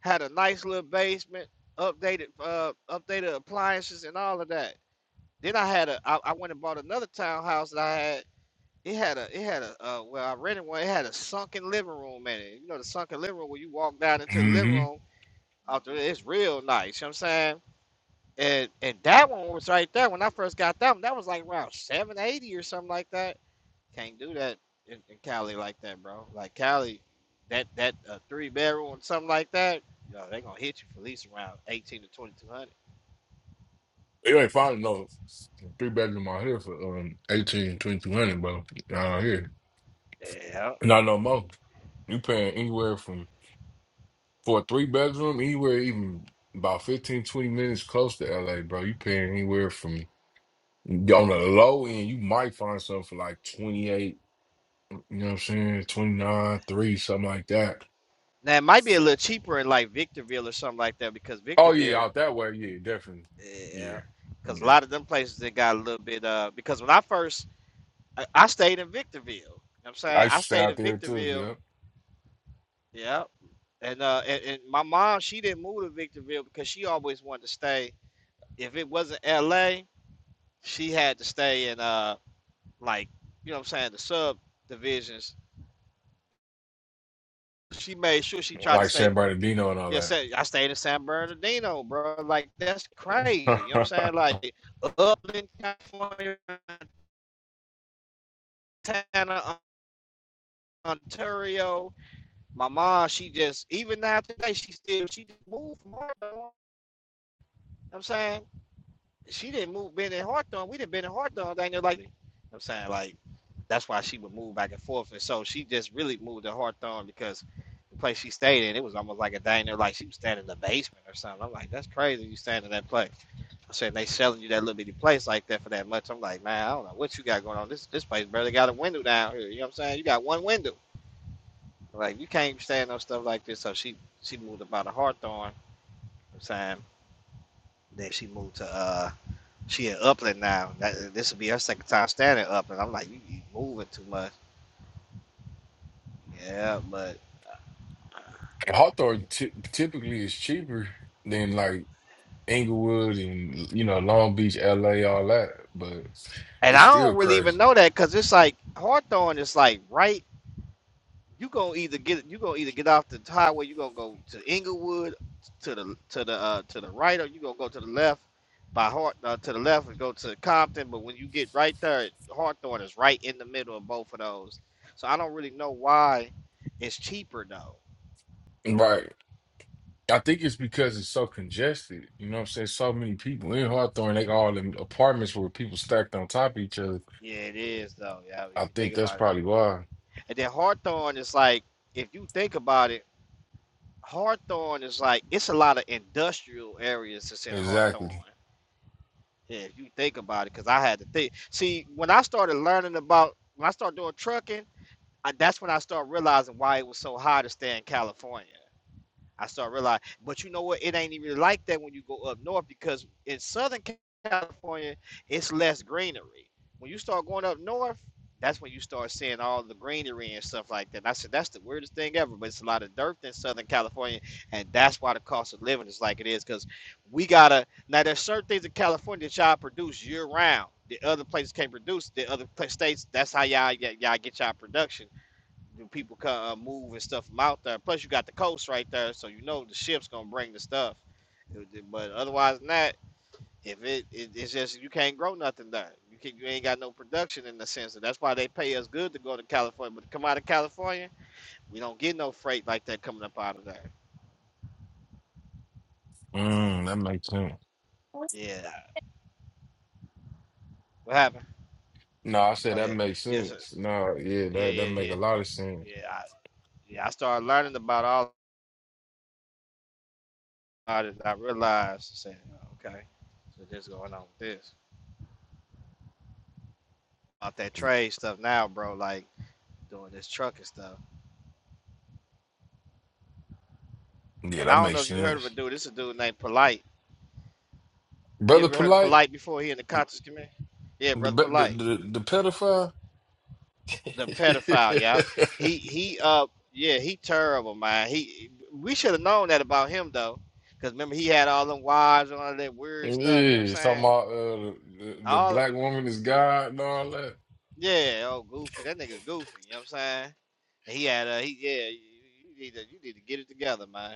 [SPEAKER 7] had a nice little basement updated uh updated appliances and all of that Then I had a I, I went and bought another townhouse that I had. It had a it had a uh, well I rented one. It had a sunken living room in it. You know the sunken living room where you walk down into the living
[SPEAKER 6] Mm-hmm.
[SPEAKER 7] room after that, it's real nice. You know what I'm saying? And and that one was right there when I first got that one. That was like around seven eighty or something like that. Can't do that in, in Cali like that, bro. Like Cali, that that uh, three bedroom something like that. You know, they gonna hit you for at least around eighteen to twenty two hundred.
[SPEAKER 6] You ain't finding no three bedroom out here for um eighteen, twenty two hundred, bro. Out here.
[SPEAKER 7] Yeah.
[SPEAKER 6] Not no more. You paying anywhere from for a three bedroom, anywhere even about 15, 20 minutes close to LA, bro. You paying anywhere from on the low end, you might find something for like 28, you know what I'm saying? 29, 3, something like that.
[SPEAKER 7] Now it might be a little cheaper in like Victorville or something like that because
[SPEAKER 6] Oh yeah,
[SPEAKER 7] Victorville,
[SPEAKER 6] out that way, yeah, definitely.
[SPEAKER 7] yeah,
[SPEAKER 6] Yeah.
[SPEAKER 7] because a
[SPEAKER 6] Yeah.
[SPEAKER 7] lot of them places they got a little bit. Uh, because when I first, I, I stayed in Victorville. You know what I'm
[SPEAKER 6] I
[SPEAKER 7] saying
[SPEAKER 6] used
[SPEAKER 7] I
[SPEAKER 6] to stay
[SPEAKER 7] stayed
[SPEAKER 6] out
[SPEAKER 7] in
[SPEAKER 6] there too,
[SPEAKER 7] Victorville.
[SPEAKER 6] yep.
[SPEAKER 7] Yeah, and uh, and, and my mom she didn't move to Victorville because she always wanted to stay. If it wasn't L.A., she had to stay in uh, like you know what I'm saying the sub divisions. She made sure she tried to
[SPEAKER 6] like
[SPEAKER 7] stay
[SPEAKER 6] San Bernardino and
[SPEAKER 7] Yeah, say
[SPEAKER 6] all
[SPEAKER 7] I stayed in San Bernardino, bro. Like that's crazy. You know what I'm
[SPEAKER 6] that.
[SPEAKER 7] saying? Like Upland, California, Montana, Ontario. My mom, she just even now today, she still she just moved from Hawthorne. You know what I'm saying she didn't move been in Hawthorne. We didn't been in Hawthorne, Daniel. Like you know what I'm saying, like that's why she would move back and forth. And so she just really moved to Hawthorne because the place she stayed in, it was almost like a diner, like she was staying in the basement or something. I'm like, that's crazy you staying in that place. I said, and they selling you that little bitty place like that for that much. I'm like, man, I don't know what you got going on. This this place barely got a window down here. You know what I'm saying? You got one window. Like you can't stand no stuff like this. So she she moved about a Hawthorne. You know what I'm saying then she moved to uh she in Upland now. That, this will be her second time standing up, and I'm like, you, you moving too much. Yeah, but
[SPEAKER 6] *laughs* Hawthorne ty- typically is cheaper than like Inglewood and you know Long Beach, LA, all that, but
[SPEAKER 7] and
[SPEAKER 6] it's
[SPEAKER 7] I
[SPEAKER 6] still
[SPEAKER 7] don't really even
[SPEAKER 6] crazy,
[SPEAKER 7] know that because it's like Hawthorne is like right You gonna either get you gonna either get off the highway. You gonna go to Inglewood, to the to the uh, to the right, or you gonna go to the left by Hart uh, to the left and go to Compton. But when you get right there, Hawthorne is right in the middle of both of those. So I don't really know why it's cheaper though.
[SPEAKER 6] right? I think it's because it's so congested. You know what I'm saying? So many people in Hawthorne, they all in apartments where people stacked on top of each other.
[SPEAKER 7] Yeah, it is though. Yeah, if
[SPEAKER 6] I
[SPEAKER 7] you think
[SPEAKER 6] think that's
[SPEAKER 7] about it.
[SPEAKER 6] probably why.
[SPEAKER 7] And then Hawthorne is like, if you think about it, Hawthorne is like it's a lot of industrial areas that's in
[SPEAKER 6] Exactly.
[SPEAKER 7] Hawthorne. Yeah, if you think about it, because I had to think. See, when I started learning about, when I started doing trucking, I, that's when I started realizing why it was so hard to stay in California. I start realizing, but you know what? It ain't even like that when you go up north because in Southern California, it's less greenery. When you start going up north, that's when you start seeing all the greenery and stuff like that. And I said that's the weirdest thing ever, but it's a lot of dirt in Southern California, and that's why the cost of living is like it is because we gotta now. There's certain things in California that y'all produce year round. The other places can't produce. The other pla- states, that's how y'all y'all get y'all production the people come uh, moving stuff from out there. Plus, you got the coast right there, so you know the ship's gonna bring the stuff. It- it- But otherwise than that, if it, it it's just you can't grow nothing there. You can you ain't got no production in the sense that that's why they pay us good to go to California. But to come out of California, we don't get no freight like that coming up out of there.
[SPEAKER 6] Mm, that makes sense.
[SPEAKER 7] Yeah. What happened?
[SPEAKER 6] No, I
[SPEAKER 7] Oh
[SPEAKER 6] said that
[SPEAKER 7] yeah.
[SPEAKER 6] makes
[SPEAKER 7] Yes. Sir.
[SPEAKER 6] sense. No, yeah,
[SPEAKER 7] Yeah.
[SPEAKER 6] that that
[SPEAKER 7] Yeah.
[SPEAKER 6] make a
[SPEAKER 7] Yeah.
[SPEAKER 6] lot of sense.
[SPEAKER 7] Yeah. I, yeah. I started learning about all of it. I realized, I said, "Oh, okay, so this going on with this about that trade stuff now, bro. Like doing this truck and stuff.
[SPEAKER 6] Yeah,
[SPEAKER 7] And
[SPEAKER 6] that
[SPEAKER 7] I don't know
[SPEAKER 6] makes
[SPEAKER 7] if you heard of a
[SPEAKER 6] sense.
[SPEAKER 7] dude. This is a dude named Polite. You
[SPEAKER 6] Brother
[SPEAKER 7] ever heard of
[SPEAKER 6] Polite,
[SPEAKER 7] Polite before? He in the conscious community. Yeah,
[SPEAKER 6] the
[SPEAKER 7] brother
[SPEAKER 6] the
[SPEAKER 7] Polite,
[SPEAKER 6] the, the pedophile.
[SPEAKER 7] the pedophile. Yeah, he he uh yeah he terrible man. He we should have known that about him though, because remember he had all them wives and all that
[SPEAKER 6] *laughs*
[SPEAKER 7] weird stuff. You know what I'm
[SPEAKER 6] yeah, talking
[SPEAKER 7] saying?
[SPEAKER 6] about uh, the, the
[SPEAKER 7] All
[SPEAKER 6] black woman is God and all that.
[SPEAKER 7] yeah, oh goofy, that nigga goofy. You know what I'm saying? And he had uh he yeah. You you need to you need to get it together, man.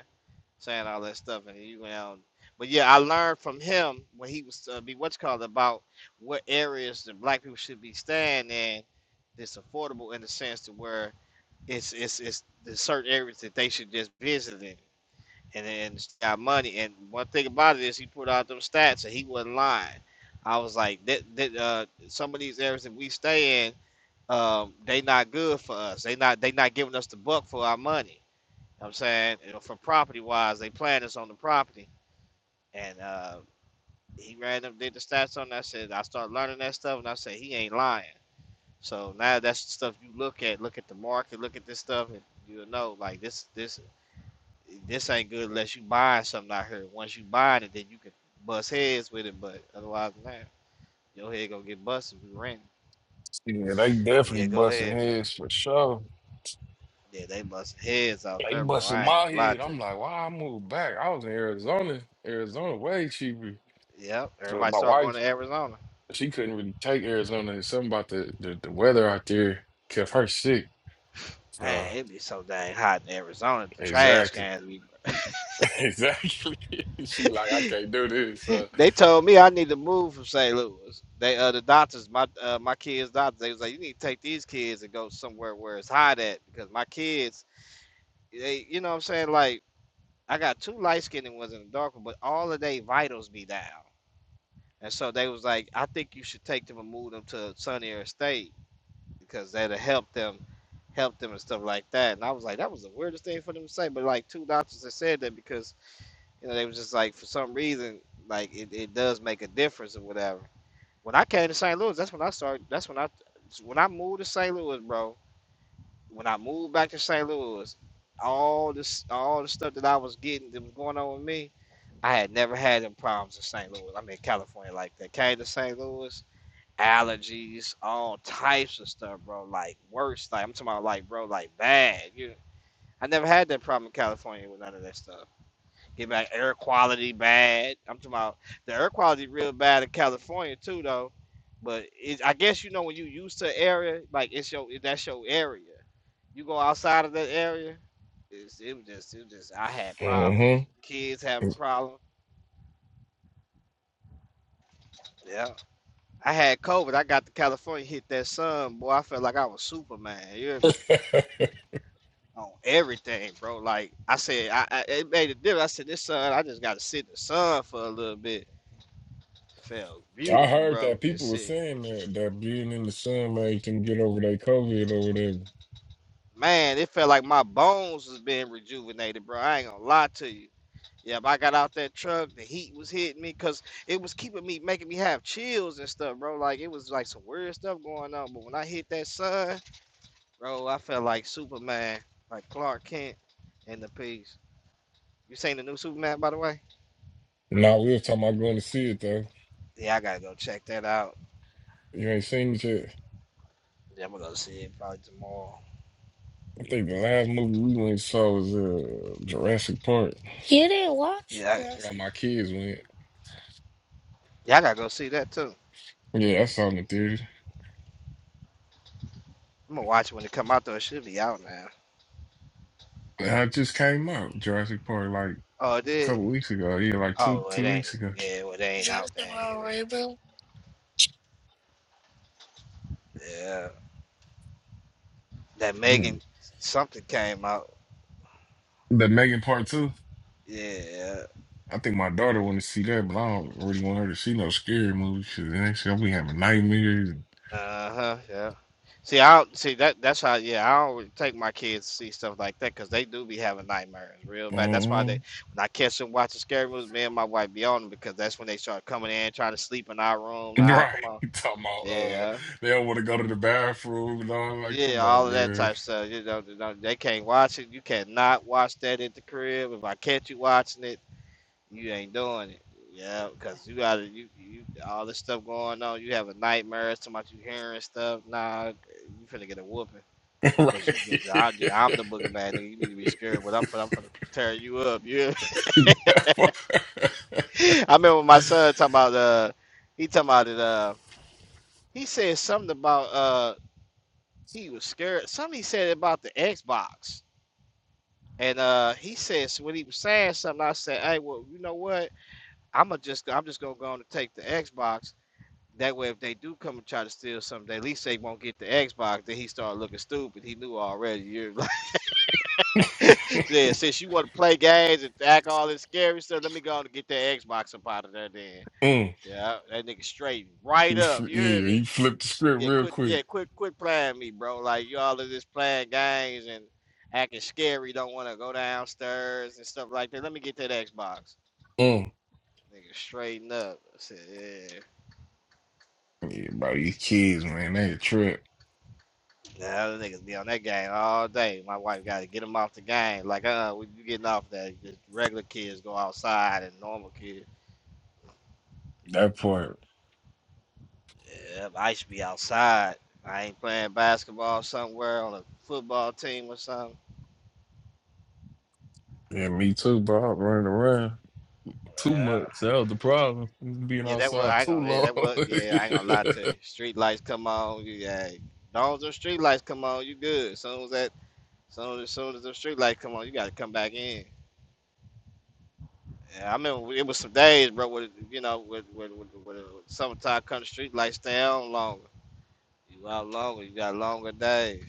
[SPEAKER 7] saying all that stuff, and you know. But yeah, I learned from him when he was uh, be what's called about what areas the black people should be staying in that's affordable in the sense to where it's it's it's the certain areas that they should just visit in and then got money. And one thing about it is he put out them stats and he wasn't lying. I was like that that uh, some of these areas that we stay in, um, they not good for us. They not they not giving us the buck for our money I'm saying, you know, for property wise, they planned this on the property. And uh, he ran them, did the stats on that. I said, I started learning that stuff, and I said, he ain't lying. So now that's the stuff you look at. Look at the market, look at this stuff, and you'll know, like, this this this ain't good unless you buy something out here. Once you buy it, then you can bust heads with it. But otherwise than that, your head gonna get busted if you rent.
[SPEAKER 6] Yeah, they
[SPEAKER 7] But
[SPEAKER 6] definitely
[SPEAKER 7] yeah, go
[SPEAKER 6] busting
[SPEAKER 7] ahead, man.
[SPEAKER 6] heads for sure.
[SPEAKER 7] Yeah, they busting heads out
[SPEAKER 6] They
[SPEAKER 7] there, bro.
[SPEAKER 6] busted
[SPEAKER 7] I ain't
[SPEAKER 6] my
[SPEAKER 7] gonna lie
[SPEAKER 6] head.
[SPEAKER 7] to
[SPEAKER 6] I'm like, why I moved back? I was in Arizona. Arizona way cheaper.
[SPEAKER 7] you. Yep,
[SPEAKER 6] But
[SPEAKER 7] everybody
[SPEAKER 6] my
[SPEAKER 7] start going
[SPEAKER 6] wife,
[SPEAKER 7] to Arizona.
[SPEAKER 6] she couldn't really take Arizona. It's something about the, the, the weather out there kept her sick. So
[SPEAKER 7] Man, it be so dang hot in Arizona. The trash
[SPEAKER 6] exactly.
[SPEAKER 7] cans be.
[SPEAKER 6] *laughs* Exactly. *laughs* She like, I
[SPEAKER 7] *gasps* *laughs*
[SPEAKER 6] can't do this. So.
[SPEAKER 7] They told me I need to move from St. Louis. They uh the doctors, my uh my kids' doctors, they was like, you need to take these kids and go somewhere where it's hot at because my kids, they you know what I'm saying like I got two light skinned ones in the dark one, but all of their vitals be down. And so they was like, I think you should take them and move them to a sunnier state because that'll help them help them and stuff like that. And I was like, that was the weirdest thing for them to say. But like two doctors that said that because You know, they was just like for some reason, like it, it does make a difference or whatever. When I came to St. Louis, that's when I started. That's when I when I moved to St. Louis, bro. When I moved back to St. Louis, all this all the stuff that I was getting that was going on with me, I had never had them problems in St. Louis. I mean, California like that. Came to St. Louis, allergies, all types of stuff, bro. Like worse, like I'm talking about, like bro, like bad. You, I never had that problem in California with none of that stuff. Get back air quality bad. I'm talking about the air quality real bad in California too though. But it, I guess you know when you used to area, like it's your that's your area. You go outside of that area, it's, it was just it was just I had
[SPEAKER 6] hmm
[SPEAKER 7] problems. Kids having problems. Yeah. I had COVID. I got to California, hit that sun, boy. I felt like I was Superman. You hear
[SPEAKER 6] *laughs*
[SPEAKER 7] me?
[SPEAKER 6] I
[SPEAKER 7] on everything, bro. Like I said, I, I it made a difference. I said this sun, I just got to sit in the sun for a little bit. Felt beautiful,
[SPEAKER 6] heard
[SPEAKER 7] bro.
[SPEAKER 6] that
[SPEAKER 7] Just
[SPEAKER 6] people were
[SPEAKER 7] sitting.
[SPEAKER 6] saying that that being in the sun made them get over their COVID or whatever.
[SPEAKER 7] Man, it felt like my bones was being rejuvenated, bro. I ain't gonna lie to you. Yeah, but I got out that truck, the heat was hitting me because it was keeping me, making me have chills and stuff, bro. Like it was like some weird stuff going on. But when I hit that sun, bro, I felt like Superman, like Clark Kent in the piece. You seen the new Superman, by the way?
[SPEAKER 6] Now we were talking about going to see it though.
[SPEAKER 7] Yeah, I gotta go check that out.
[SPEAKER 6] You ain't seen it yet.
[SPEAKER 7] Yeah, I'm gonna go see it probably tomorrow.
[SPEAKER 6] I think the last movie we went and saw was uh, Jurassic Park. You didn't watch
[SPEAKER 7] Yeah, I,
[SPEAKER 6] this. All my kids went.
[SPEAKER 7] yeah, I gotta go see that too.
[SPEAKER 6] Yeah, I saw it in the theater.
[SPEAKER 7] I'm gonna watch it when it come out though. It should be out now.
[SPEAKER 6] I just came out Jurassic Park like a
[SPEAKER 7] Oh, it did.
[SPEAKER 6] couple weeks ago. Yeah, like two
[SPEAKER 7] Oh, it
[SPEAKER 6] two
[SPEAKER 7] ain't.
[SPEAKER 6] weeks ago.
[SPEAKER 7] Yeah, well, it ain't out
[SPEAKER 6] Jurassic
[SPEAKER 7] there. It
[SPEAKER 6] World Reboot.
[SPEAKER 7] ain't, yeah, that
[SPEAKER 6] Yeah.
[SPEAKER 7] Megan something came out.
[SPEAKER 6] The Megan Part Two.
[SPEAKER 7] Yeah.
[SPEAKER 6] I think my daughter want to see that, but I don't really want her to see no scary movies because the next thing we having nightmares.
[SPEAKER 7] Uh huh. Yeah. See, I don't see that. That's how. Yeah, I don't really take my kids to see stuff like that because they do be having nightmares real bad. That's why
[SPEAKER 6] Uh-uh.
[SPEAKER 7] they when I catch them watching scary movies, me and my wife be on them because that's when they start coming in trying to sleep in our room. Nah,
[SPEAKER 6] Right.
[SPEAKER 7] come
[SPEAKER 6] *laughs*
[SPEAKER 7] on.
[SPEAKER 6] You talking about uh
[SPEAKER 7] Yeah.
[SPEAKER 6] they don't want to go to the bathroom and all like,
[SPEAKER 7] Yeah,
[SPEAKER 6] come on,
[SPEAKER 7] all of that
[SPEAKER 6] man.
[SPEAKER 7] type of stuff. You know, you know, they can't watch it. You cannot watch that at the crib. If I catch you watching it. you ain't doing it. Yeah, because you gotta you you all this stuff going on. You having nightmares, so much you hearing stuff. Nah, you finna get a whooping.
[SPEAKER 6] *laughs* right.
[SPEAKER 7] Cause you, cause I, I'm the
[SPEAKER 6] *laughs*
[SPEAKER 7] boogeyman, nigga. You need to be scared, but I'm, fin- I'm finna tear you up. *laughs* You, hear me? *laughs* I remember my son talking about, uh, he talking about it. Uh, he said something about, uh, he was scared. Something he said about the Xbox, and uh, he says when he was saying something, I said, hey, well, you know what? I'm gonna just, I'm just gonna go on and take the Xbox That way, if they do come and try to steal something, at least they won't get the Xbox. Then he started looking stupid. He knew already. You're *laughs* like, yeah, since you want to play games and act all this scary stuff, let me go on and get that Xbox up out of there. Then,
[SPEAKER 6] mm.
[SPEAKER 7] yeah, that nigga straightened right up. You hear
[SPEAKER 6] Yeah,
[SPEAKER 7] me?
[SPEAKER 6] you flip the script
[SPEAKER 7] Yeah,
[SPEAKER 6] real
[SPEAKER 7] quit. Yeah,
[SPEAKER 6] quick.
[SPEAKER 7] quit. Quit playing me, bro. Like you all of this playing games and acting scary. Don't want to go downstairs and stuff like that. Let me get that Xbox.
[SPEAKER 6] Mm.
[SPEAKER 7] Nigga, straighten up. I said, yeah.
[SPEAKER 6] Yeah, about these kids, man, they a trip.
[SPEAKER 7] Now the niggas be on that game all day. My wife got to get them off the game. Like, uh, when you getting off that, Just regular kids go outside and normal kids.
[SPEAKER 6] That part.
[SPEAKER 7] Yeah, I should be outside. I ain't playing basketball somewhere on a football team or something.
[SPEAKER 6] Yeah, me too, bro. I'm running around. Too
[SPEAKER 7] Yeah,
[SPEAKER 6] much. That was the problem. Being
[SPEAKER 7] yeah that was,
[SPEAKER 6] outside
[SPEAKER 7] I ain't
[SPEAKER 6] too
[SPEAKER 7] gonna, yeah,
[SPEAKER 6] long.
[SPEAKER 7] that
[SPEAKER 6] *laughs*
[SPEAKER 7] was, yeah, I ain't gonna lie to you. Street lights come on, you, yeah, as long as the street lights come on, you good. As Soon as that, soon as, soon as the street lights come on, you got to come back in. Yeah, I remember it was some days, bro. With you know, with with with, with, with summertime country street lights down longer. You out longer. You got longer days.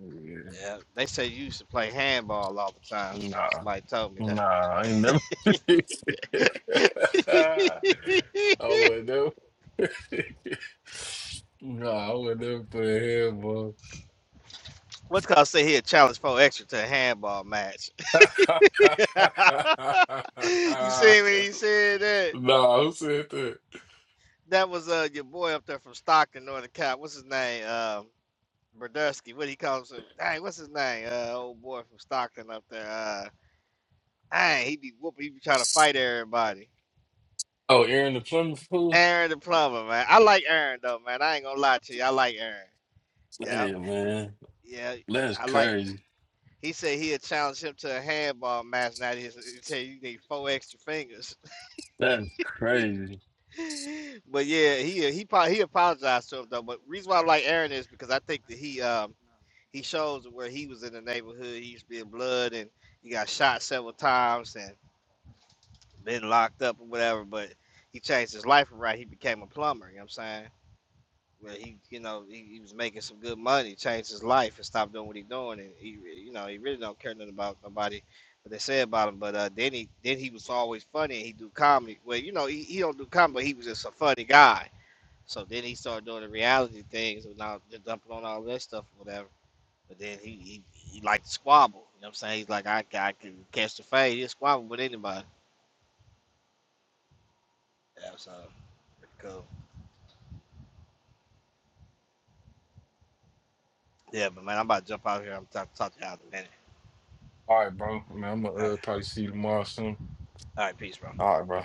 [SPEAKER 6] Yeah.
[SPEAKER 7] Yeah, they say you used to play handball all the time.
[SPEAKER 6] Nah.
[SPEAKER 7] Somebody told me
[SPEAKER 6] Nah, I ain't never. *laughs* I
[SPEAKER 7] that.
[SPEAKER 6] would never. *laughs* nah, I would never put a hand, bro.
[SPEAKER 7] *laughs* What's called say he a challenge for extra to a handball match. *laughs* you
[SPEAKER 6] *laughs*
[SPEAKER 7] see me? You said that.
[SPEAKER 6] nah, who said that?
[SPEAKER 7] That was uh your boy up there from Stockton, Northern Cal. What's his name? Um, Brodusky, what he calls him? Dang, what's his name? Uh, old boy from Stockton up there. Uh, dang, he be whooping. He be trying to fight everybody.
[SPEAKER 6] Oh, Aaron the Plymouth fool?
[SPEAKER 7] Aaron the plumber, man. I like Aaron though, man. I ain't gonna lie to you. I like Aaron. Yeah, yeah.
[SPEAKER 6] Legend.
[SPEAKER 7] I like.
[SPEAKER 6] Legend.
[SPEAKER 7] He said he'd challenge him to a handball match. Now he he said you need four extra fingers. *laughs* but yeah, he he pro- he apologized to him though. But reason why I like Aaron is because I think that he um he shows where he was in the neighborhood. He used to be in blood and he got shot several times and been locked up or whatever, but he changed his life around. He became a plumber, you know what I'm saying? But he, you know, he, he was making some good money, changed his life and stopped doing what he doing. And he, you know, he really don't care nothing about nobody, what they say about him. But uh, then he, then he was always funny and he do comedy. Well, you know, he, he don't do comedy, but he was just a funny guy. So then he started doing the reality things and now just dumping on all that stuff or whatever. But then he, he, he liked to squabble. You know what I'm saying? He's like, I, I can catch the fade. He'll squabble with anybody. Yeah, so pretty cool. Yeah, but man, I'm about to jump out here. I'm talking talk to you out in a minute.
[SPEAKER 6] All right, bro. Man, I'm
[SPEAKER 7] All
[SPEAKER 6] gonna
[SPEAKER 7] right,
[SPEAKER 6] uh, probably see you tomorrow soon.
[SPEAKER 7] all right, peace, bro.
[SPEAKER 6] All right, bro.